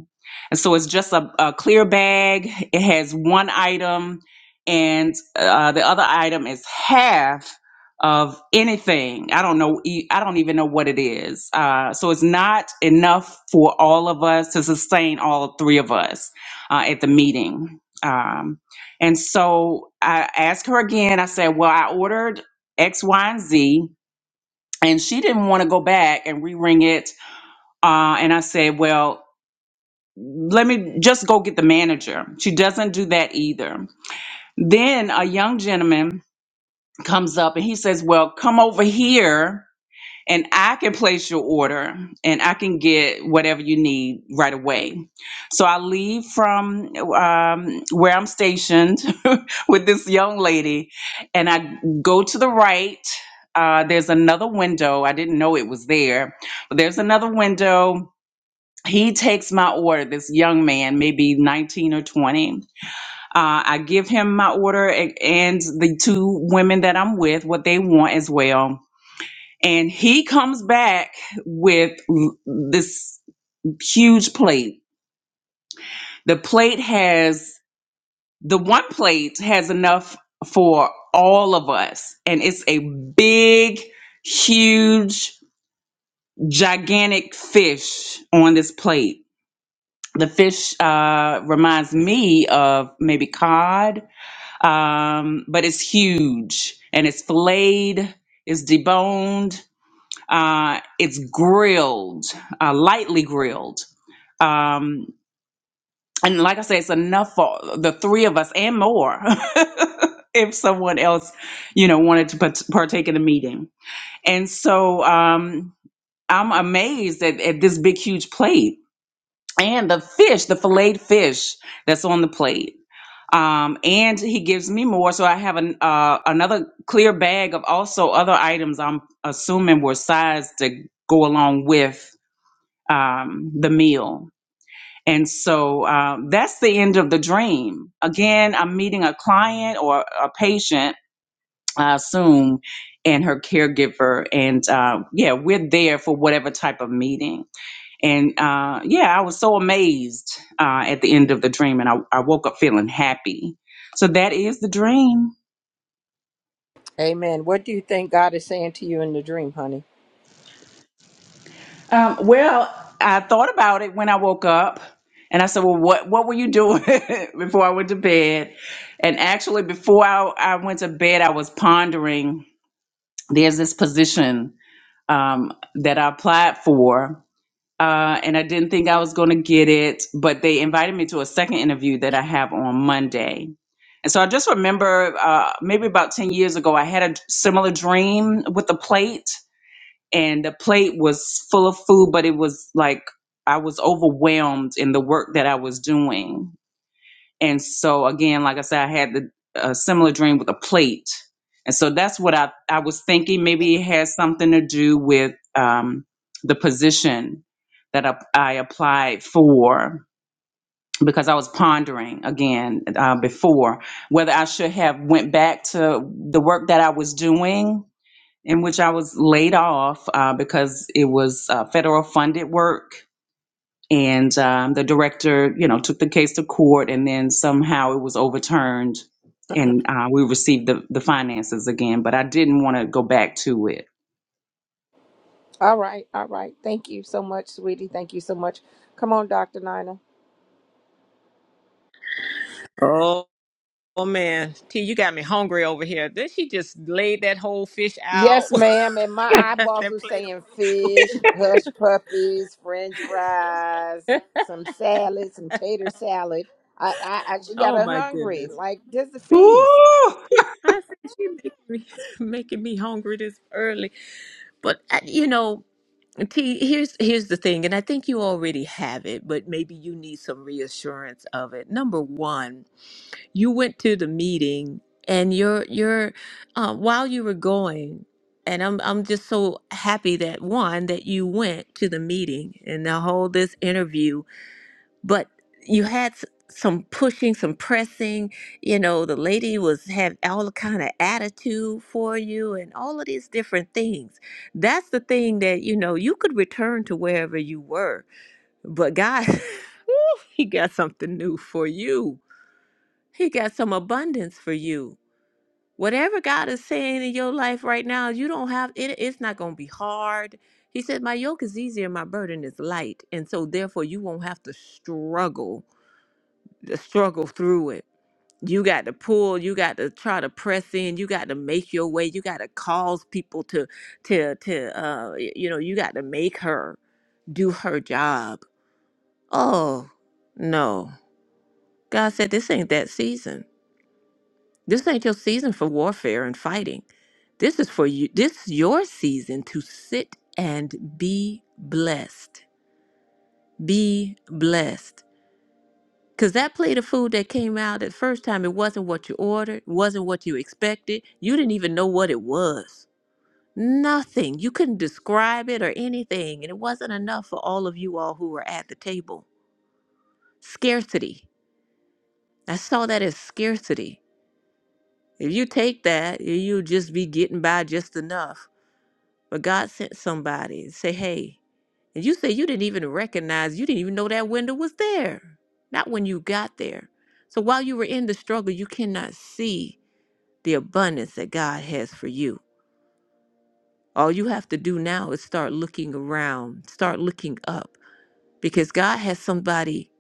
[SPEAKER 8] And so it's just a, a clear bag. It has one item, and uh, the other item is half of anything. I don't know. e- I don't even know what it is. Uh, so it's not enough for all of us to sustain all three of us uh, at the meeting. Um, and so I asked her again. I said, "Well, I ordered X, Y, and Z." And she didn't want to go back and re-ring it uh, and I said, well, let me just go get the manager. She doesn't do that either. Then a young gentleman comes up and he says, well, come over here and I can place your order and I can get whatever you need right away. So I leave from um, where I'm stationed with this young lady and I go to the right. Uh, there's another window. I didn't know it was there, but there's another window he takes my order this young man maybe 19 or 20 uh, i give him my order a- and the two women that i'm with what they want as well and he comes back with l- this huge plate the plate has the one plate has enough for all of us and it's a big huge gigantic fish on this plate the fish uh, reminds me of maybe cod, um, but it's huge and it's filleted, it's deboned, uh, it's grilled, uh, lightly grilled. Um, and like I said, it's enough for the three of us and more. if someone else, you know, wanted to part- partake in the meeting. And so um, I'm amazed at, at this big, huge plate and the fish, the filleted fish that's on the plate um, and he gives me more. So I have an, uh, another clear bag of also other items. I'm assuming were sized to go along with um, the meal. And so um, that's the end of the dream. Again, I'm meeting a client or a patient, I assume, and her caregiver, and uh, yeah, we're there for whatever type of meeting. And uh, yeah, I was so amazed uh, at the end of the dream, and I, I woke up feeling happy. So that is the dream.
[SPEAKER 3] Amen. What do you think God is saying to you in the dream, honey?
[SPEAKER 8] Um, well, I thought about it when I woke up, and I said, "Well, what what were you doing before I went to bed?" And actually, before I, I went to bed, I was pondering. There's this position um, that I applied for, uh, and I didn't think I was going to get it, but they invited me to a second interview that I have on Monday. And so I just remember uh, maybe about 10 years ago, I had a similar dream with the plate, and the plate was full of food, but it was like I was overwhelmed in the work that I was doing. And so again, like I said, I had the a similar dream with a plate, and so that's what I I was thinking. Maybe it has something to do with um, the position that I, I applied for because I was pondering again uh, before whether I should have went back to the work that I was doing in which I was laid off uh, because it was uh, federal funded work and um, the director, you know, took the case to court, and then somehow it was overturned, and uh, we received the the finances again. But I didn't want to go back to it.
[SPEAKER 3] All right, all right. Thank you so much, sweetie. Thank you so much. Come on, Dr. Nina.
[SPEAKER 1] Oh, oh man, T, you got me hungry over here. Then she just laid that whole fish
[SPEAKER 3] Yes,
[SPEAKER 1] out,
[SPEAKER 3] ma'am. And my
[SPEAKER 1] that
[SPEAKER 3] eyeballs were
[SPEAKER 1] plate of
[SPEAKER 3] saying fish,
[SPEAKER 1] food.
[SPEAKER 3] hush puppies, French fries, some salad, some tater salad. I, I, I just got
[SPEAKER 1] oh
[SPEAKER 3] her
[SPEAKER 1] my
[SPEAKER 3] hungry.
[SPEAKER 1] goodness.
[SPEAKER 3] Like this is a feast.
[SPEAKER 8] Ooh!
[SPEAKER 1] I said she making me, making me hungry this early. But uh, you know, T, here's here's the thing, and I think you already have it, but maybe you need some reassurance of it. Number one. you went to the meeting and you're you're uh, while you were going and I'm I'm just so happy that one that you went to the meeting and the whole this interview but you had s- some pushing some pressing you know the lady was had all kind of attitude for you and all of these different things that's the thing that you know you could return to wherever you were but God he got something new for you he got some abundance for you whatever God is saying in your life right now, you don't have it, it's not going to be hard. He said, My yoke is easier, my burden is light. And so, therefore, you won't have to struggle, to struggle through it. You got to pull, you got to try to press in, you got to make your way, you got to cause people to, to, to, uh, y- you know, you got to make her do her job. Oh, no. God said, This ain't that season. This ain't your season for warfare and fighting. This is for you. This is your season to sit and be blessed. Be blessed. Because that plate of food that came out the first time, it wasn't what you ordered, wasn't what you expected. You didn't even know what it was. Nothing. You couldn't describe it or anything. And it wasn't enough for all of you all who were at the table. Scarcity. I saw that as scarcity. If you take that, you'll just be getting by just enough But God sent somebody and say, hey, and you say you didn't even recognize, you didn't even know that window was there. Not when you got there. So while you were in the struggle, you cannot see the abundance that God has for you. All you have to do now is start looking around, start looking up, because God has somebody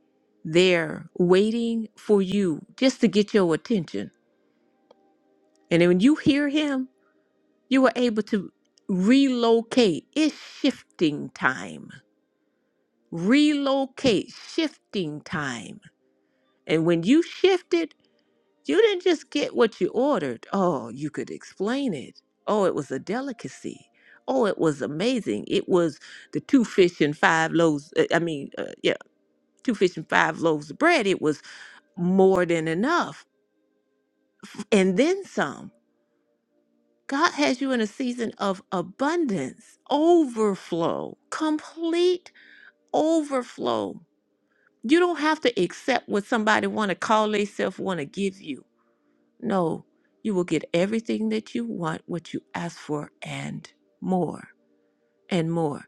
[SPEAKER 1] there waiting for you just to get your attention. And then when you hear Him, you are able to relocate. It's shifting time relocate, shifting time. And when you shifted, you didn't just get what you ordered. Oh, you could explain it. Oh, it was a delicacy. Oh, it was amazing. It was the two fish and five loaves. uh, I mean, uh, yeah, two fish and five loaves of bread. It was more than enough. And then some. God has you in a season of abundance, overflow, complete overflow. You don't have to accept what somebody want to call themselves want to give you. No, you will get everything that you want, what you ask for, and more and more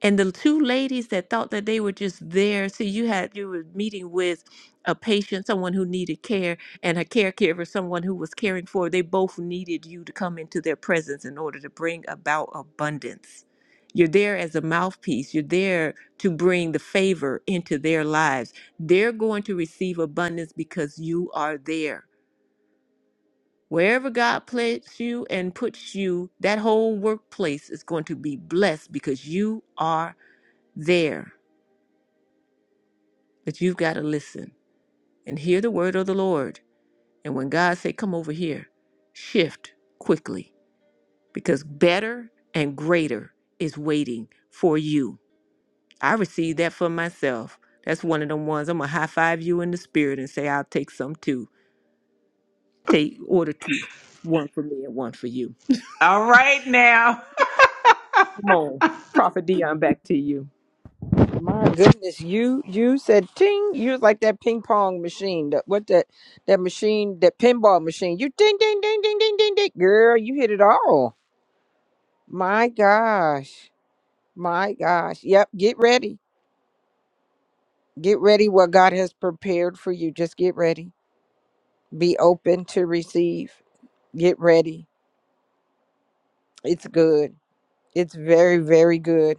[SPEAKER 1] and the two ladies that thought that they were just there so you had you were meeting with a patient someone who needed care and a caregiver someone who was caring for her. they both needed you to come into their presence in order to bring about abundance you're there as a mouthpiece you're there to bring the favor into their lives they're going to receive abundance because you are there wherever god plants you and puts you that whole workplace is going to be blessed because you are there But you've got to listen and hear the word of the Lord. And when God say, come over here, shift quickly because better and greater is waiting for you. I received that for myself. That's one of them ones. I'm going to high five you in the spirit and say, I'll take some too. Take order two. One for me and one for you.
[SPEAKER 8] All right now,
[SPEAKER 1] Come on. Prophet Dion, back to you.
[SPEAKER 3] My goodness, you you said ting. You was like that ping pong machine. That what that that machine, that pinball machine. You ding ding ding ding ding ding ding. Girl, you hit it all. My gosh. My gosh. Yep. Get ready. Get ready. What God has prepared for you. Just get ready Be open to receive. Get ready. It's good. It's very, very good.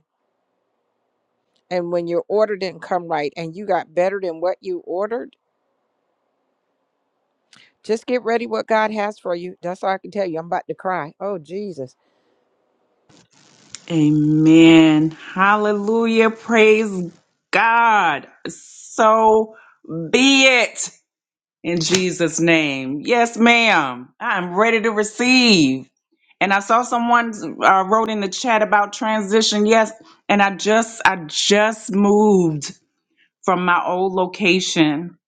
[SPEAKER 3] And when your order didn't come right and you got better than what you ordered, just get ready what God has for you. That's all I can tell you. I'm about to cry. Oh, Jesus.
[SPEAKER 8] Amen, Hallelujah, praise God. So be it. In Jesus' name. Yes, ma'am. I'm ready to receive. And I saw someone uh, wrote in the chat about transition. Yes, and I just I just moved from my old location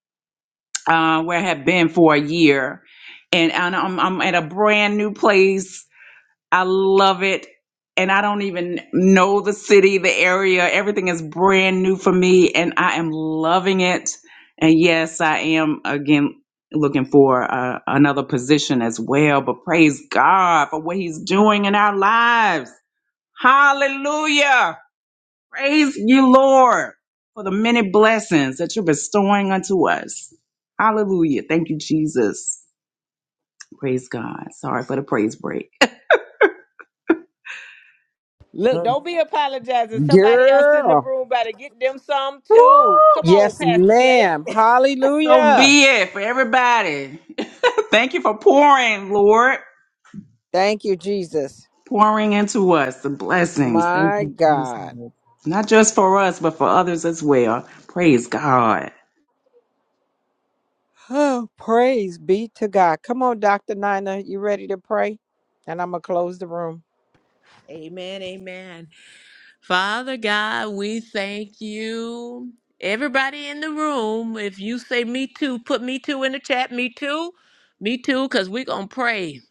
[SPEAKER 8] uh, where I had been for a year, and, and I'm I'm at a brand new place I love it. And I don't even know the city, the area. Everything is brand new for me, and I am loving it. And yes, I am again looking for uh, another position as well. But praise God for what He's doing in our lives. Hallelujah. Praise you, Lord, for the many blessings that you're bestowing unto us. Hallelujah. Thank you, Jesus. Praise God. Sorry for the praise break.
[SPEAKER 1] Look,
[SPEAKER 3] Mm.
[SPEAKER 1] don't be apologizing. Somebody else in the
[SPEAKER 3] Girl.
[SPEAKER 1] room better get them some too.
[SPEAKER 8] Woo!
[SPEAKER 1] Come on,
[SPEAKER 3] Yes,
[SPEAKER 1] Pastor Clay.
[SPEAKER 3] ma'am.
[SPEAKER 8] So
[SPEAKER 3] Hallelujah.
[SPEAKER 8] be it for everybody. Thank you for pouring, Lord.
[SPEAKER 3] Thank you, Jesus.
[SPEAKER 8] Pouring into us the blessings. Thank
[SPEAKER 3] My
[SPEAKER 8] you, Jesus.
[SPEAKER 3] God.
[SPEAKER 8] Not just for us, but for others as well. Praise God.
[SPEAKER 3] Oh, praise be to God. Come on, Dr. Nina. You ready to pray? And I'm going to close the room.
[SPEAKER 1] Amen. Amen. Father God, we thank you. Everybody in the room, if you say me too, put me too in the chat. Me too. Me too, because we're going to pray.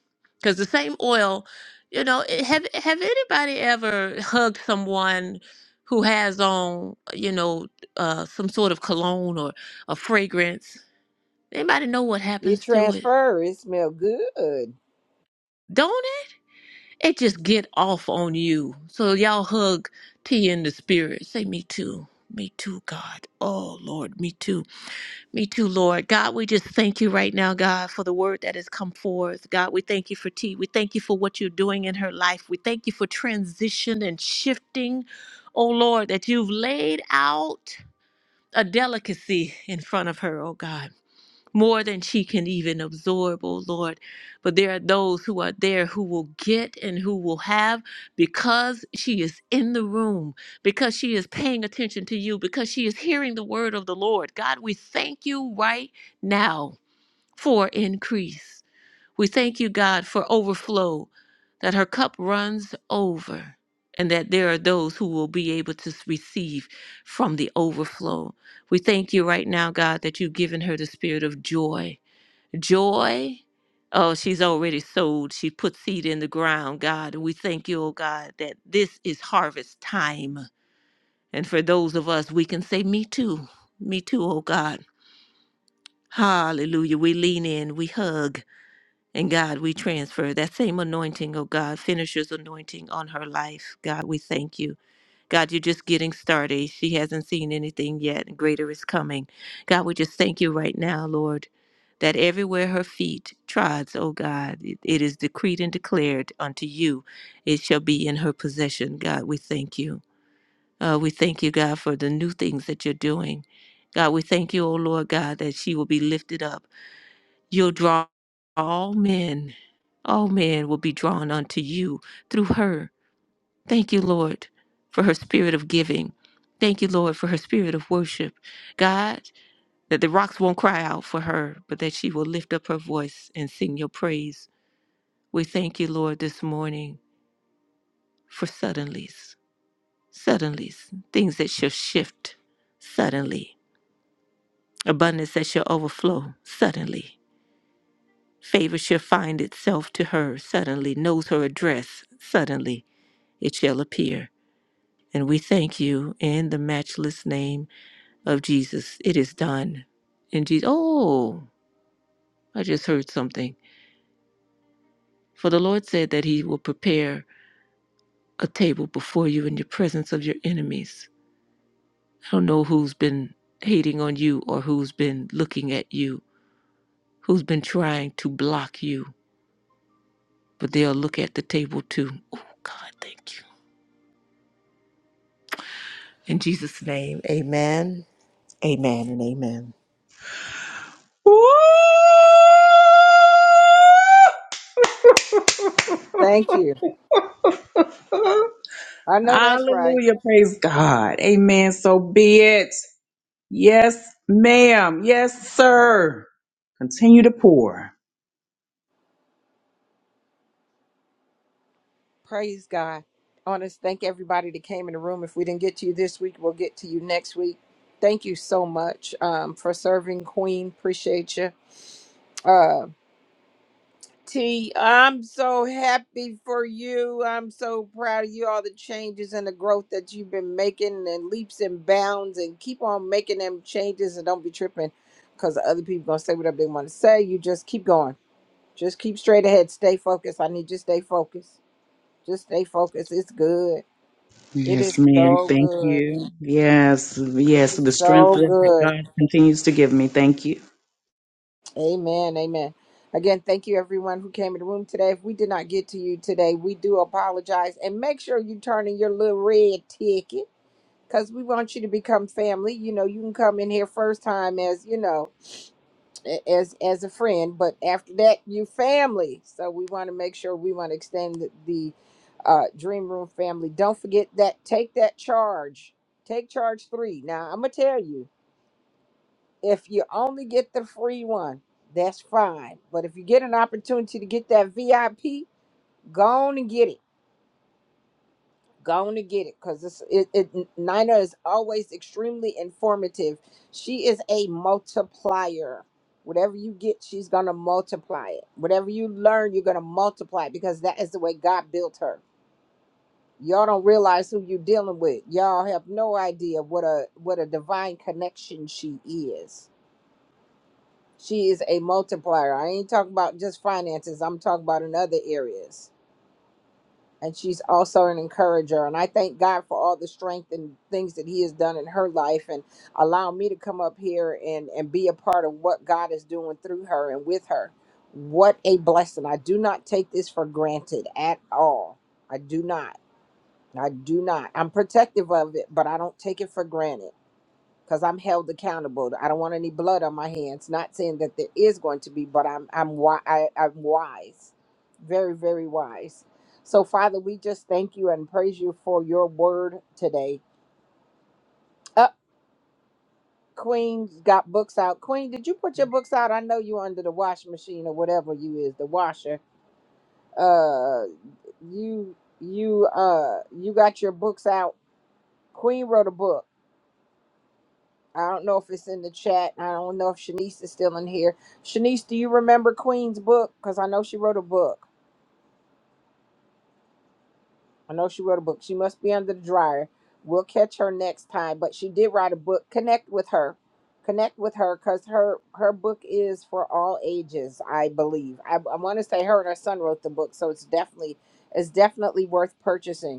[SPEAKER 1] Because the same oil, you know, it- have, have anybody ever hugged someone who has on, you know, uh, some sort of cologne or a fragrance? Anybody know what
[SPEAKER 3] It
[SPEAKER 1] happens to it?
[SPEAKER 3] transfer. It smell good.
[SPEAKER 1] Don't it? It just get off on you. So y'all hug T in the spirit. Say me too. Me too, God. Oh Lord, me too. Me too, Lord. God, we just thank you right now, God, for the word that has come forth. God, we thank you for T. We thank you for what you're doing in her life. We thank you for transition and shifting. Oh Lord, that you've laid out a delicacy in front of her, oh God. more than she can even absorb, oh Lord. But there are those who are there who will get and who will have because she is in the room, because she is paying attention to you, because she is hearing the word of the Lord. God, we thank you right now for increase. We thank you, God, for overflow, that her cup runs over. And that there are those who will be able to receive from the overflow. We thank you right now, God, that you've given her the spirit of joy joy. Oh, she's already sowed. She put seed in the ground, God. And we thank you, oh God, that this is harvest time. And for those of us, we can say, Me too. Me too, oh God. Hallelujah. We lean in, we hug. And God, we transfer that same anointing, oh God, finisher's anointing on her life. God, we thank you. God, you're just getting started. She hasn't seen anything yet, and greater is coming. God, we just thank you right now, Lord, that everywhere her feet trods, oh God, it, it is decreed and declared unto you, it shall be in her possession. God, we thank you. Uh, we thank you, God, for the new things that you're doing. God, we thank you, oh Lord God, that she will be lifted up. You'll draw all men. All men will be drawn unto you through her. Thank you, Lord, for her spirit of giving. Thank you, Lord, for her spirit of worship. God, that the rocks won't cry out for her, but that she will lift up her voice and sing your praise. We thank you, Lord, this morning for suddenlies, suddenlies, things that shall shift suddenly, abundance that shall overflow suddenly. Favor shall find itself to her suddenly, knows her address suddenly, it shall appear. And we thank you in the matchless name of Jesus. It is done. In Jesus, oh, I just heard something. For the Lord said that He will prepare a table before you in the presence of your enemies. I don't know who's been hating on you or who's been looking at you, who's been trying to block you, but they'll look at the table too. Oh, God, thank you. In Jesus' name, amen, amen, and amen.
[SPEAKER 8] Woo!
[SPEAKER 3] Thank you. I know that's right.
[SPEAKER 8] Hallelujah. Praise God. Amen. So be it. Yes, ma'am. Yes, sir. Continue to pour.
[SPEAKER 3] Praise God. I want to thank everybody that came in the room. If we didn't get to you this week, we'll get to you next week. Thank you so much um, for serving Queen. Appreciate you. Uh, T, I'm so happy for you. I'm so proud of you, all the changes and the growth that you've been making and leaps and bounds and keep on making them changes and don't be tripping because other people going to say whatever they want to say. You just keep going Just keep straight ahead. Stay focused. I need you to stay focused. Just stay focused. It's good. It is
[SPEAKER 8] Yes, ma'am.
[SPEAKER 3] so
[SPEAKER 8] Thank
[SPEAKER 3] good.
[SPEAKER 8] you. Yes,
[SPEAKER 3] It
[SPEAKER 8] yes.
[SPEAKER 3] is
[SPEAKER 8] The strength
[SPEAKER 3] so
[SPEAKER 8] that
[SPEAKER 3] good.
[SPEAKER 8] God continues to give me. Thank you.
[SPEAKER 3] Amen. Amen. Again, thank you everyone who came in the room today. If we did not get to you today, we do apologize. And make sure you turn in your little red ticket because we want you to become family. You know, you can come in here first time as, you know. a- as as a friend but after that you family so we want to make sure we want to extend the, the uh, dream room family don't forget that take that charge take charge three now i'm gonna tell you if you only get the free one that's fine but if you get an opportunity to get that vip go on and get it Go on and get it because this it, it Nina is always extremely informative. She is a multiplier. Whatever you get, she's gonna multiply it. Whatever you learn, you're gonna multiply it because that is the way God built her. Y'all don't realize who you're dealing with. Y'all have no idea what a what a divine connection she is. She is a multiplier. I ain't talking about just finances. I'm talking about in other areas and she's also an encourager. And I thank God for all the strength and things that He has done in her life and allow me to come up here and, and be a part of what God is doing through her and with her. What a blessing. I do not take this for granted at all. I do not. I do not. I'm protective of it, but I don't take it for granted because I'm held accountable. I don't want any blood on my hands. Not saying that there is going to be, but I'm I'm wi- I, I'm wise, very very wise. So Father, we just thank you and praise you for your word today. Up, Queen's got books out. Queen, did you put your books out? I know you under the washing machine or whatever you is the washer. Uh, you you uh you got your books out. Queen wrote a book. I don't know if it's in the chat. I don't know if Shanice is still in here. Shanice, do you remember Queen's book? Because I know she wrote a book. I know she wrote a book. She must be under the dryer. We'll catch her next time. But she did write a book. Connect with her. Connect with her because her her book is for all ages, I believe. I, I want to say her and her son wrote the book, so it's definitely it's definitely worth purchasing.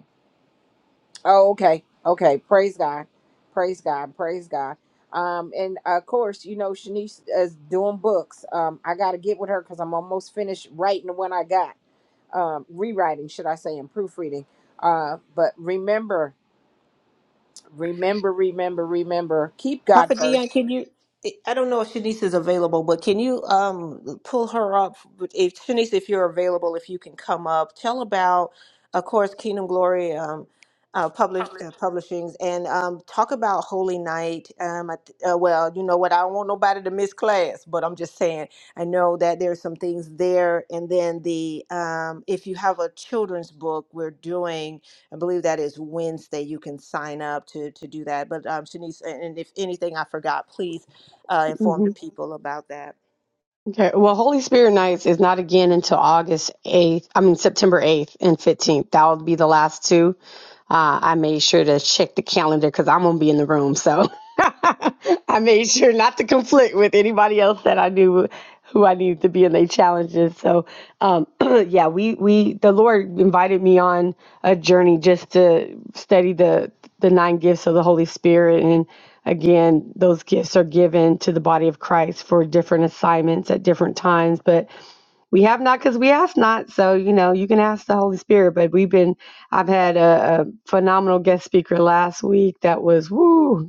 [SPEAKER 3] Oh, okay. Okay. Praise God. Praise God. Praise God. Um, and uh, of course, you know, Shanice is doing books. Um, I got to get with her because I'm almost finished writing the one I got, um, rewriting, should I say, and proofreading. Uh, but remember, remember, remember, remember, keep God
[SPEAKER 1] Prophet
[SPEAKER 3] first.
[SPEAKER 1] Dion, can you? I don't know if Shanice is available, but can you um pull her up? If Shanice, if you're available, if you can come up, tell about, of course, Kingdom Glory um, uh, publish uh, publishings, and um, talk about Holy Night. Um, I, th- uh, well, you know what? I don't want nobody to miss class, but I'm just saying. I know that there's some things there, and then the um, if you have a children's book, we're doing. I believe that is Wednesday. You can sign up to to do that. But um, Shanice, and and if anything I forgot, please uh, inform
[SPEAKER 5] hmm
[SPEAKER 1] the people about that.
[SPEAKER 5] Okay. Well, Holy Spirit Nights is not again until August 8th. I mean, September 8th and 15th. That will be the last two. Uh, I made sure to check the calendar because I'm going to be in the room. So I made sure not to conflict with anybody else that I knew who I needed to be in their challenges. So, um, yeah, we, we, the Lord invited me on a journey just to study the, the nine gifts of the Holy Spirit. and. Again, those gifts are given to the body of Christ for different assignments at different times, but we have not because we ask not. So, you know, you can ask the Holy Spirit, but we've been, I've had a, a phenomenal guest speaker last week that was, woo,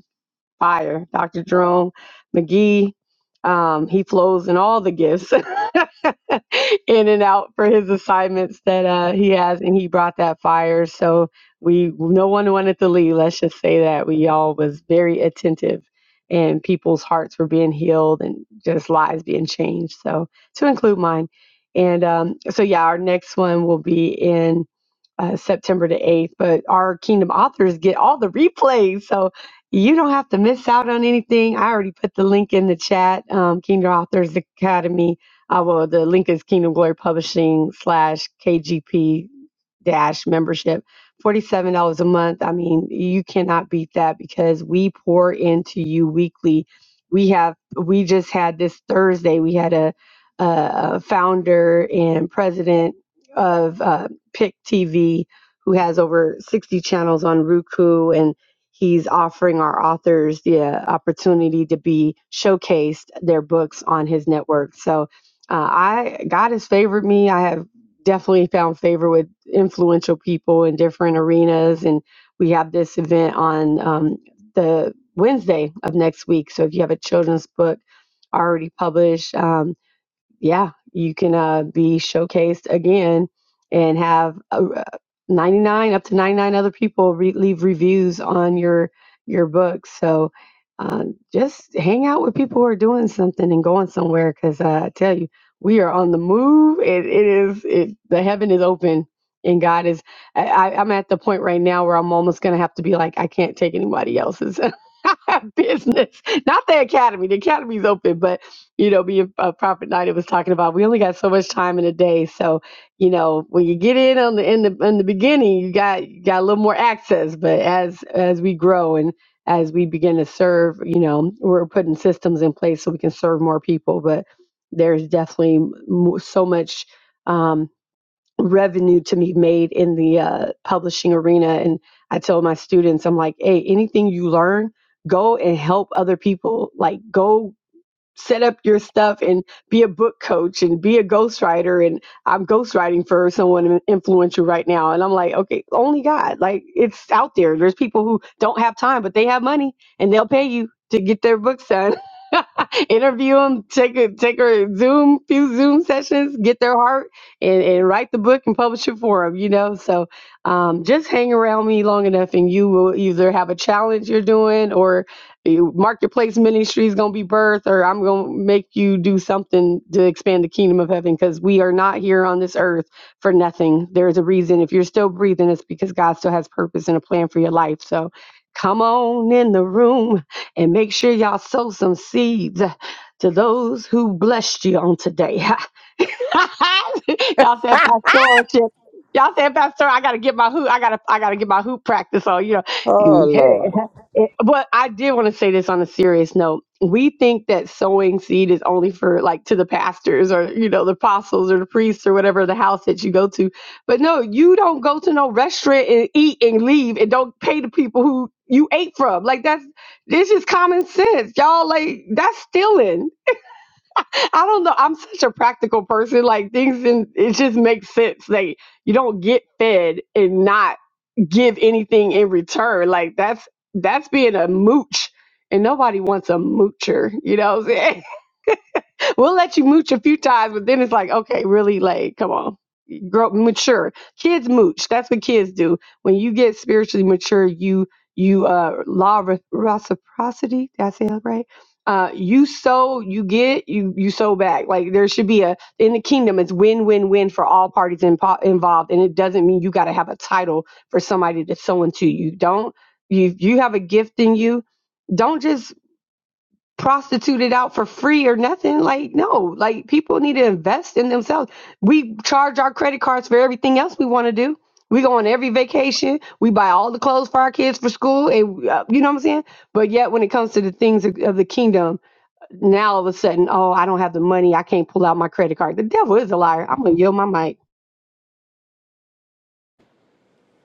[SPEAKER 5] fire. Dr. Jerome McGee, um, he flows in all the gifts in and out for his assignments that uh, he has, and he brought that fire. So we, no one wanted to leave. Let's just say that we all was very attentive, and people's hearts were being healed and just lives being changed. So to include mine, and um, so yeah, our next one will be in uh, September the 8th, but our Kingdom authors get all the replays. So you don't have to miss out on anything. I already put the link in the chat. Um, Kingdom Authors Academy. Uh, well, the link is Kingdom Glory Publishing slash KGP dash membership. Forty-seven dollars a month. I mean, you cannot beat that because we pour into you weekly. We have. We just had this Thursday. We had a, a founder and president of uh, Pick TV who has over sixty channels on Roku and. He's offering our authors the uh, opportunity to be showcased their books on his network. So uh, I God has favored me. I have definitely found favor with influential people in different arenas, and we have this event on um, the Wednesday of next week. So if you have a children's book already published. um, yeah, you can uh, be showcased again and have uh, uh, 99 up to 99 other people re- leave reviews on your your book. So uh, just hang out with people who are doing something and going somewhere because uh, I tell you, we are on the move. It, it is it, the heaven is open. And God is, I, I- I'm at the point right now where I'm almost going to have to be like, I can't take anybody else's business. Not the academy. The academy's open, but you know, me and uh, Prophet Nida was talking about. We only got so much time in a day, so you know, when you get in on the in the in the beginning, you got you got a little more access. But as as we grow and as we begin to serve, you know, we're putting systems in place so we can serve more people. But there's definitely mo- so much um, revenue to be made in the uh, publishing arena, and I tell my students, I'm like, hey, anything you learn go and help other people like go set up your stuff and be a book coach and be a ghostwriter and I'm ghostwriting for someone influential right now and I'm like okay only God like it's out there there's people who don't have time but they have money and they'll pay you to get their books done interview them take a take a zoom few zoom sessions get their heart and, and write the book and publish it for them you know so um, just hang around me long enough and you will either have a challenge you're doing or you- Marketplace ministry is going to be birth, or I'm going to make you do something to expand the kingdom of heaven because we are not here on this earth for nothing. There's a reason. If you're still breathing, it's because God still has purpose and a plan for your life. So come on in the room and make sure y'all sow some seeds to those who blessed you on today. y'all said pastoralship. Y'all said pastor, I gotta get my hoop. I gotta I gotta get my hoop practice on. You
[SPEAKER 3] Oh,
[SPEAKER 5] know, hey.
[SPEAKER 3] Lord.
[SPEAKER 5] It, but I did want to say this on a serious note. We think that sowing seed is only for like to the pastors or you know the apostles or the priests or whatever the house that you go to. But no, you don't go to no restaurant and eat and leave and don't pay the people who you ate from. Like that's this is common sense, y'all. Like that's stealing. I don't know. I'm such a practical person. Like things, and it just makes sense. Like you don't get fed and not give anything in return. Like that's that's being a mooch, and nobody wants a moocher. You know, what I'm saying? we'll let you mooch a few times, but then it's like, okay, really, like, come on grow mature. Kids mooch. That's what kids do. When you get spiritually mature, you you uh law of reciprocity. Did I say that right? Uh, you sow, you get, you you sow back. Like there should be a in the kingdom, it's win win win for all parties impo- involved, and it doesn't mean you got to have a title for somebody to sow into you. Don't you? You have a gift in you. Don't just prostituted out for free or nothing. Like, no, like people need to invest in themselves. We charge our credit cards for everything else we want to do. We go on every vacation. We buy all the clothes for our kids for school. And, uh, you know what I'm saying? But yet, when it comes to the things of, of the kingdom, now all of a sudden, oh, I don't have the money. I can't pull out my credit card. The devil is a liar. I'm going to yield my mic.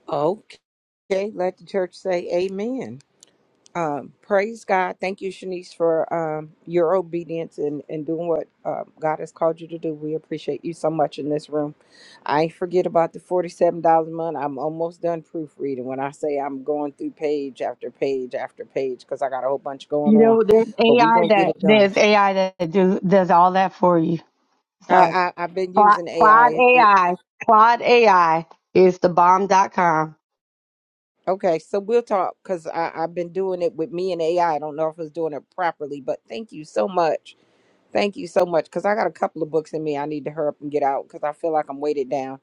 [SPEAKER 3] Okay. Let the church say amen. Um, praise God. Thank you, Shanice, for um, your obedience and, and doing what uh, God has called you to do. We appreciate you so much in this room. I ain't forget about the $47 a month. I'm almost done proofreading when I say I'm going through page after page after page because I got a whole bunch going
[SPEAKER 5] You
[SPEAKER 3] on.
[SPEAKER 5] know, there's
[SPEAKER 3] But we
[SPEAKER 5] AI
[SPEAKER 3] going to get
[SPEAKER 5] that
[SPEAKER 3] it done.
[SPEAKER 5] there's AI that do, does all that for you.
[SPEAKER 3] I,
[SPEAKER 5] So.
[SPEAKER 3] I, I've been
[SPEAKER 5] Cla-
[SPEAKER 3] using
[SPEAKER 5] Claude
[SPEAKER 3] AI. It,
[SPEAKER 5] AI. Claude AI is the bomb. Dot com.
[SPEAKER 3] okay, so we'll talk because I've been doing it with me and AI. I I don't know if I was doing it properly, but thank you so much Thank you so much because I got a couple of books in me I need to hurry up and get out because I feel like I'm weighted down.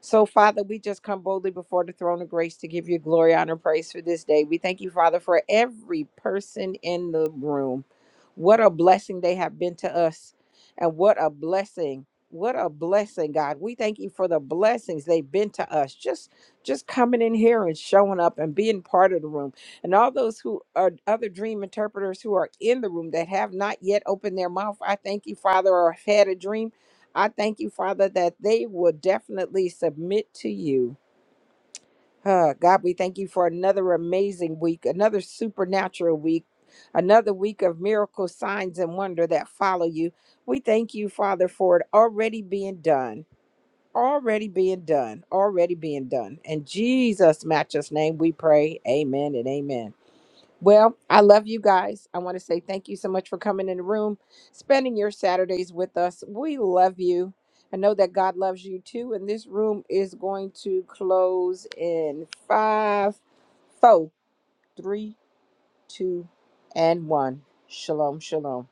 [SPEAKER 3] So, Father, we just come boldly before the throne of grace to give you glory, honor, and praise for this day. We thank you, Father, for every person in the room. What a blessing they have been to us, and what a blessing. What a blessing, God. We thank you for the blessings they've been to us. Just just coming in here and showing up and being part of the room and all those who are other dream interpreters who are in the room that have not yet opened their mouth i thank you father or have had a dream i thank you father that they will definitely submit to you Huh, god we thank you for another amazing week another supernatural week another week of miracle signs and wonder that follow you we thank you father for it already being done already being done already being done in jesus matchless name we pray amen and amen well, I love you guys. I want to say thank you so much for coming in the room, spending your Saturdays with us. We love you. I know that God loves you too. And this room is going to close in five, four, three, two, and one. Shalom, shalom.